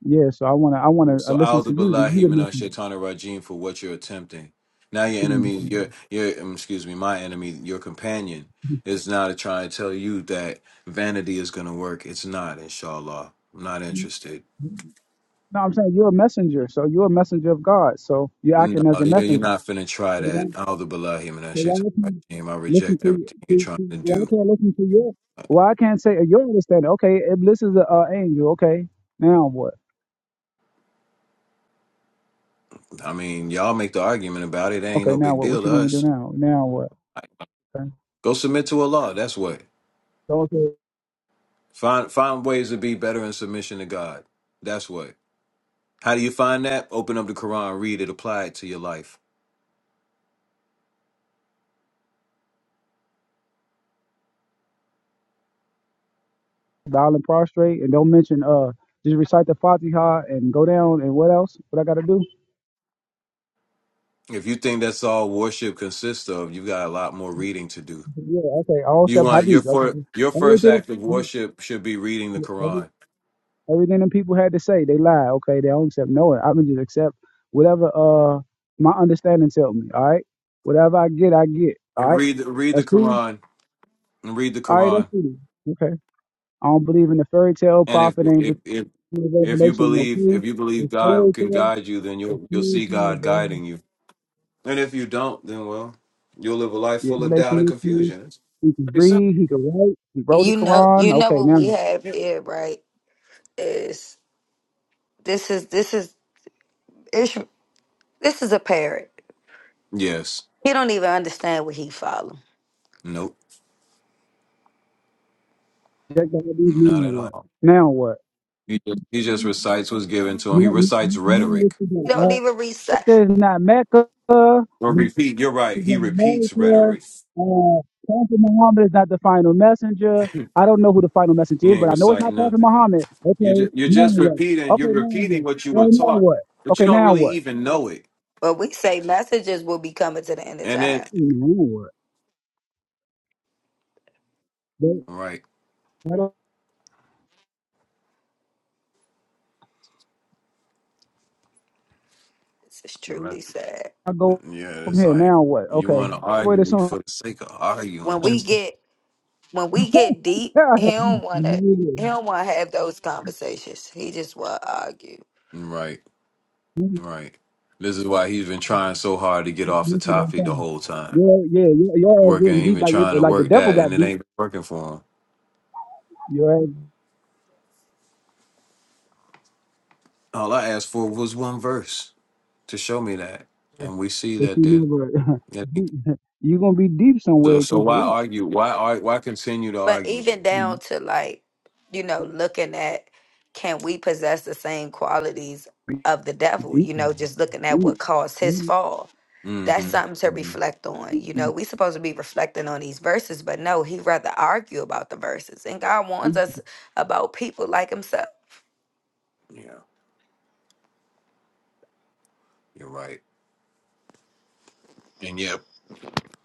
Yeah, so I wanna I wanna uh,
So
listen
A'udhu
to you. That you
Billahi
the
Minash
messenger.
Shaitanir Rajim for what you're attempting. Now your
You the
enemy,
messenger.
your your um, excuse me, my enemy, your companion is now to try and tell you that vanity is gonna work. It's not, inshallah. I'm not interested.
You- No, I'm saying you're a messenger. So you're a messenger of God. So you're
No,
acting as a
you're, you're
messenger.
not finna try
So why,
that. A'udhu Billahi
so
Minash Shaitanir
why can't
Rajim. I
I listen
reject
to,
everything you're
to,
trying
to
to
why
do.
can't I listen to your? Well, I can't say uh, your understanding. Okay, if this is an uh, angel, okay, now what?
I mean, y'all make the argument about it. It ain't
Okay,
no
now
big
what? What
deal
you
to
want me to do
us.
now? Now what? Okay.
Go submit to Allah. That's what.
So, okay.
Find find ways to be better in submission to God. That's what. How do you find that? Open up the Quran, read it, apply it to your life.
bow and prostrate, and don't mention uh just recite the Fatiha and go down and what else? What I gotta do?
If you think that's all worship consists of, you've got a lot more reading to do.
Yeah, okay, all
You
except
want your
Hadith.
first
Okay.
your first
Everything,
act of worship should be reading the
every-
Quran.
everything them people had to say, they lie. Okay, they don't accept no one. I can just accept whatever uh my understanding tell me. All right, whatever I get, I get. All right,
Read read the
that's cool.
Quran and read the
All right, that's
Quran.
cool. Okay, I don't believe in the fairy tale
And if
prophet and
if if if you
revelation, no
believe
creed.
if you believe
It's fairy
God can
tale.
guide you, then
It's
you'll you'll
fairy
see
tale,
God
baby.
guiding you. And if you don't, then well, you'll live a life
Yeah,
full of doubt
revelation
and
issues.
confusion. It's
He can
pretty simple.
read. He can write. He wrote the
You know, you
Quran.
know
Okay,
what
now
we have here, right? Is this is this is Ish- this is a parrot.
Yes.
He don't even understand what he follow.
Nope.
check the Hadith. Now
Not at all.
what? Now what?
He just, he just recites what's given to him. He
Now, now
recites
now what
rhetoric.
you
He don't even
got?
reset.
Mecca is not Mecca.
Or
This
repeat. You're right.
is
He
not
repeats
America.
rhetoric.
Uh, Prophet Muhammad is not the final messenger. I don't know who the final messenger
He
is,
ain't
but I know it's
reciting
not Prophet
nothing.
Muhammad. Okay,
You just, you're
now
just
what?
repeating.
Okay,
You're
now
repeating
what?
what you were
Well, now
taught,
what?
but you
Okay,
don't
now
really
what?
even know it.
But we say messages will be coming to the end of
And then,
time.
Hmm, Now what? Where
right?
where do
This is
The
truly
message.
sad.
I go
Yeah,
from
it's
here?
like
Now what?
you
Okay,
want to
wait a
argue for the
second.
sake of arguing.
When we
Just
get when we
yeah,
get deep, he
yeah,
don't wanna he don't wanna have those conversations. He just wanna argue.
right, right. This is why he's been trying so hard to get off the topic the whole time.
yeah, your your ass
Working,
getting deep
even
like it,
trying to
like the
work
devil
that, and
got
it
deep.
ain't working for him.
Your ass,
All I asked for was one verse. to show me that,
uh,
and we see
if
that that.
you never
that ain't-
deep, you gonna be deep
so,
somewhere.
so
Keep it
why
up.
argue? Why ar- why continue to
But
argue?
even down
Mm,
to like, you know, looking at can we possess the same qualities of the devil,
Deep,
you
is
know, just looking at
deep.
what caused his
Mm,
fall.
hmm
That's something to
hmm
reflect on. You know, we supposed to be reflecting on these verses, but no, he rather argue about the verses. And God warns
deep.
us about people like himself.
Yeah, you're right. And yeah,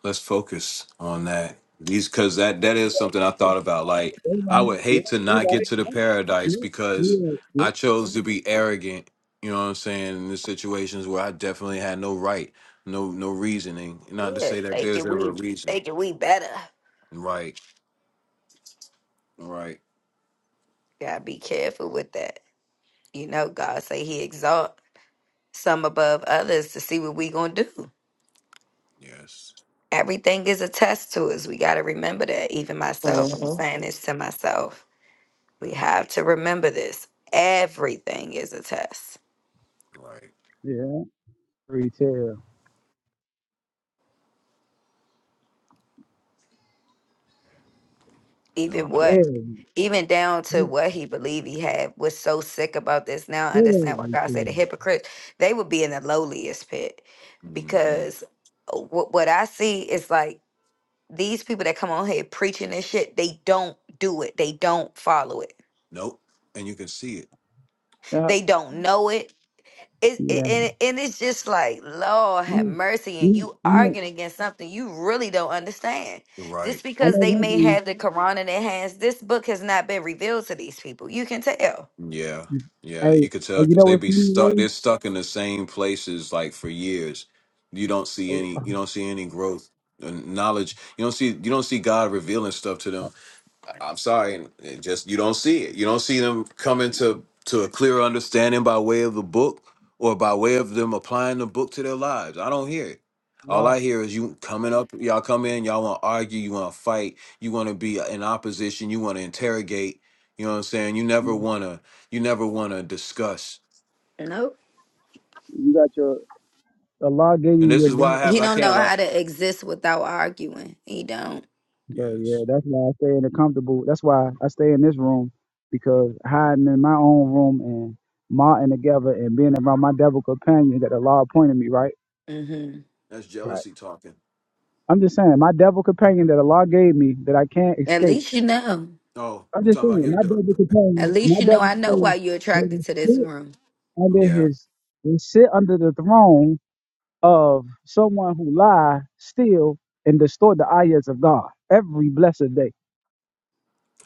let's focus on that. These because that that is something I thought about. Like
They
I
right,
would hate
yeah,
to
you
not get to
right,
the
yeah,
paradise
yeah,
because
yeah, yeah.
I chose to be arrogant. You know what I'm saying? In the situations where I definitely had no right, no no reasoning. Not to
Yeah,
say that there's
thinking
ever a
we
reason.
thinking we better.
Right. Right.
Gotta be careful with that. You know, God say He exalt some above others to see what we gonna do.
Yes.
Everything is a test to us. We gotta remember that. Even myself, I'm
Mm-hmm.
saying this to myself. We
Mm,
have to remember this. Everything is a test.
Right.
Yeah, Retail,
No,
even
I,
what
very,
even down to
very,
what he believed he had was so sick about this now I
very
understand what god
retail.
said the hypocrites they would be in the lowliest pit
mhm.
because what, what i see is like these people that come on here preaching this shit they don't do it they don't follow it
nope. And you can see it.
Yep,
they don't know it It, it
yeah,
and, and it's just like, Lord have
yeah,
mercy, and
yeah,
you
yeah.
arguing against something you really don't understand.
Right.
Just
I
because they
know one
may have
thing.
the Quran in their hands, this book has not been revealed to these people. You can tell.
Yeah.
Hey,
Yeah. You could
hey,
tell
you
because
know
they
what's
be stuck.
funny,
They're stuck in the same places like for years. You don't see
Ray?
any. You don't see any growth and knowledge. You don't see. You don't see God revealing stuff to them. I'm sorry, and it just you don't see it. You don't see them coming to to a clear understanding by way of the book or by way of them applying the book to their lives. I don't hear it. All
Allah.
I hear is you coming up, y'all come in, y'all want to argue, you want to fight, you want to be in opposition, you want to interrogate. You know what I'm saying? You never want to, you never want to discuss.
Nope.
You got your Allah gave
And
you
this
your
is why I
bed.
have,
He
I
don't know
can't lie.
how to exist without arguing. He don't.
Bro,
Yes,
yeah, that's why I stay in a comfortable. That's why I stay in this room because hiding in my own room and marting together and being around my devil companion that Allah appointed me. Right.
hmm
that's
Right.
jealousy talking.
I'm just saying my devil companion that Allah gave me that I can't
At
escape.
least you know.
Oh,
I'm
you
just
talking about
saying
your
my
dog?
devil
At
companion.
least
My
you know.
devil
I know why
companion
you're attracted
will
to this
sit
room
under
Yeah.
his will sit under the throne of someone who lie, steal, and distort the ayahs of God every blessed day.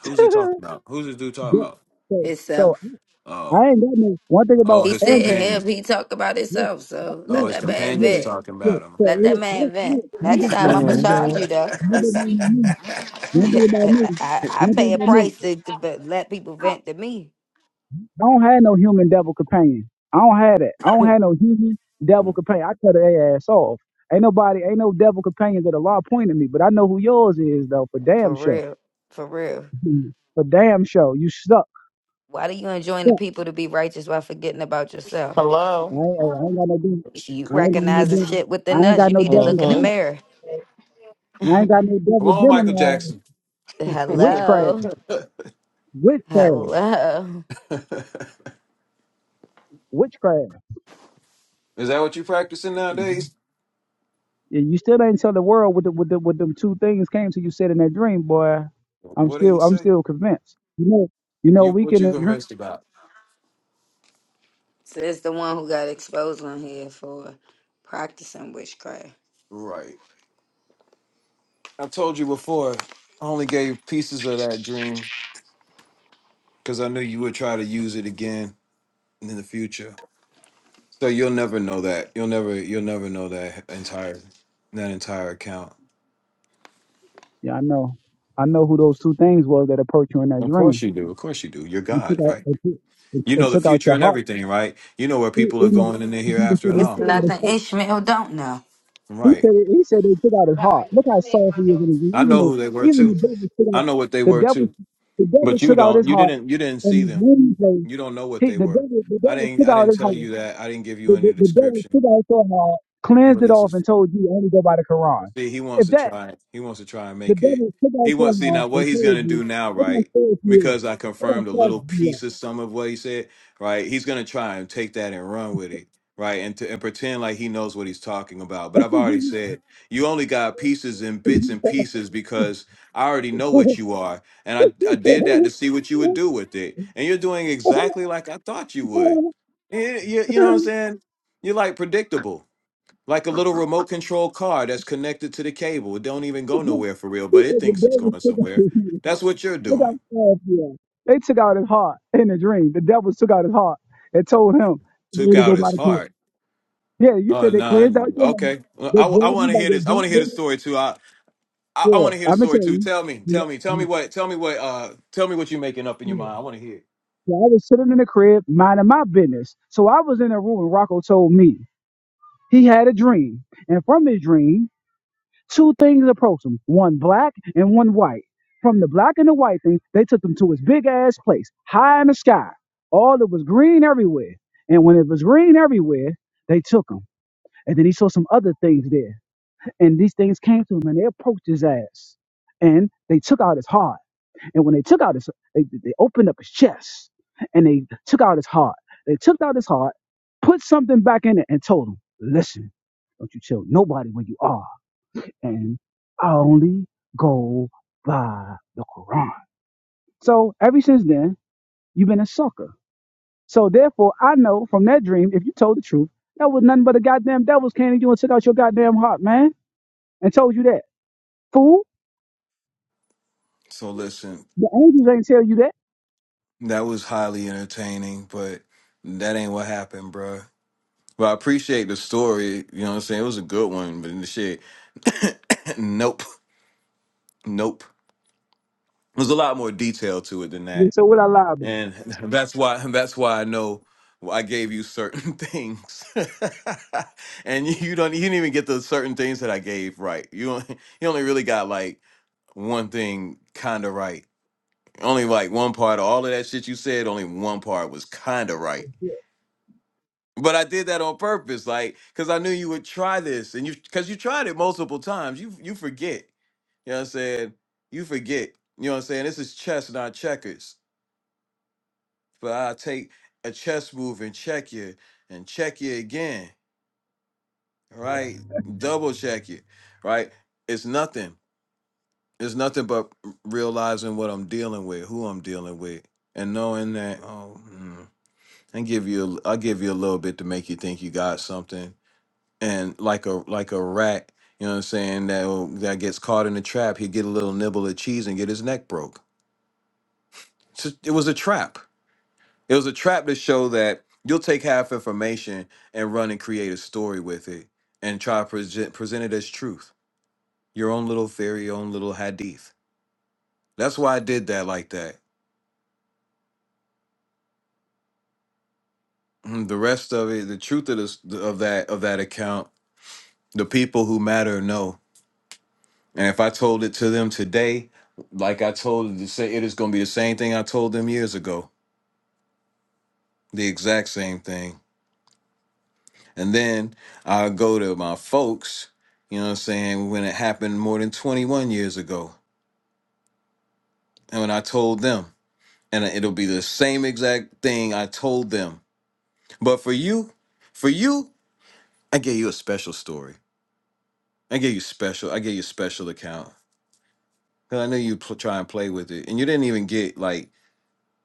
Who's he talking about? Who's this dude talking
Yeah.
about?
So, so
itself.
Oh.
I ain't got no one thing
Oh,
about
He
his
said
Andy.
companion.
him. He talked about
Yeah,
himself. So
Oh,
let
yeah,
his
that man
yeah,
companion's
vent.
talking
yeah.
about him.
So
Let
it
that
is- I
man
don't, I don't,
vent.
one
Next
thing,
Okay.
one,
time I'ma
one thing,
charge
Mm-hmm.
you though.
one thing about me, one thing about me,
I, I
one
pay
thing
a
about me.
price to, to but let people vent to me.
I don't have no human devil companion. I don't have that. I don't have no human devil
Mm.
companion. I cut their ass off. Ain't nobody, ain't no devil companions that a law pointed me, but I know who yours is though, for damn
For
sure.
real. For real.
Mhm. For damn sure, you stuck,
Why do you enjoin the
stuck.
people to be righteous while forgetting about yourself?
Hello.
I
Mm.
ain't, I ain't got no devil.
Question.
You
I ain't
Good
got no
recognizing
question.
devil.
shit
I
within
ain't
us.
got
You
no
need to look in the
Mm-hmm.
devil.
mirror.
I ain't got no
Come
double
on,
denim,
Michael
man.
Jackson. Is
Witchcraft,
Hello.
witchcraft,
Hello.
that
witchcraft.
what you practicing
Mhm.
nowadays?
And You still ain't tell the world what the, what the, what them two things came to you said in that dream, boy. I'm
What did
still
he
I'm
say?
still convinced. You know, you know,
You
we
what
can.
you
dream.
convinced about?
So it's the one who got exposed on here for practicing witchcraft.
Right. I told you before. I only gave pieces of that dream because I knew you would try to use it again in the future. So you'll never know that. You'll never. You'll never know that entire. That entire account.
Yeah, I know. I know who those two things was that approached you in that
Of course
dream.
you do. Of course you do. You're
It
God,
took out,
right?
it took, it,
You
it
know the
took out
future
your
and
heart.
everything, right? You know where
It,
people
it,
are going in the
it, it,
hereafter and
it
It's
all.
took out his
nothing
heart.
Ishmael don't know.
He
Right.
said he said they took out his heart. Look how soft he is.
I
Even
know
the
who they were
even
too.
the devil took
I
out
know what they
the
were
devil
too.
the devil
But you
took out his
don't. You
heart
didn't you didn't
and
see
his
them.
wound place.
You don't know what
He,
they
the
were.
devil the
I
devil
didn't
took
I
out
didn't
his
tell
heart.
you that. I didn't give you
The,
any
the, the devil
description.
took out your heart, cleansed
But
it
this
off,
is.
and told you only go by the Quran.
See, he wants
If
to
that
try. He wants to try and
the
make it.
devil took out
He
your
wants see
heart
now what
and
he's
told
gonna do
you,
now,
look how
right?
soft he is.
Because I
Look how
confirmed a
soft
little
he
piece of
is.
some of what he said, right? He's gonna try and take that and run with it, right? And to and pretend like he knows what he's talking about. But I've already said you only got pieces and bits and pieces because I already know what you are, and I I did that to see what you would do with it, and you're doing exactly like I thought you would. You, you, you know what I'm saying? You're like predictable like a little remote control car that's connected to the cable. It don't even go nowhere for real,
he
but
said
it
the
thinks it's
devil
going
took out
somewhere.
his heart.
That's what you're
They got
doing.
uh, yeah. They took out his heart in a dream. The devil took out his heart and told him
Took
they to
out
go by
his
the cliff.
heart.
Yeah, you
Oh
said they
nah.
cleansed out your mind.
Okay. Well,
They
I, I
grabbed you
want to
by
hear
the
this. I want to hear the
back
story too. I I,
there.
I
Yeah,
want to hear the
I'm gonna
story
tell
too.
you.
Tell me.
Yeah,
Tell me. Tell me
yeah,
what. Tell me what. Uh. Tell me what you're making up in your
yeah.
mind. I want to hear. it.
So I was sitting in the crib minding my business. So I was in a room and Rocco told me he had a dream, and from his dream. Two things approached him, one black and one white. From the black and the white thing, they took him to his big ass place, high in the sky. All it was green everywhere. And when it was green everywhere, they took him. And then he saw some other things there. And these things came to him and they approached his ass. And they took out his heart. And when they took out his they, they opened up his chest and they took out his heart. They took out his heart, put something back in it, and told him, listen, don't you tell nobody where you are and I only go by the Quran. So ever since then, you've been a sucker. So therefore, I know from that dream, if you told the truth, that was nothing but a goddamn devil's candy you and took out your goddamn heart, man, and told you that. Fool,
So listen,
the angels ain't tell you that.
that was highly entertaining, but that ain't what happened, bruh. But I appreciate the story. You know what I'm saying? It was a good one, but the shit, nope, nope. there's a lot more detail to it than
Then
that
So what I lie about?
and that's why that's why i know why i gave you certain things and you, you don't you didn't even get the certain things that i gave right you only, you only really got like one thing kind of right only like one part of all of that shit you said only one part was kind of right but i did that on purpose like because i knew you would try this and you because you tried it multiple times you you forget you know what i'm saying you forget you know what i'm saying this is chess not checkers But I take a chess move and check you and check you again, right? Double check you, right? It's nothing. It's nothing but realizing what I'm dealing with, who I'm dealing with, and knowing that oh, mm, and give you a, I'll give you a little bit to make you think you got something, and like a like a rat, you know what I'm saying? That that gets caught in a trap, he get a little nibble of cheese and get his neck broke. It's a- It was a trap It was a trap to show that you'll take half information and run and create a story with it and try to present, present it as truth. Your own little theory, your own little hadith. That's why I did that like that. Mm, The rest of it, the truth of this of that of that account, the people who matter know. And if I told it to them today, like I told it to say, it is going to be the same thing I told them years ago. The exact same thing. And then I go to my folks, you know what I'm saying, when it happened more than 21 years ago. And when I told them, and it'll be the same exact thing I told them. But for you, for you, I gave you a special story. I gave you special, I gave you a special account. Cause I knew you pl- try and play with it. And you didn't even get like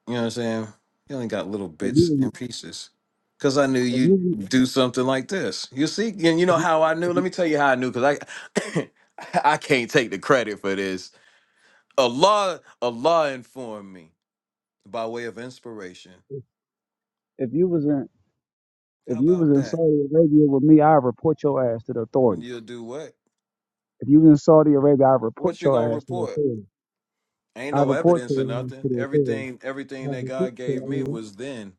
You know what I'm saying? You only got little
If
bits
you,
and pieces. Cause I knew
if
you'd
you,
do something like this. You see, and you know
if you,
how I knew.
if you,
Let me tell you how I knew, cause I I can't take the credit for this. Allah Allah informed me by way of inspiration.
if if you was in, if
How
you was
about
in
that?
Saudi Arabia with me, I'd report your ass to the
And You'll
authorities.
do what?
If you was in Saudi Arabia, I'd
What
report
you
your
gonna
ass to the
report?
authorities.
Ain't
I
no
report to
evidence or
the,
nothing.
to the authorities.
Everything everything
Have a
that
good
God gave me
day.
was then.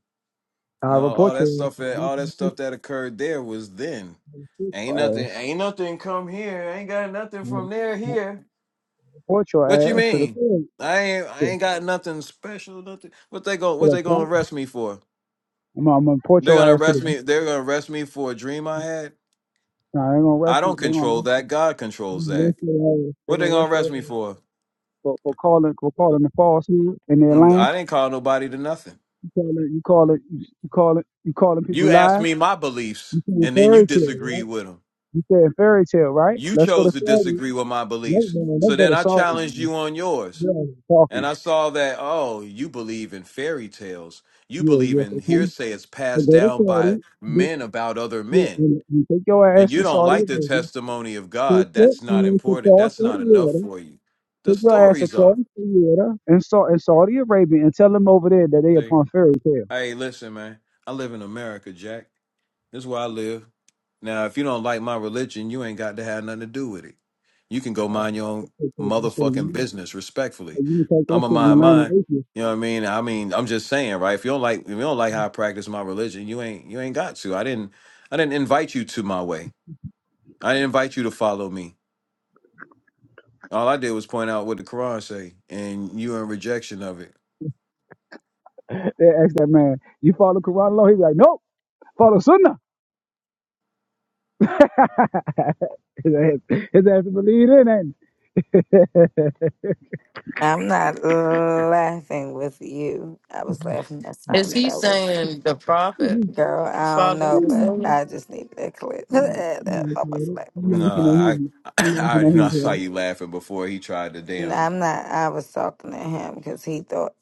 I
No,
report
all that
your ass
stuff
to the
that
police.
all that
and
stuff
fish
that occurred there was then.
and fish
Ain't
your
nothing
ass.
ain't nothing come here. Ain't got nothing from
And
there
I
here.
report
What you
your ass to the
mean?
police.
I ain't I
to, to
ain't got nothing special, nothing. What they go? what
the
they gonna
point.
arrest me for?
I'm, I'm gonna report
They're
your
gonna
ass to
arrest
the.
me they're gonna arrest me for a dream I had?
Nah, they're gonna rush
I
you.
don't
They're gonna
control
rush you.
that. God controls
They're gonna
that.
rush your ass. They're
What they
gonna rush
gonna
your
arrest me
ass
for?
for, for calling for calling the falsehood in their
Mm,
line.
I didn't call nobody to nothing.
You call it. You call it. You call it. You calling people
You asked
lies.
me my beliefs
You saying
and then you
fairy tale,
disagreed
right?
with 'em.
You saying fairy tale, right?
You
Let's go
chose
to
to
Saudi.
disagree with my
Let's,
beliefs.
let's
So
go
then
to
I
Saudi.
challenged
Man.
you on yours.
You're
And
talking.
I saw that, oh, you believe in fairy tales. You
Yeah,
believe in
yeah.
hearsay it's
So
passed
go to
down by
Saudi, get
men about other
your,
men.
and, and take your
And
ass
you
to
don't
Saudi
like the
Arabia,
testimony of
take
God.
your
That's not
ass
important.
across
That's
the
not enough
water,
for you. The
take your ass
stories are.
across the water and, Sa- and Saudi Arabia and tell them over there that they
See?
upon fairy tale.
Hey, listen, man. I live in America, Jack. This is where I live. Now, if you don't like my religion, you ain't got to have nothing to do with it. You can go mind your
They
own
take that shit
motherfucking
in
business respectfully.
the- You can take that
I'm a
shit in the
mind
land
mine.
of atheists.
You know what I mean? I mean, I'm just saying, right? If you don't like if you don't like how I practice my religion, you ain't you ain't got to. I didn't I didn't invite you to my way. I didn't invite you to follow me. All I did was point out what the Quran say, and you in rejection of it.
They ask that man, you follow Quran law? He's like, nope, follow Sunnah. his ass, his ass believe in it. I'm laughing
I'm not laughing with you. I was laughing at
Is
something
he
that was
saying the prophet
Girl, I don't
fathered
know,
the
but
sermon?
I just need that clip. And That's almost like
at him.
with
No,
you.
I I,
I'm
I
laughing
already know I saw you
at
laughing before he tried to
N-
damn
I'm not. I was talking to him because he thought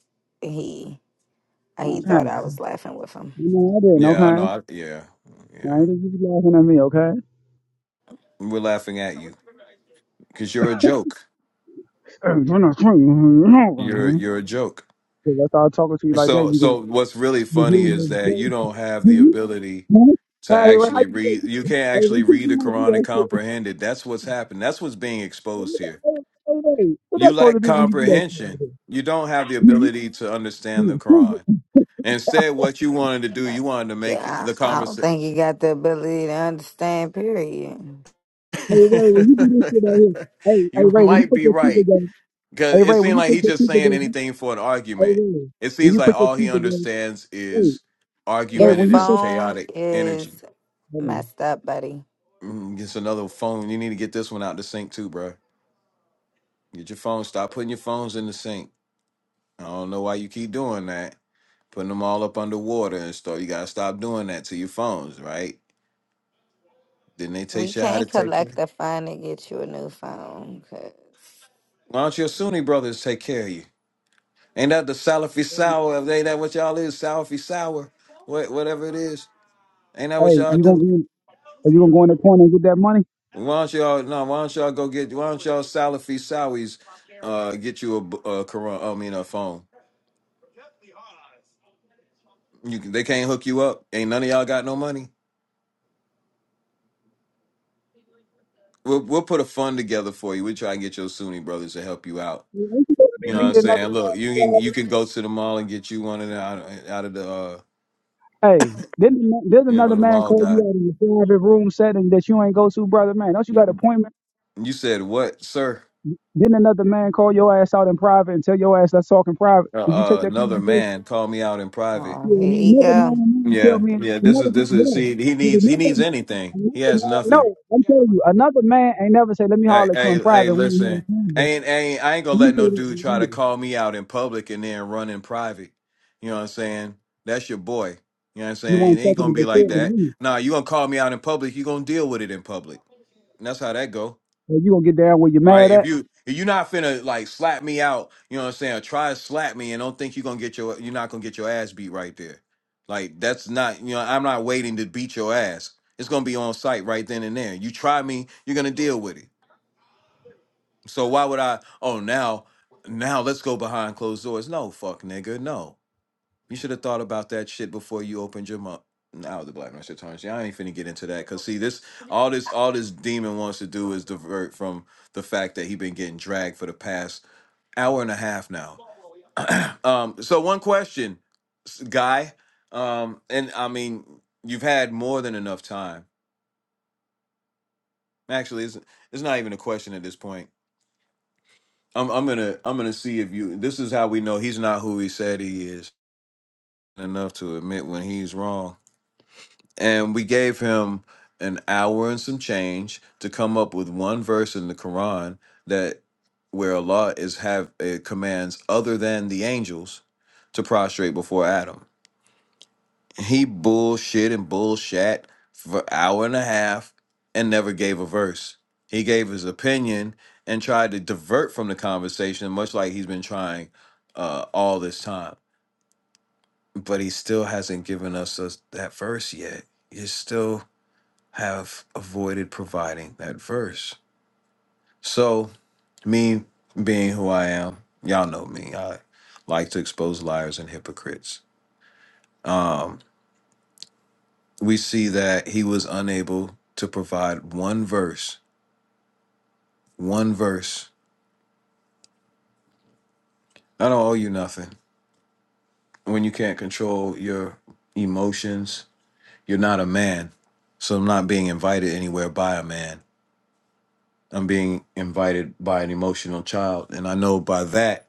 he uh, he
him, bro.
thought I was laughing with him.
You I didn't,
Yeah, I know
okay?
I yeah. Yeah.
I ain't just you laughing at me, okay?
We're laughing at you because you're a joke. You're you're a joke.
If I start talking to you like that,
So
you go,
so what's really
you hear
funny is
me?
that you
okay?
don't have the
Hmm?
ability
Hmm?
to
Hey, right? How
actually
you
read.
doing?
You can't
Hey, we
actually
keep
read the
doing that do
Quran and
that shit.
comprehend it. That's what's happened. That's what's being
Hey,
exposed here.
hey, hey, hey. What
You
that's supposed to
lack
be when you do that shit? right
comprehension.
there?
You don't have the
Hmm?
ability to understand the
Hmm? Hmm?
Quran. Instead, what you wanted to do, you wanted to make
Yeah,
the
I, I don't
conversation.
think he got the ability to understand. Period.
Hey, Ray, when you do this shit right here, hey, hey,
you
Ray, when you
might
put
be
your teeth
right.
together,
Because
hey,
it
Ray,
seemed
when you
like
put
he's
your
just
teeth
saying
together,
anything for an
hey,
argument.
Ray,
It
when
seems
you
like
put your
all he
teeth together,
understands
hey,
is
Ray,
Your
when you
argumentative,
sit,
phone
chaotic energy.
is
hold on.
messed up, buddy.
Mm, gets another phone. You need to get this one out the sink too, bro. Get your phone. Stop putting your phones in the sink. I don't know why you keep doing that. Putting them all up underwater and stuff. You gotta stop doing that to your phones, right? Didn't they
We
teach you how to
can't
take care?
collect the fine and get you a new phone. 'cause-
Why don't your Sunni brothers take care of you? Ain't that the Salafi sour? Ain't that what y'all is? Salafi sour? What whatever it is. Ain't that what
Hey,
y'all
you gonna
do?
be, are you gonna go in the corner and get that money?
Why don't y'all? No, why don't y'all go get? Why don't y'all Salafi Sowis uh, get you a, b- a Quran? I mean, a phone. You can, they can't hook you up. Ain't none of y'all got no money. We'll we'll put a fund together for you. We try and get your Sunni brothers to help you out.
We we supposed to be
You know what I'm
meeting another
saying? Look, you can
man.
you can go to the mall and get you one of the out, out of the uh,
Hey, then there's
you know
another
the
man
mall
call you
guy.
out in a private room setting that you ain't go to, brother man. Don't you got an
You
appointment?
said what, sir?
Then another man call your ass out in private and tell your ass let's talk in private.
Uh,
Did you take
uh,
that
another
conversation?
man called me out in private.
oh,
Yeah,
here
and
you
another man
go.
and tell
Yeah,
me
yeah. This
another
is this is.
man.
See, he
Yeah, Did
needs he
another
needs
man,
anything. He
another
has
man.
nothing.
No, I'm telling you, another man ain't never say let me
Hey,
holler at you in
hey, hey,
private when you had a
listen.
conversation.
Ain't ain't I ain't gonna let
You say
no
that
dude
to
try to
me.
call me out in public and then run in private. You know what I'm saying? That's your boy. You know what I'm
You
saying?
want
It
to
ain't
talk in
gonna
the
be like
recording
that.
room.
Nah, you gonna call me out in public, you gonna deal with it in public. And that's how that go.
You gonna get down where you're
Right?
mad
If
at?
you if you not finna like slap me out, you know what I'm saying, or try to slap me and don't think you're gonna get your you're not gonna get your ass beat right there. Like that's not you know, I'm not waiting to beat your ass. It's gonna be on site right then and there. You try me, you're gonna deal with it. So why would I? Oh, now, now let's go behind closed doors. No, fuck, nigga, no. You should have thought about that shit before you opened your mouth. Now the black man shit turns. Yeah, I ain't finna get into that. Cause see, this all this all this demon wants to do is divert from the fact that he been getting dragged for the past hour and a half now. Um, so one question, s- guy, um, and I mean you've had more than enough time. Actually, it's it's not even a question at this point I'm I'm gonna I'm gonna see if you. This is how we know he's not who he said he is. Enough to admit when he's wrong. And we gave him an hour and some change to come up with one verse in the Quran that where Allah is have uh, commands other than the angels to prostrate before Adam. He bullshit and bullshat for an hour and a half and never gave a verse. He gave his opinion and tried to divert from the conversation, much like he's been trying uh, all this time. But he still hasn't given us us that verse yet. You still have avoided providing that verse. So, me being who I am, y'all know me. I like to expose liars and hypocrites. Um, we see that he was unable to provide one verse, one verse. I don't owe you nothing. When you can't control your emotions, you're not a man. So I'm not being invited anywhere by a man. I'm being invited by an emotional child. And I know by that,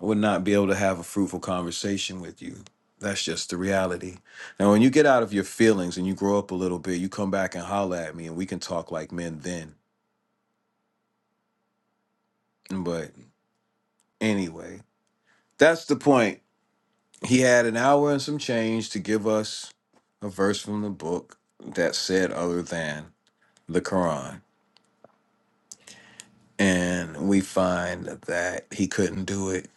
I would not be able to have a fruitful conversation with you. That's just the reality. Now, when you get out of your feelings and you grow up a little bit, you come back and holler at me and we can talk like men then. But anyway, That's the point. He had an hour and some change to give us a verse from the book that said other than the Quran. And we find that he couldn't do it.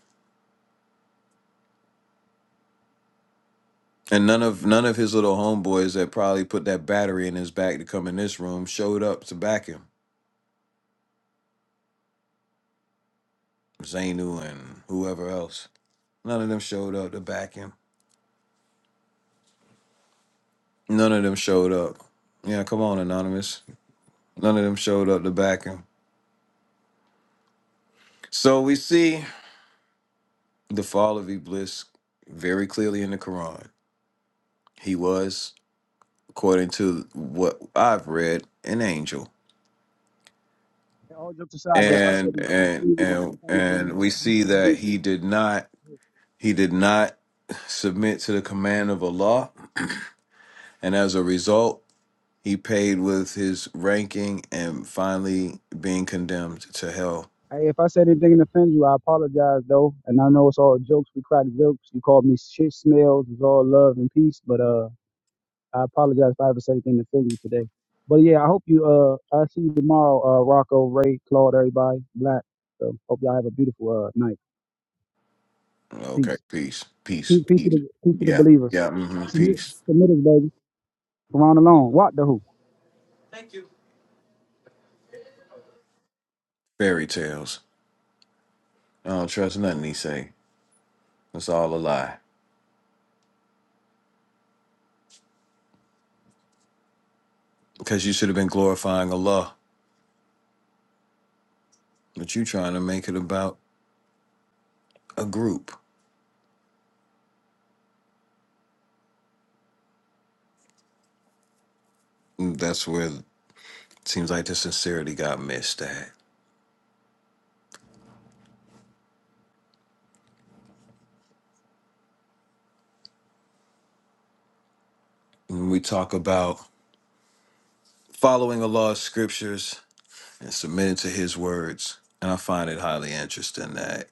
And none of none of his little homeboys that probably put that battery in his back to come in this room showed up to back him. Zainu and whoever else. None of them showed up to back him. None of them showed up. Yeah, come on, Anonymous. None of them showed up to back him. So we see the fall of Iblis very clearly in the Quran. He was, according to what I've read, an angel.
And all jokes aside, though, if I said
And
anything
and
to you, I
and and
apologize. If I
we
said
see that
anything-
he did not he did not submit to the command of Allah, and as a result, he paid with his ranking and finally being condemned to hell.
Hey, if I said anything to offend you, I apologize, though. And I know it's all jokes. We crack jokes. You called me shit smells. It's all love and peace. But uh, I apologize if I ever said anything to offend you today. But yeah, I hope you uh, I see you tomorrow. Uh, Rocco, Ray, Claude, everybody, Black. So hope y'all have a beautiful uh night.
Okay,
Peace.
peace, peace,
Peace, peace to
peace.
the peace to the
Yeah,
believers.
yeah, mm-hmm,
Submit,
peace.
submit us, baby. Quran alone. What the who?
Fairy tales. I don't trust nothing he say. It's all a lie. because you should have been glorifying Allah, but you trying to make it about a group. And That's where it seems like the sincerity got missed at. When we talk about following Allah's scriptures and submitting to His words, and I find it highly interesting that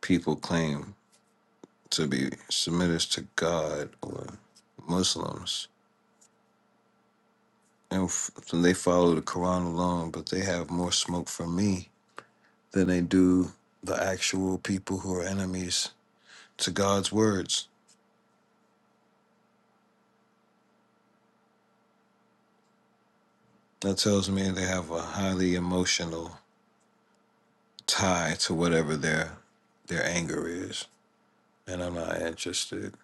people claim to be submitters to God or Muslims, and f- they follow the Quran alone, but they have more smoke from me than they do the actual people who are enemies to God's words That tells me they have a highly emotional tie to whatever their their anger is, and I'm not interested.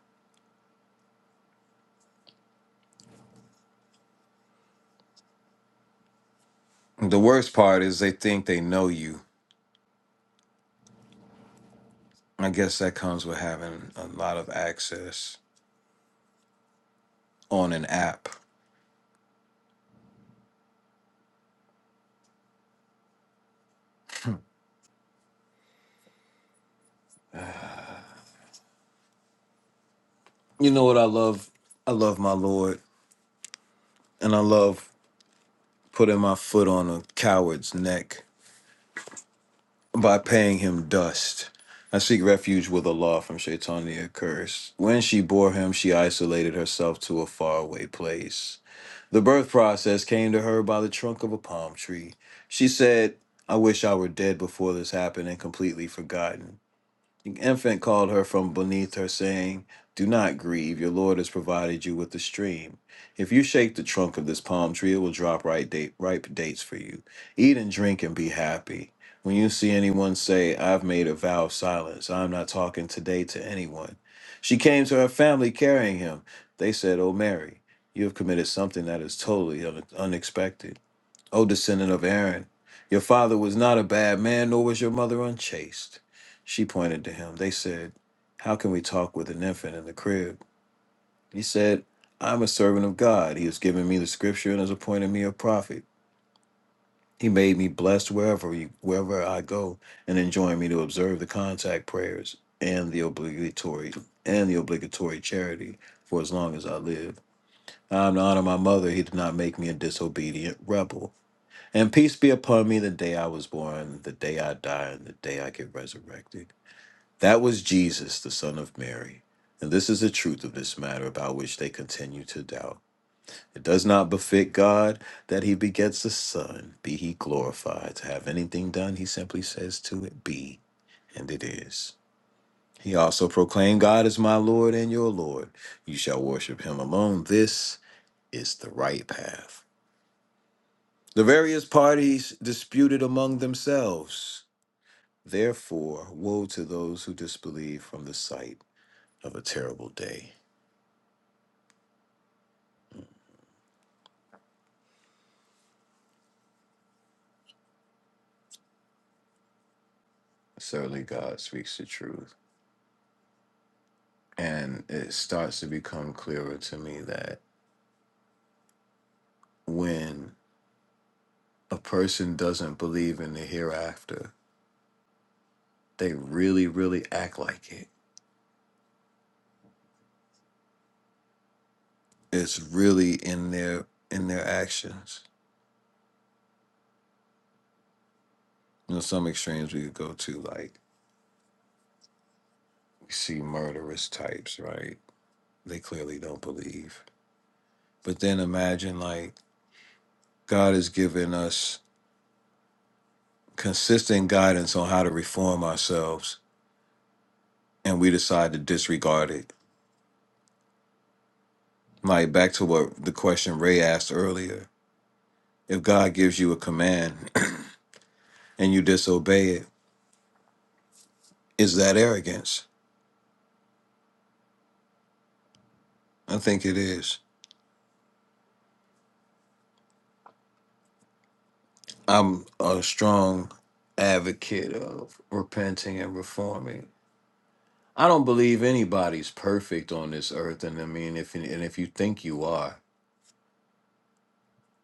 The worst part is they think they know you. I guess that comes with having a lot of access on an app. You know what I love? I love my Lord, and I love putting my foot on a coward's neck by paying him dust. I seek refuge with Allah from Shaitan the accursed. When she bore him, she isolated herself to a faraway place. The birth process came to her by the trunk of a palm tree. She said, I wish I were dead before this happened and completely forgotten. The infant called her from beneath her, saying, Do not grieve, your Lord has provided you with a stream. If you shake the trunk of this palm tree, it will drop ripe, date, ripe dates for you. Eat and drink and be happy. When you see anyone say, have made a vow of silence, I'm not talking today to anyone. She came to her family carrying him. They said, Oh, Mary, you have committed something that is totally un- unexpected. O descendant of Aaron, your father was not a bad man, nor was your mother unchaste. She pointed to him. They said, How can we talk with an infant in the crib? He said, I'm a servant of God. He has given me the scripture and has appointed me a prophet. He made me blessed wherever you, wherever I go, and enjoined me to observe the contact prayers and the obligatory and the obligatory charity for as long as I live. I am to honor my mother. He did not make me a disobedient rebel. And peace be upon me the day I was born, the day I die, and the day I get resurrected. That was Jesus, the Son of Mary. And this is the truth of this matter about which they continue to doubt. It does not befit God that he begets a son, be he glorified. To have anything done, he simply says to it, be, and it is. He also proclaimed, God is my Lord and your Lord. You shall worship him alone. This is the right path. The various parties disputed among themselves. Therefore, woe to those who disbelieve from the sight of a terrible day. Certainly, God speaks the truth. And it starts to become clearer to me that when a person doesn't believe in the hereafter, they really, really act like it. It's really in their in their actions. You know, some extremes we could go to, like we see murderous types, right? They clearly don't believe. But then imagine like God has given us consistent guidance on how to reform ourselves and we decide to disregard it. Like back to what the question Ray asked earlier. If God gives you a command and you disobey it, is that arrogance? I think it is. I'm a strong advocate of repenting and reforming. I don't believe anybody's perfect on this earth and I mean if and if you think you are,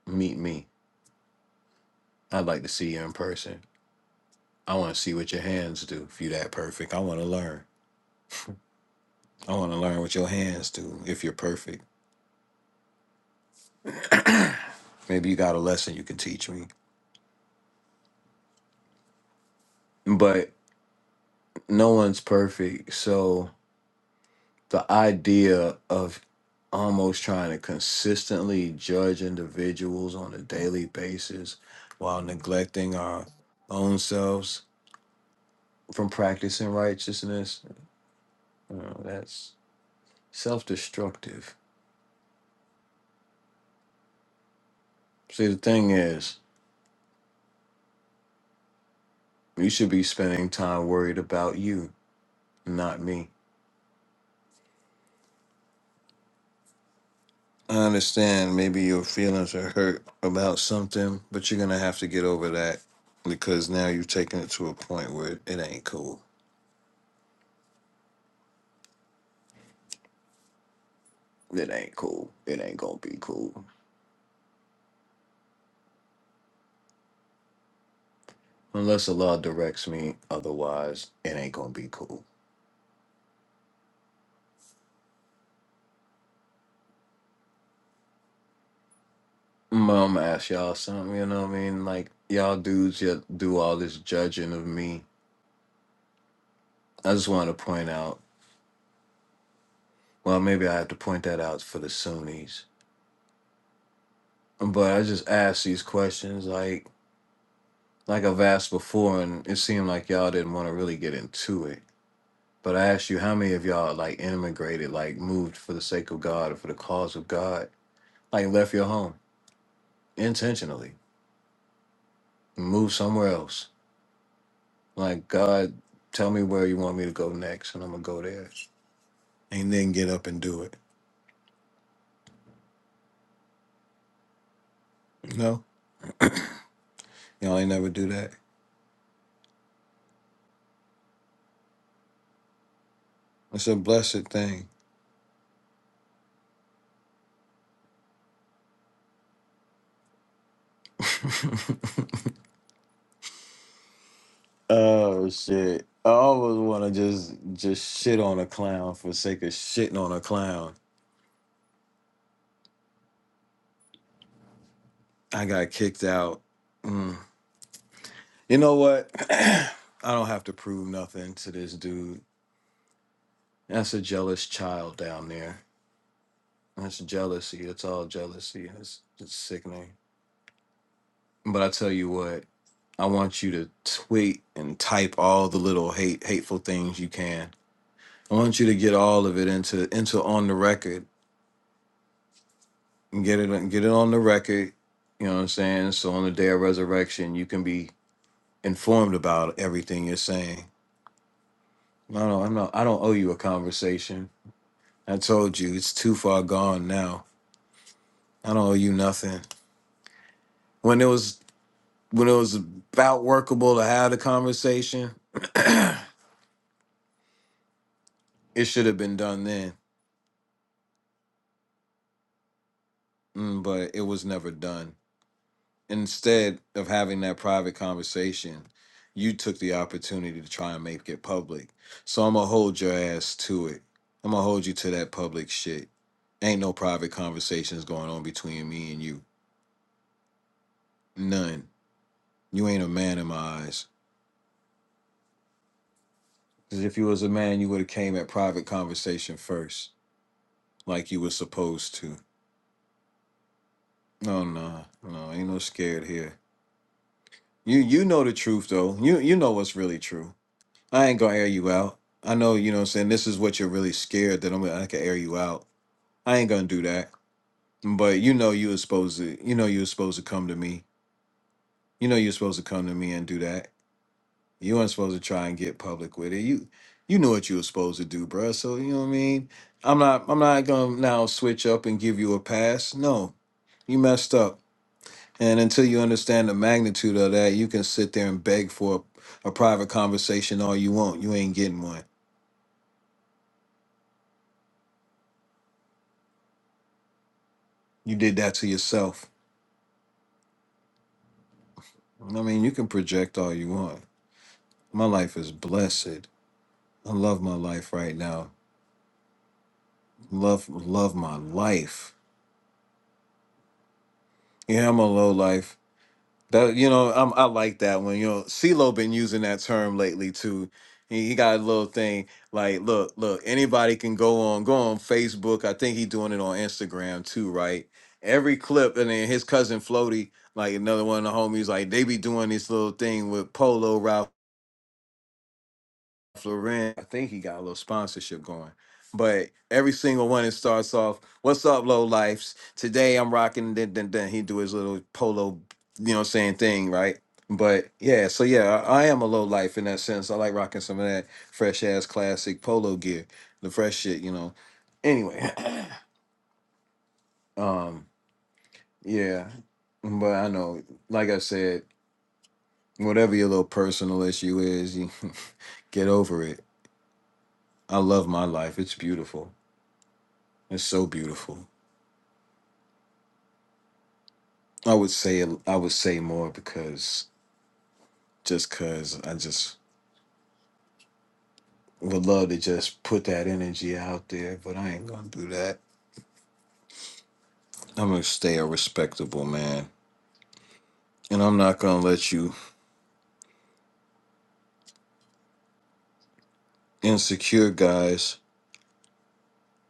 meet me. I'd like to see you in person. I want to see what your hands do if you're that perfect. I want to learn. I want to learn what your hands do. if you're perfect. Maybe you got a lesson you can teach me. But no one's perfect. So the idea of almost trying to consistently judge individuals on a daily basis while neglecting our own selves from practicing righteousness, you know, that's self destructive. See, the thing is, you should be spending time worried about you, not me. I understand maybe your feelings are hurt about something, but you're gonna have to get over that because now you've taken it to a point where it ain't cool. It ain't cool. It ain't gonna be cool. Unless the law directs me otherwise, it ain't gonna be cool. Mom asked y'all something, you know what I mean? Like y'all dudes yet do all this judging of me. I just wanna point out well maybe I have to point that out for the Sunnis. But I just ask these questions like Like I've asked before, and it seemed like y'all didn't want to really get into it. But I asked you, how many of y'all like immigrated, like moved for the sake of God or for the cause of God, like left your home intentionally, moved somewhere else? Like God, tell me where you want me to go next, and I'm gonna go there, and then get up and do it. No, y'all ain't never do that. It's a blessed thing. Oh shit! I always want to just just shit on a clown for sake of shitting on a clown. I got kicked out. Mm. You know what? I don't have to prove nothing to this dude. That's a jealous child down there. That's jealousy. It's all jealousy. It's, it's sickening. But I tell you what, I want you to tweet and type all the little hate, hateful things you can. I want you to get all of it into into on the record. and Get it get it on the record. You know what I'm saying? So on the day of resurrection, you can be informed about everything you're saying No, no, I know. I don't owe you a conversation. I told you it's too far gone now. I don't owe you nothing. When it was when it was about workable to have the conversation, it should have been done then. Mm, but it was never done. Instead of having that private conversation, you took the opportunity to try and make it public. So I'm gonna hold your ass to it. I'm gonna hold you to that public shit. Ain't no private conversations going on between me and you. None. You ain't a man in my eyes. Because if you was a man, you would have came at private conversation first, like you was supposed to. No, no, no, ain't no scared here. You you know the truth though. You you know what's really true. I ain't gonna air you out. I know you know what I'm saying this is what you're really scared that I'm gonna I can air you out. I ain't gonna do that. But you know you was supposed to you know you was supposed to come to me. You know you're supposed to come to me and do that. You weren't supposed to try and get public with it. You you knew what you were supposed to do, bruh. So you know what I mean. I'm not I'm not gonna now switch up and give you a pass. No, you messed up. And until you understand the magnitude of that, you can sit there and beg for a, a private conversation all you want. You ain't getting one. You did that to yourself. I mean, you can project all you want. My life is blessed. I love my life right now. Love love my life. Yeah, I'm a low life. That you know, I'm, I like that one. You know, CeeLo been using that term lately too. He, he got a little thing like, look, look, anybody can go on, go on Facebook. I think he doing it on Instagram too, right? Every clip, and then his cousin Floaty, like another one of the homies, like they be doing this little thing with Polo Ralph. Florin, I think he got a little sponsorship going. But every single one it starts off, "What's up, low lifes? Today I'm rocking." Then, then, then he do his little polo, you know, what I'm saying thing, right? But yeah, so yeah, I, I am a low life in that sense. I like rocking some of that fresh ass classic polo gear, the fresh shit, you know. Anyway, um, yeah, but I know, like I said, whatever your little personal issue is, you get over it. I love my life; it's beautiful. It's so beautiful. I would say I would say more because just cause I just would love to just put that energy out there, but I ain't gonna do that. I'm gonna stay a respectable man. And I'm not gonna let you insecure guys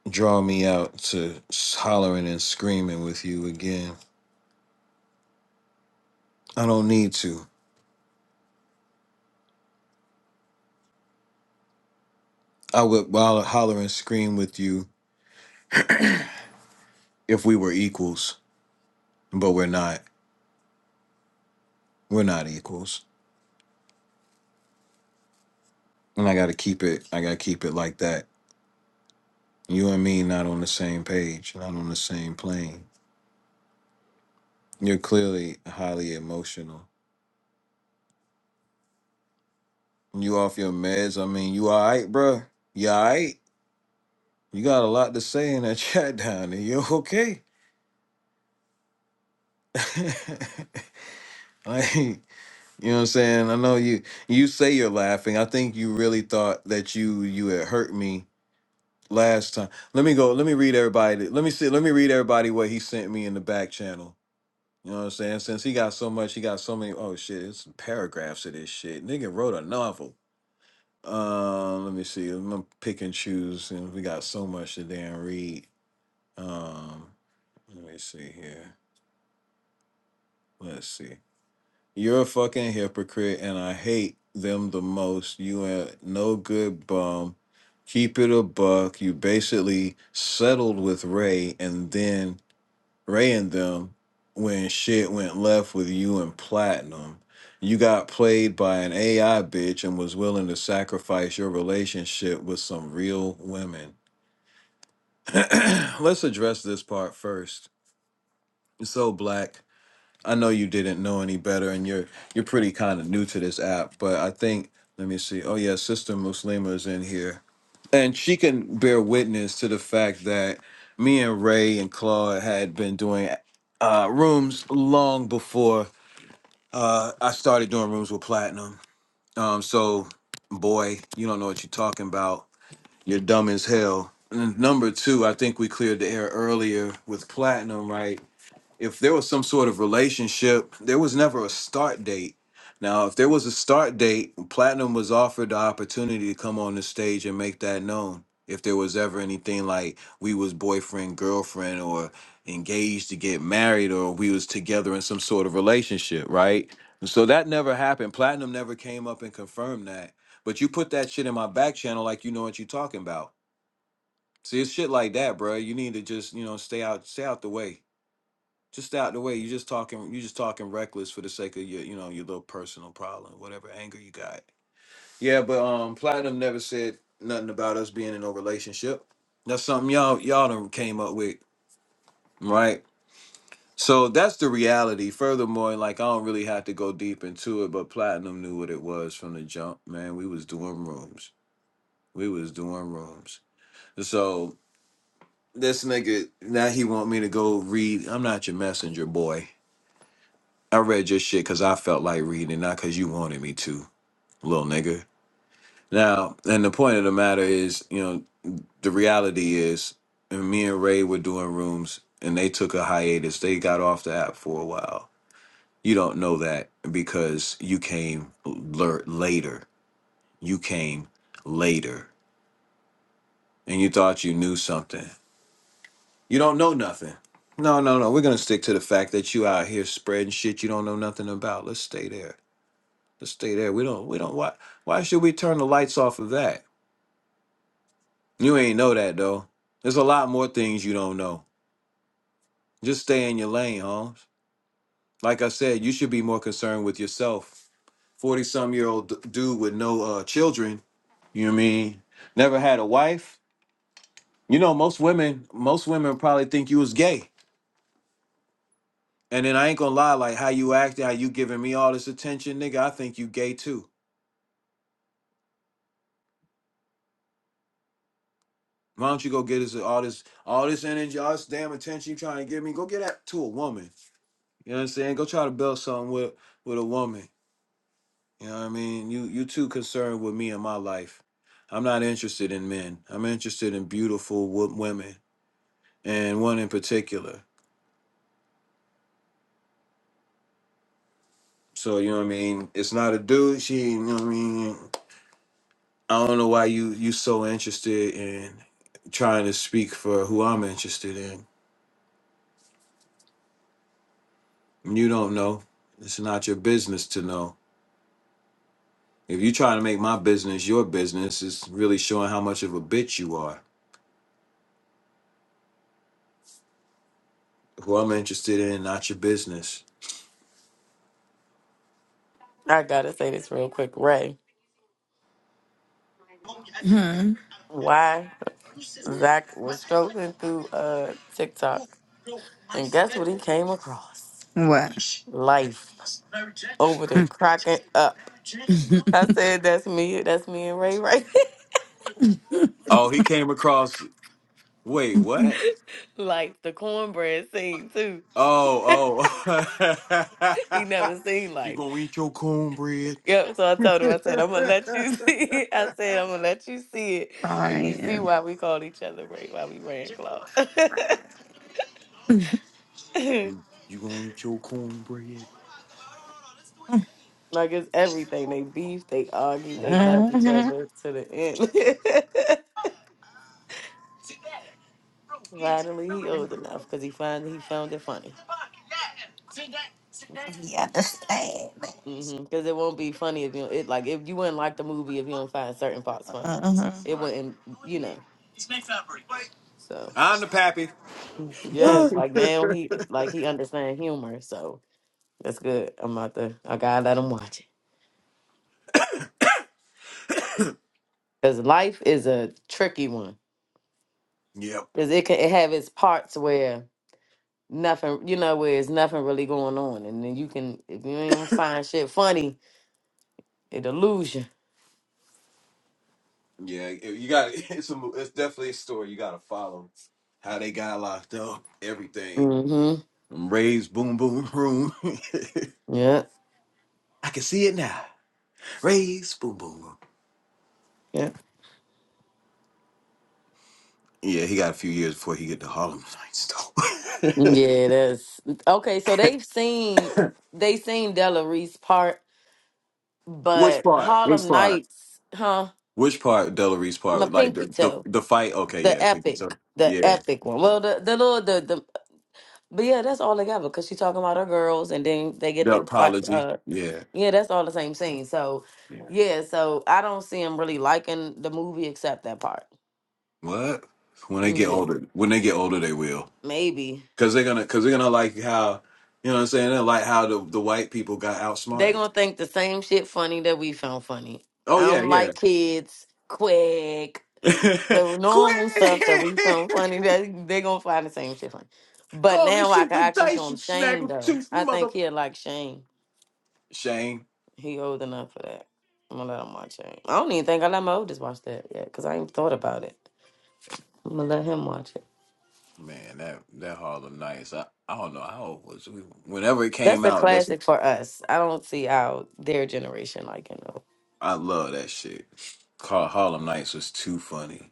draw me out to s- hollering and screaming with you again. I don't need to. I would holler holler and scream with you if we were equals, but we're not. We're not equals. And I gotta keep it I gotta keep it like that You and me not on the same page, not on the same plane. You're clearly highly emotional. You off your meds? I mean, you all right, bruh? You all right? You got a lot to say in that chat down there. You okay? like, you know what I'm saying? I know you. You say you're laughing. I think you really thought that you you had hurt me last time. Let me go. Let me read everybody. Let me see. Let me read everybody what he sent me in the back channel. You know what I'm saying? Since he got so much, he got so many. Oh shit, it's paragraphs of this shit. Nigga wrote a novel. Um, let me see. I'm gonna pick and choose, and we got so much to damn read. Um, let me see here. Let's see. You're a fucking hypocrite, and I hate them the most. You a no good bum. Keep it a buck. You basically settled with Ray, and then Ray and them when shit went left with you and Platinum. You got played by an AI bitch and was willing to sacrifice your relationship with some real women. Let's address this part first. So, Black. I know you didn't know any better, and you're you're pretty kind of new to this app, but I think let me see. Oh yeah, Sister Muslima is in here, and she can bear witness to the fact that me and Ray and Claude had been doing uh, rooms long before uh, I started doing rooms with Platinum. Um, so, boy, you don't know what you're talking about. You're dumb as hell. And number two, I think we cleared the air earlier with Platinum, right? if there was some sort of relationship, there was never a start date. Now, if there was a start date, Platinum was offered the opportunity to come on the stage and make that known. If there was ever anything like we was boyfriend, girlfriend, or engaged to get married, or we was together in some sort of relationship, right? And so that never happened. Platinum never came up and confirmed that. But you put that shit in my back channel like you know what you are talking about. See, it's shit like that, bro. You need to just, you know, stay out, stay out the way just out the way. You just talking. You just talking reckless for the sake of your, you know, your little personal problem, whatever anger you got. Yeah, but um, platinum never said nothing about us being in a relationship. That's something y'all y'all done came up with, right? So that's the reality. Furthermore, like I don't really have to go deep into it, but platinum knew what it was from the jump. Man, we was doing rooms. We was doing rooms. So this nigga now he want me to go read. I'm not your messenger boy. I read your shit because I felt like reading, it, not because you wanted me to, little nigga. Now, and the point of the matter is, you know, the reality is, and me and Ray were doing rooms and they took a hiatus. They got off the app for a while. You don't know that because you came lur- later. You came later and you thought you knew something. You don't know nothing. No, no, no. We're going to stick to the fact that you out here spreading shit you don't know nothing about. Let's stay there. Let's stay there. We don't we don't why why should we turn the lights off of that? You ain't know that though. There's a lot more things you don't know. Just stay in your lane, Holmes. Like I said, you should be more concerned with yourself. Forty some year old d- dude with no uh, children. You know what I mean? Never had a wife. You know, most women, most women probably think you was gay. And then I ain't gonna lie, like how you acting, how you giving me all this attention, nigga. I think you gay too. Why don't you go get us all this, all this energy, all this damn attention you trying to give me? Go get that to a woman. You know what I'm saying? Go try to build something with with a woman. You know what I mean? You you too concerned with me and my life. I'm not interested in men. I'm interested in beautiful wo- women and one in particular. So you know what I mean? It's not a dude. She you know what I mean? I don't know why you you so interested in trying to speak for who I'm interested in. You don't know. It's not your business to know. If you try to make my business your business, it's really showing how much of a bitch you are. who I'm interested in, not your business.
I gotta say this real quick, Ray.
Hmm.
Why Zach was strolling through uh TikTok and guess what he came across?
What?
Life over there cracking up. I said that's me, that's me and Ray right
Oh, he came across. Wait, what?
Like the cornbread scene too.
Oh,
He
oh.
never seen
you
life.
gonna eat your cornbread?
Yep. So I told him, I said, I'm gonna let you see it. I said, I'm gonna let you see it. And you see
Brian.
why we called each other Ray, why we ran Claw.
you, you gonna eat your cornbread?
like it's everything. They beef, they argue, they love
Brian.
each other to the end. Finally he old enough because he find he found it funny.
You understand?
Because it won't be funny if you it like if you wouldn't like the movie if you don't find certain parts funny.
Mm-hmm.
It
Right.
wouldn't you know. So
I'm the pappy.
yeah, like now he like he understand humor. So That's good. I'm out there. I gotta let them watch it. Cause life is a tricky one.
Yep.
Cause it can it have its parts where nothing, you know, where it's nothing really going on, and then you can if you ain't gonna find shit funny, it'll lose you.
Yeah, you got it's a it's definitely a story you gotta follow. How they got locked up, everything.
Mm-hmm.
Raise boom boom room.
Yeah.
I can see it now. Raise boom boom room.
Yeah.
Yeah, he got a few years before he get to Harlem Nights, though.
Yeah. That's okay. So they've seen they seen Della Reese part,
Which
but
part? Which
Harlem
part?
Nights, huh?
Which part? Delary's
My
part? Like
pinky
the, the
toe,
the fight? Okay, yeah,
the
I think it's a,
epic, the
yeah.
epic one. Well, the the little the the But yeah, that's all together because she talking about her girls, and then they get
The
the fight.
apology?
Uh,
Yeah,
yeah, that's all the same scene. So
yeah.
yeah, so I don't see him really liking the movie except that part.
What? When they get
Mm, yeah,
older, when they get older, they will,
maybe
cause they're gonna, cause they're gonna like how, you know what I'm saying? They like how the the white people got
they
outsmarted.
gonna think the same shit funny that we found funny.
Oh
I
yeah,
don't
yeah.
like kids. Quick,
Quick!
the normal stuff that we found funny that they gonna find the same shit funny. But
Go on and
now I
shoot
can
the
actually show
dice,
him
you
Shane
snaggle
though.
tooth
I
mother.
think he'll like Shane.
Shame.
He old enough for that. I'm gonna let him watch it. I don't even think I let my oldest watch that yet, cause I ain't thought about it. I'm gonna let him watch it.
Man, that that Harlem Nights. I, I don't know how old was we whenever it
That's
came
a
out. That's
classic for us. I don't see how their generation like you know.
I love that shit. Call Harlem Nights was too funny.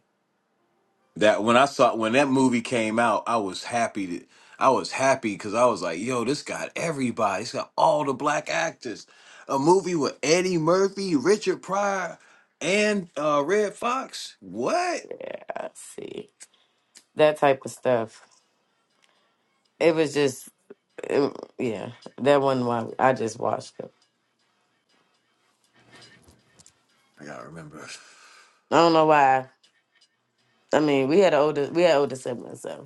That when I saw when that movie came out, I was happy. To, I was happy because I was like, "Yo, this got everybody. It's got all the black actors. A movie with Eddie Murphy, Richard Pryor, and uh, Red Fox. What?
Yeah, I see that type of stuff. It was just, it- yeah, that wasn't why I just watched it.
I gotta remember.
I don't know why. I mean, we had older, we had older siblings, so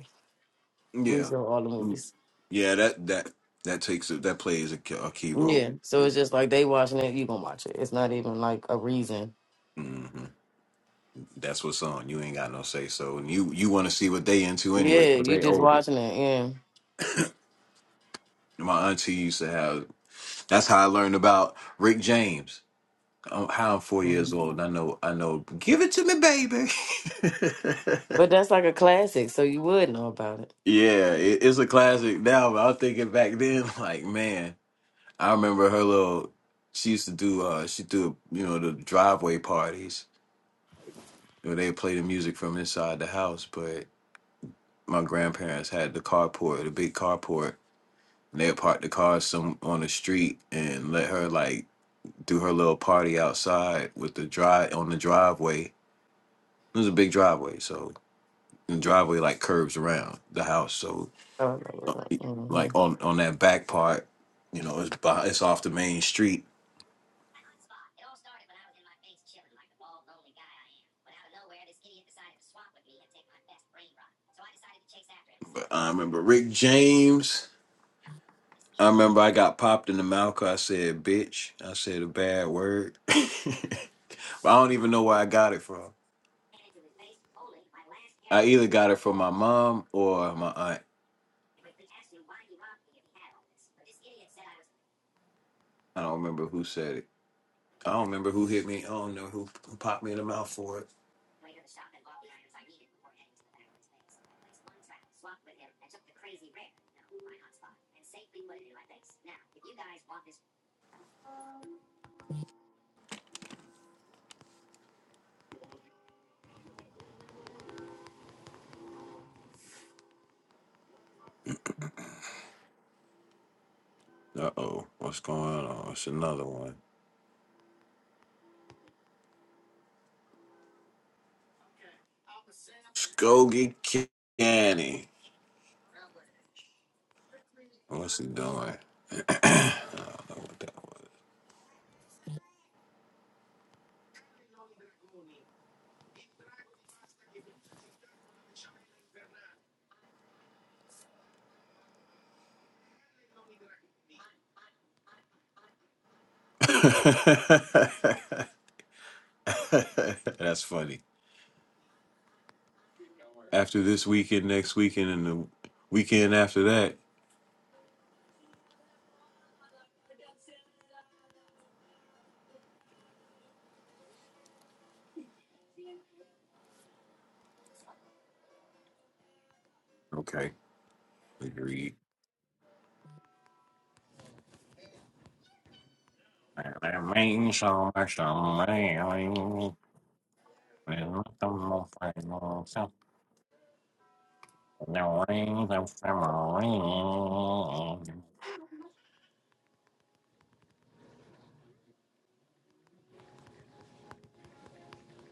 we
Yeah,
saw all the
Mm.
movies.
yeah. That that that takes a, that plays a, key- a key role.
Yeah, so it's just like they watching it, you gonna watch it. It's not even like a reason.
hmm That's what's on. You ain't got no say so, and you you want to see what they into anyway
Yeah,
'cause
you
they
just
older.
watching it.
My auntie used to have. That's how I learned about Rick James. Um, How I'm four
Yeah.
years old, and I know I know. Give it to me, baby.
But that's like a classic, so you would know about it.
yeah, it, it's a classic now. But I was thinking back then, like man, I remember her little. She used to do. uh She do you know the driveway parties. You know, they play the music from inside the house, but my grandparents had the carport, the big carport And They'll park the car some on the street and let her like do her little party outside with the drive on the driveway. There's a big driveway, so the driveway like curves around the house. So
Oh, mm-hmm.
like on on that back part, you know, it's by, it's off the main street. But I remember Rick James. I remember I got popped in the mouth 'cause I said bitch. I said a bad word. But I don't even know where I got it from. I either got it from my mom or my aunt. I don't remember who said it. I don't remember who hit me. I don't know who, who popped me in the mouth for it. Uh oh, what's going on? It's another one. Skokie County. What's he doing? I don't know what that was. That's funny. After this weekend, next weekend, and the weekend after that. Okay, agreed. That means so much to me. No rings and submarines.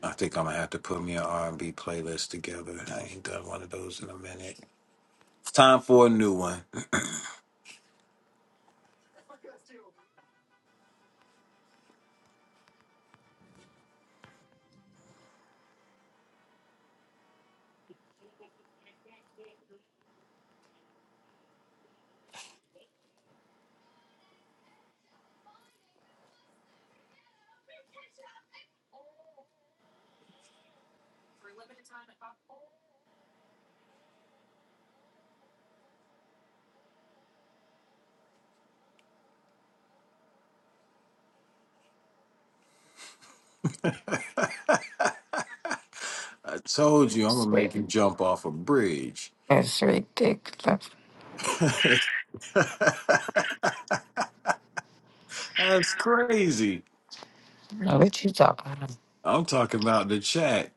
I think I'm gonna have to put me an R&B playlist together. I ain't done one of those in a minute. It's time for a new one. I told you I'm gonna make you jump off a bridge.
That's ridiculous.
That's crazy.
Know what you talking about?
I'm talking about the chat.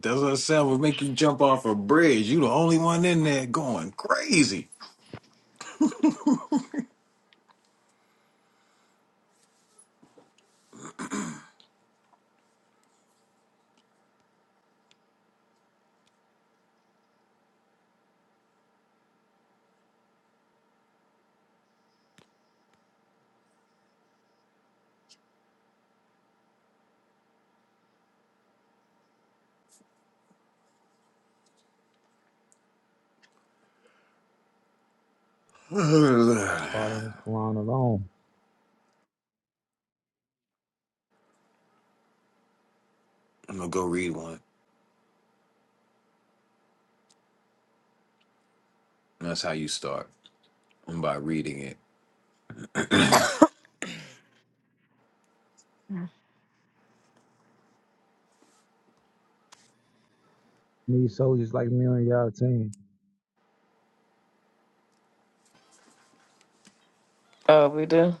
That's what I said. Will make you jump off a bridge. You the only one in there going crazy. I'm
Following this Quran alone.
gonna go read one. That's how you start. by reading it.
Need soldiers like me on y'all team.
oh we do.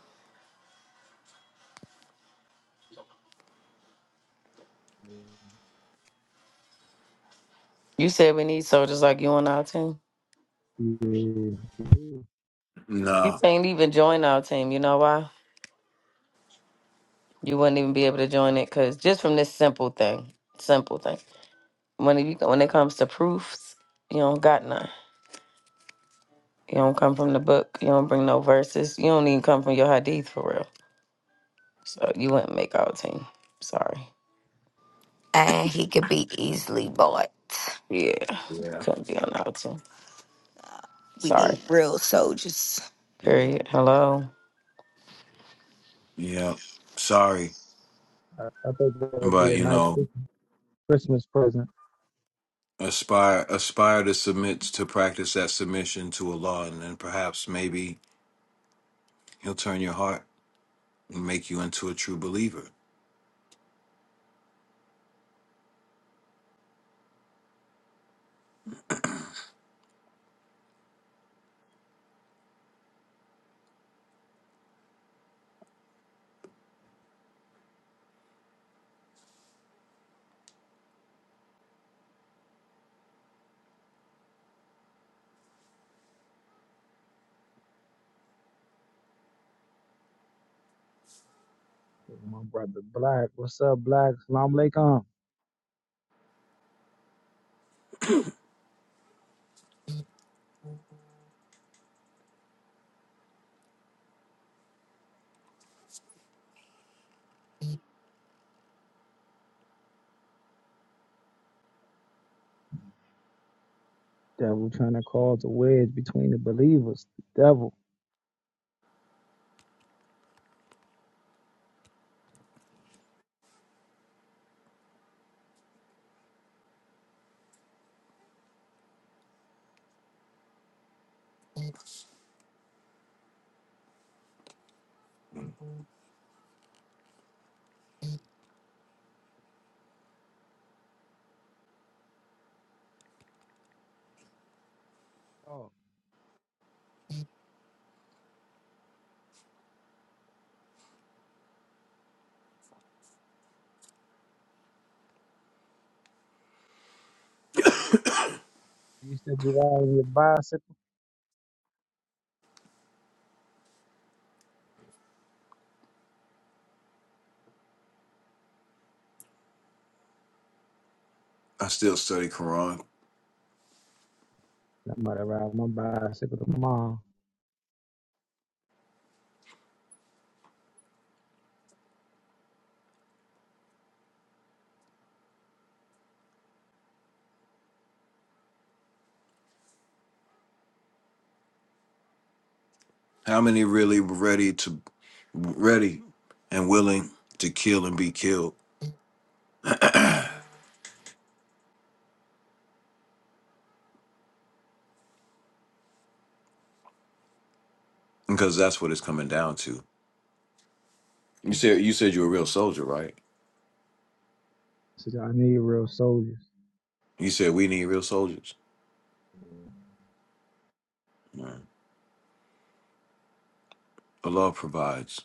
You said we need soldiers like you on our team.
Yeah,
You
No.
can't even join our team. You know why? You wouldn't even be able to join it because just from this simple thing, simple thing. When you when it comes to proofs, you don't got none. You don't come from the book. You don't bring no verses. You don't even come from your hadith for real. So you wouldn't make our team. Sorry.
And he could be easily bought.
Yeah,
Yeah.
couldn't be on our team.
We
Sorry.
need real soldiers.
Yeah.
Period. Hello.
Yeah. Sorry.
I, I think that'd be
But
a
you
nice
know,
Christmas present.
aspire aspire to submit to practice that submission to Allah and then perhaps maybe he'll turn your heart and make you into a true believer.
My brother Black, what's up, Black? Salam alaikum. Devil trying to cause a wedge between the believers. The devil. Oh, you still be riding your bicycle?
I still study Quran.
I'm about to ride my bicycle tomorrow.
How many really were ready to ready and willing to kill and be killed? Because that's what it's coming down to. You said you said you're a real soldier, right?
Since I need real soldiers.
You said we need real soldiers. Right. Allah provides.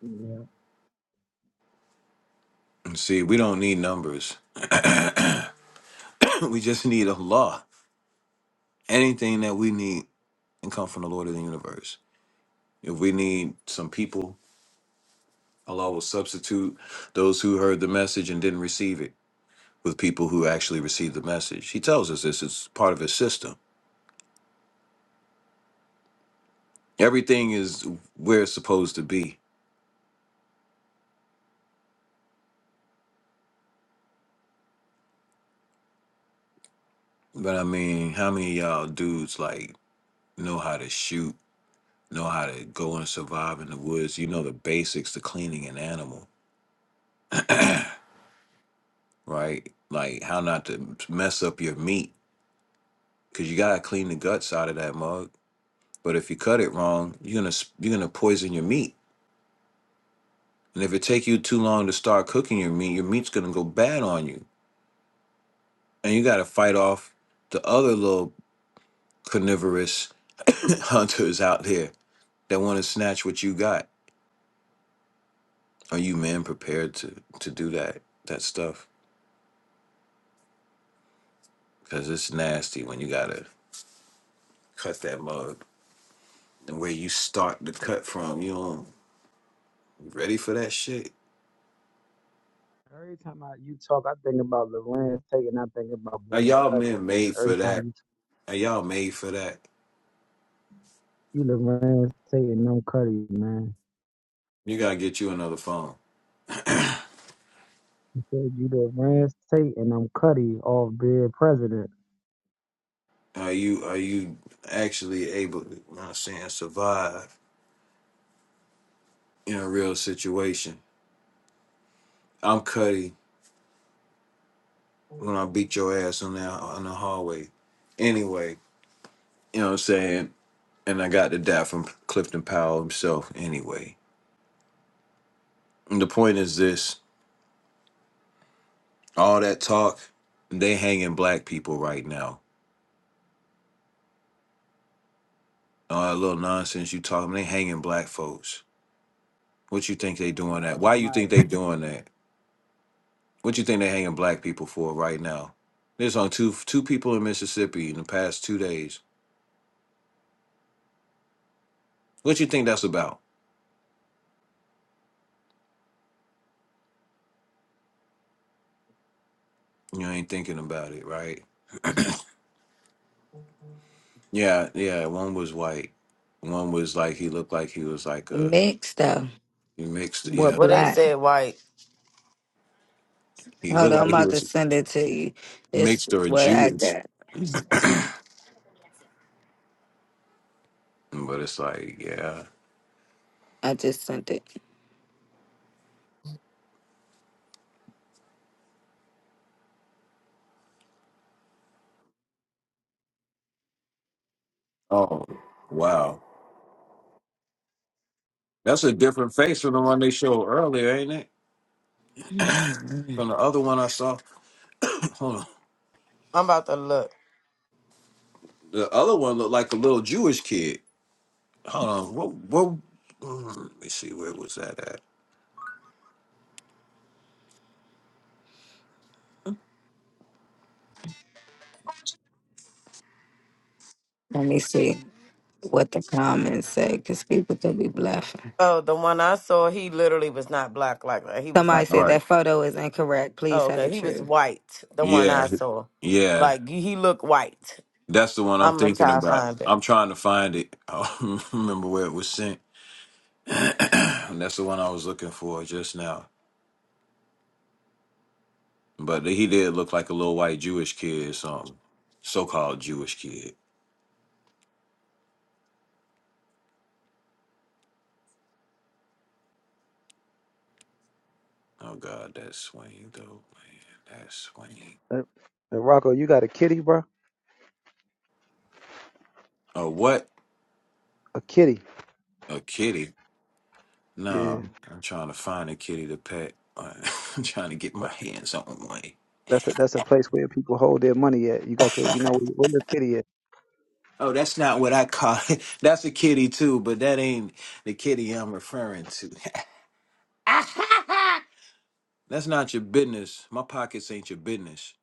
Yeah.
See, we don't need numbers. we just need Allah. Anything that we need can come from the Lord of the universe. If we need some people, Allah will substitute those who heard the message and didn't receive it with people who actually received the message. He tells us this is part of his system. Everything is where it's supposed to be. But I mean, how many of y'all dudes like know how to shoot, know how to go and survive in the woods? You know the basics, the cleaning an animal. right? Like how not to mess up your meat because you gotta clean the guts out of that mug. But if you cut it wrong, you're gonna s- you're gonna poison your meat. And if it take you too long to start cooking your meat, your meat's gonna go bad on you. And you gotta fight off the other little carnivorous hunters out there that want to snatch what you got. Are you men prepared to to do that that stuff? Because it's nasty when you gotta cut that mug. And where you start the cut from, you know, you ready for that shit?
Every time I you talk, I think about Lorenz Tate and I think about
Now,
being
y'all
Cuddy.
men made
Every
for
time
that.
you
Now, y'all made for that.
you Lorenz Tate and no Cuddy, man.
You gotta get you another phone.
He said, You the advanced Satan, I'm Cuddy off being president.
Are you are you actually able to you know what I'm saying survive in a real situation? I'm Cuddy when I beat your ass on the on the hallway. Anyway, you know what I'm saying? And I got the dap from Clifton Powell himself anyway. And the point is this all that talk, they hanging black people right now. All that little nonsense you talking, they hanging black folks. What you think they doing that?
Lives
Why you think they
matter.
doing that? What you think they hanging black people for right now? There's on two two people in Mississippi in the past two days. What you think that's about? You ain't thinking about it, right? Yeah, yeah. One was white. One was like he looked like he was like a
Mixed though.
he mixed. Yeah,
With
Well, they
black.
said white.
he
Hold
looked
on, I'm
like he
about to
was
send it to you. It's
mixed or
what I
Jewish.
got.
But it's like, yeah.
I just sent it.
Oh, wow. That's a different face from the one they showed earlier, ain't it?
Mhm.
From the other one I saw. Hold on.
I'm about to look.
The other one looked like a little Jewish kid. Hold on, what? What? mm, Let me see. Where was that at?
Let me see what the comments say, because people could be bluffing.
Oh, the one I saw, he literally was not black like that. He was
Somebody
like, oh,
said
Right.
that photo is incorrect. Please
oh
tell the
okay, he was
truth.
white. The one
Yeah,
I saw,
yeah.
like he he looked white.
That's the one I'm
I'm gonna
thinking
try to
about.
find it.
I'm trying to find it. I don't remember where it was sent. That's the one I was looking for just now. But he did look like a little white Jewish kid, or something. So-called Jewish kid. Oh God, that's Swain though, man. That's Swain.
And, and Rocco, you got a kitty, bro?
Oh what?
A kitty.
A kitty.
Yeah.
No, I'm trying to find a kitty to pet. I'm trying to get my hands on one.
That's a, that's a place where people hold their money at. You got your, you know, where your kitty at.
Oh, that's not what I call it. That's a kitty too, but that ain't the kitty I'm referring to. that's not your business. My pockets ain't your business.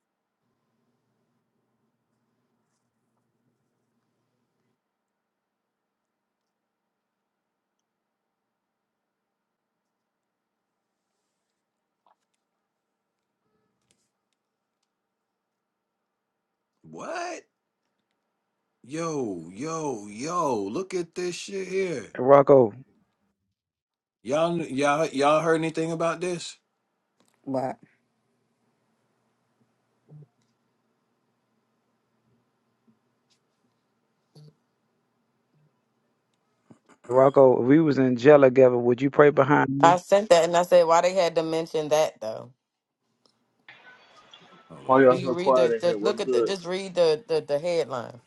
What? Yo, yo, yo! Look at this shit here.
And Rocco,
Y'all, y'all, y'all heard anything about this?
Why?
Rocco, if we was in jail together, would you pray behind me?
I sent that and I said, why they had to mention that though?
Hold
Why
on.
Do
y'all
you
so
read
quiet
the,
in
the
here? What's
look at the
good?
just read the the, the headline?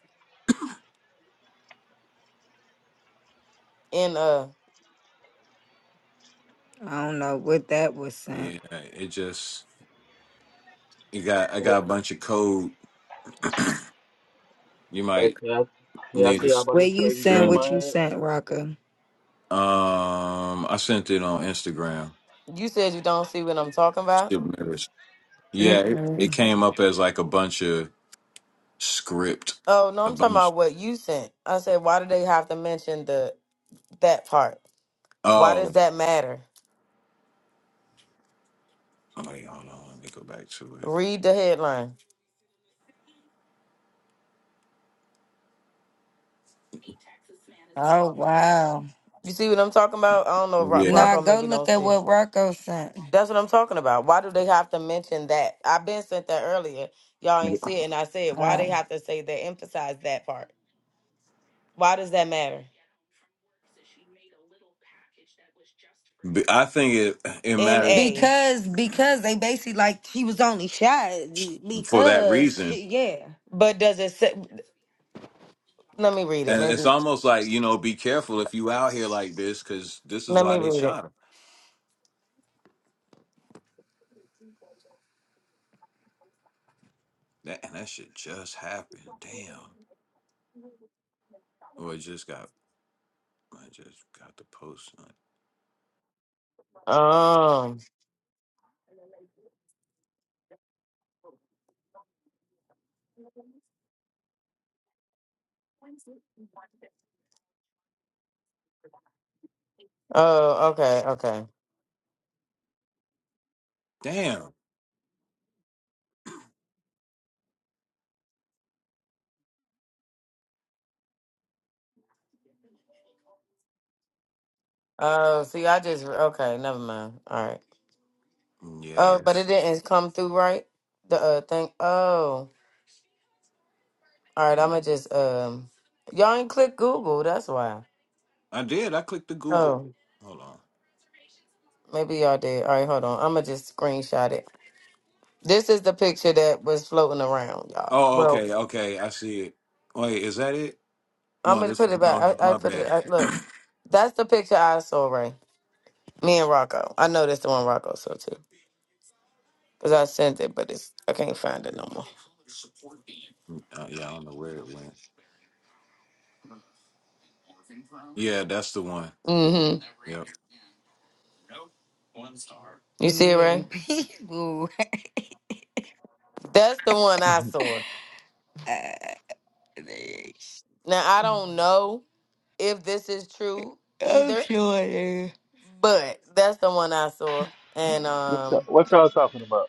And uh,
I don't know what that was sent.
Yeah, it just you got. I
Hey,
got a bunch of code. You
hey,
might
can, I, can I
need
tell y'all
to
about
Where
this
you
crazy
sent
dream
screen.
I
what you
had?
sent, Rocco?
Um, I sent it on Instagram.
you said you don't see what I'm talking about.
Still marriage. Yeah, it, it
Mm-mm.
came up as like a bunch of script,
Oh no,
a
I'm talking
bunch.
about what you sent. I said, why do they have to mention the that part? Why does
Oh,
that matter?
wait, hold on. Let me go back to it.
Read the headline.
Oh wow.
You see what I'm talking about? I don't know. Ro-
Yeah,
Nah,
Rocco
go
maybe
look
don't
at
see.
what Rocco sent.
That's what I'm talking about. Why do they have to mention that? I've been sent that earlier. Y'all ain't see it, and I said why they
Um,
have to say they emphasize that part. Why does that matter?
B- I think it it
N
matters
A.
because because they basically like he was only shot
for that
because
reason,
shit, yeah.
But does it? Say, let me read it.
and it's
Maybe
almost like you know, be careful if you out here like this, because this is
let
why
me
they
read it.
shot him. That and that shit just happened. Damn. Or it just got. I just got the post. on it.
Um. Oh. Okay. Okay.
Damn.
Oh. See, I just okay. Never mind. All right.
Yeah,
Oh, but it
that's.
didn't come through right. The uh thing. Oh. All right. I'ma just um. Y'all ain't click Google. That's why.
I did. I clicked the Google.
Oh,
Hold on.
maybe y'all did. All right, hold on. I'm gonna just screenshot it. This is the picture that was floating around, y'all.
Oh,
Well,
okay, okay. I see it. Wait, is that it?
I'm
No,
gonna
this
put it
no.
back. I, I
My
put it.
bad.
I, look, that's the picture I saw, Ray. Me and Rocco. I know that's the one Rocco saw too, cause I sent it, but it's I can't find it no more.
Uh, yeah, I don't know where it went. Yeah, that's the one.
Mm-hmm.
Yep.
You see it,
Yeah,
Ray?
people.
That's the one I saw. Now I don't know if this is true
I'm
either,
sure they-
but that's the one I saw, and
What y'all,
um,
what y'all talking about?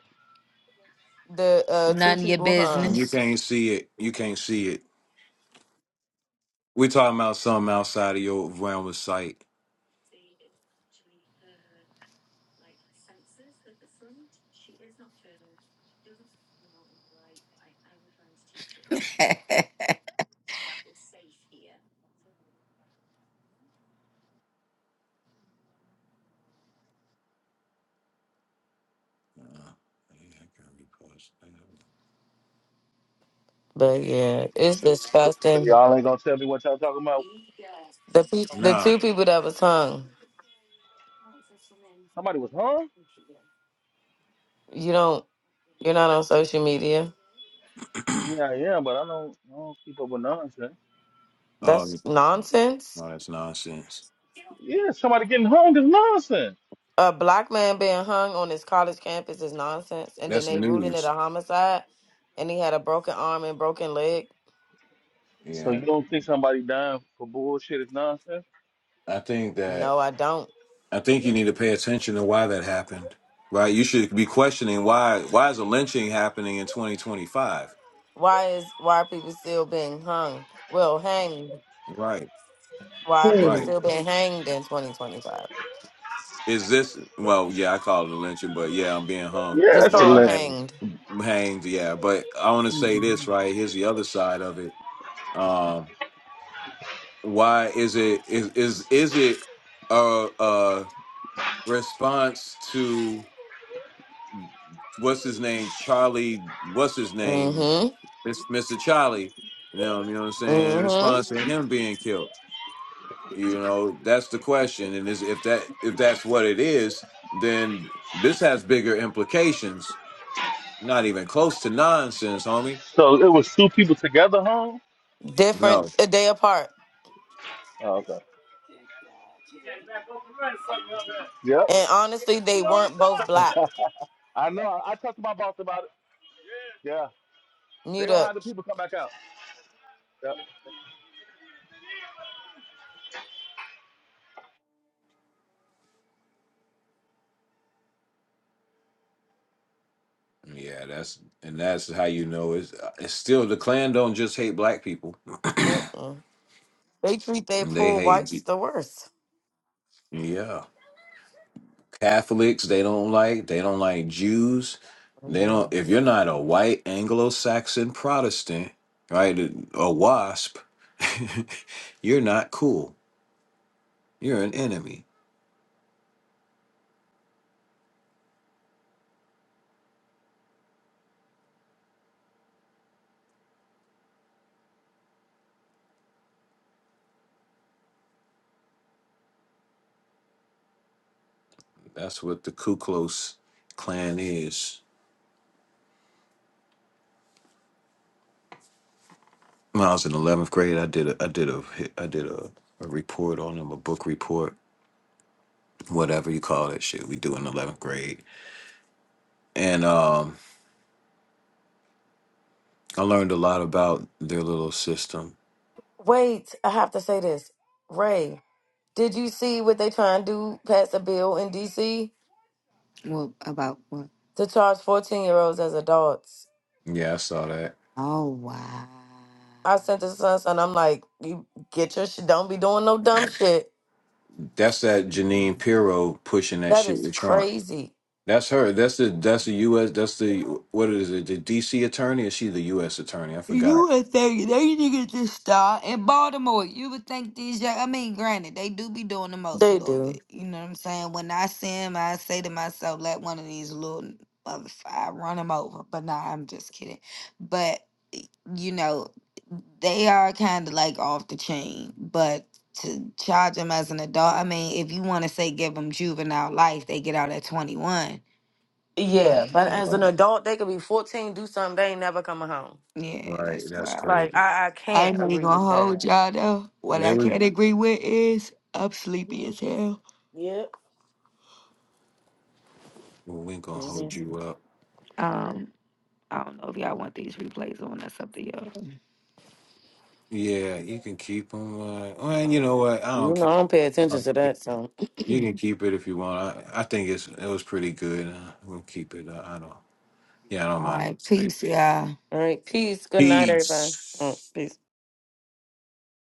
the uh two
none of your
people hung.
You
business.
can't see it. You can't see it. We talking about something outside of your realm of sight. Uh, yeah, I can repost. I know.
But yeah, it's
So
disgusting.
y'all ain't gonna tell me what y'all talking about?
The pe- the
Nah.
two people that was hung,
Somebody was hung?
you don't, you're not on social media.
Yeah, I am, but I don't, I don't keep up with nonsense.
Oh,
That's
yeah.
nonsense.
no, that's nonsense.
Yeah, somebody getting hung is nonsense.
A black man being hung on his college campus is nonsense, and then
That's
they ruling it
news.
a homicide, and he had a broken arm and broken leg.
So
Yeah,
you don't think somebody dying for bullshit is nonsense?
I think that
No, I don't.
I think you need to pay attention to why that happened, right? You should be questioning why why is a lynching happening in 2025?
Why is why are people still being hung? Well, hanged.
Right,
Why are people
Hey.
right.
still being hanged in 2025?
Is this well? Yeah, I call it a lynching, but yeah, I'm being hung,
Yeah,
It's
that's a
called
bro,
lesson.
hanged,
hanged.
hanged. Yeah, but I want to say this
Mhm.
right. Here's the other side of it. Um, why is it is is is it a, a response to what's his name, Charlie? What's his name?
Mm-hmm.
Mis- Mr. Charlie, you know, you know what I'm saying, in
Mm-hmm.
response to him being killed. You know, that's the question. And is if that if that's what it is, then this has bigger implications. Not even close to nonsense, homie.
So it was two people together, huh?
No.
Different a day apart.
Oh, okay. Yep.
And honestly, they weren't both black.
I know. I talked to my boss about it. Yeah. They
Mute
gonna
up.
have the people come back out. Yep.
Yeah, that's and that's how you know it's it's still the Klan don't just hate black people.
Mm-mm. They treat their
They
poor
hate
whites
you.
the worst.
Yeah. Catholics, they don't like, they don't like Jews. They don't
Mhm.
if you're not a white Anglo-Saxon Protestant, right, a WASP, you're not cool. You're an enemy. That's what the Ku Klux Klan is. When I was in 11th grade, I did a I did a I did a, a report on them, a book report, whatever you call that shit we do in 11th grade. And um I learned a lot about their little system.
Wait, I have to say this. Ray, did you see what they trying to do? Pass a bill in D.C.
Well, about what?
to charge 14 year olds as adults.
Yeah, I saw that.
Oh wow.
I sent this to son, son. I'm like, you get your shit. Don't be doing no dumb shit.
That's that Janine Pirro pushing that
That
shit
is
with Trump.
crazy.
That's her. That's the that's the U.S. That's the what is it? The D.C. attorney? Is she the U.S. attorney? I forgot.
You would think they niggas just start in Baltimore. You would think these young. I mean, granted, they do be doing the most a
They
little
do.
bit. You know what I'm saying? When I see them, I say to myself, "Let one of these little motherfuckers run them over." But nah, I'm just kidding. But you know, they are kind of like off the chain. But to charge them as an adult, I mean, if you want to say give them juvenile life, they get out at 21. But
Yeah, but as an
Right,
adult, they could be 14, do something, they ain't never coming home.
yeah,
right.
that's
That's
wild.
Like,
crazy.
I, I
I
can't
ain't even
agree with
gonna
that.
hold y'all though. What
They
I
were.
can't agree with is I'm sleepy
Mhm.
as hell.
Yep.
Well, we ain't gonna
Mhm.
hold you up.
Um, I don't know if y'all want these replays on That's up to y'all.
Yeah, you can keep them. Uh, well, and you
Oh,
know what? I
You
don't
know,
care.
I don't pay
I
attention
don't
to
care.
that. So,
You can keep it if you want. I, I think it's it was pretty good. Uh, we'll keep it. Uh, I don't. Yeah, I don't
All
mind if you
right,
stay.
peace, y'all.
all right, peace. Good night, everybody. Mm,
Peace.
Peace.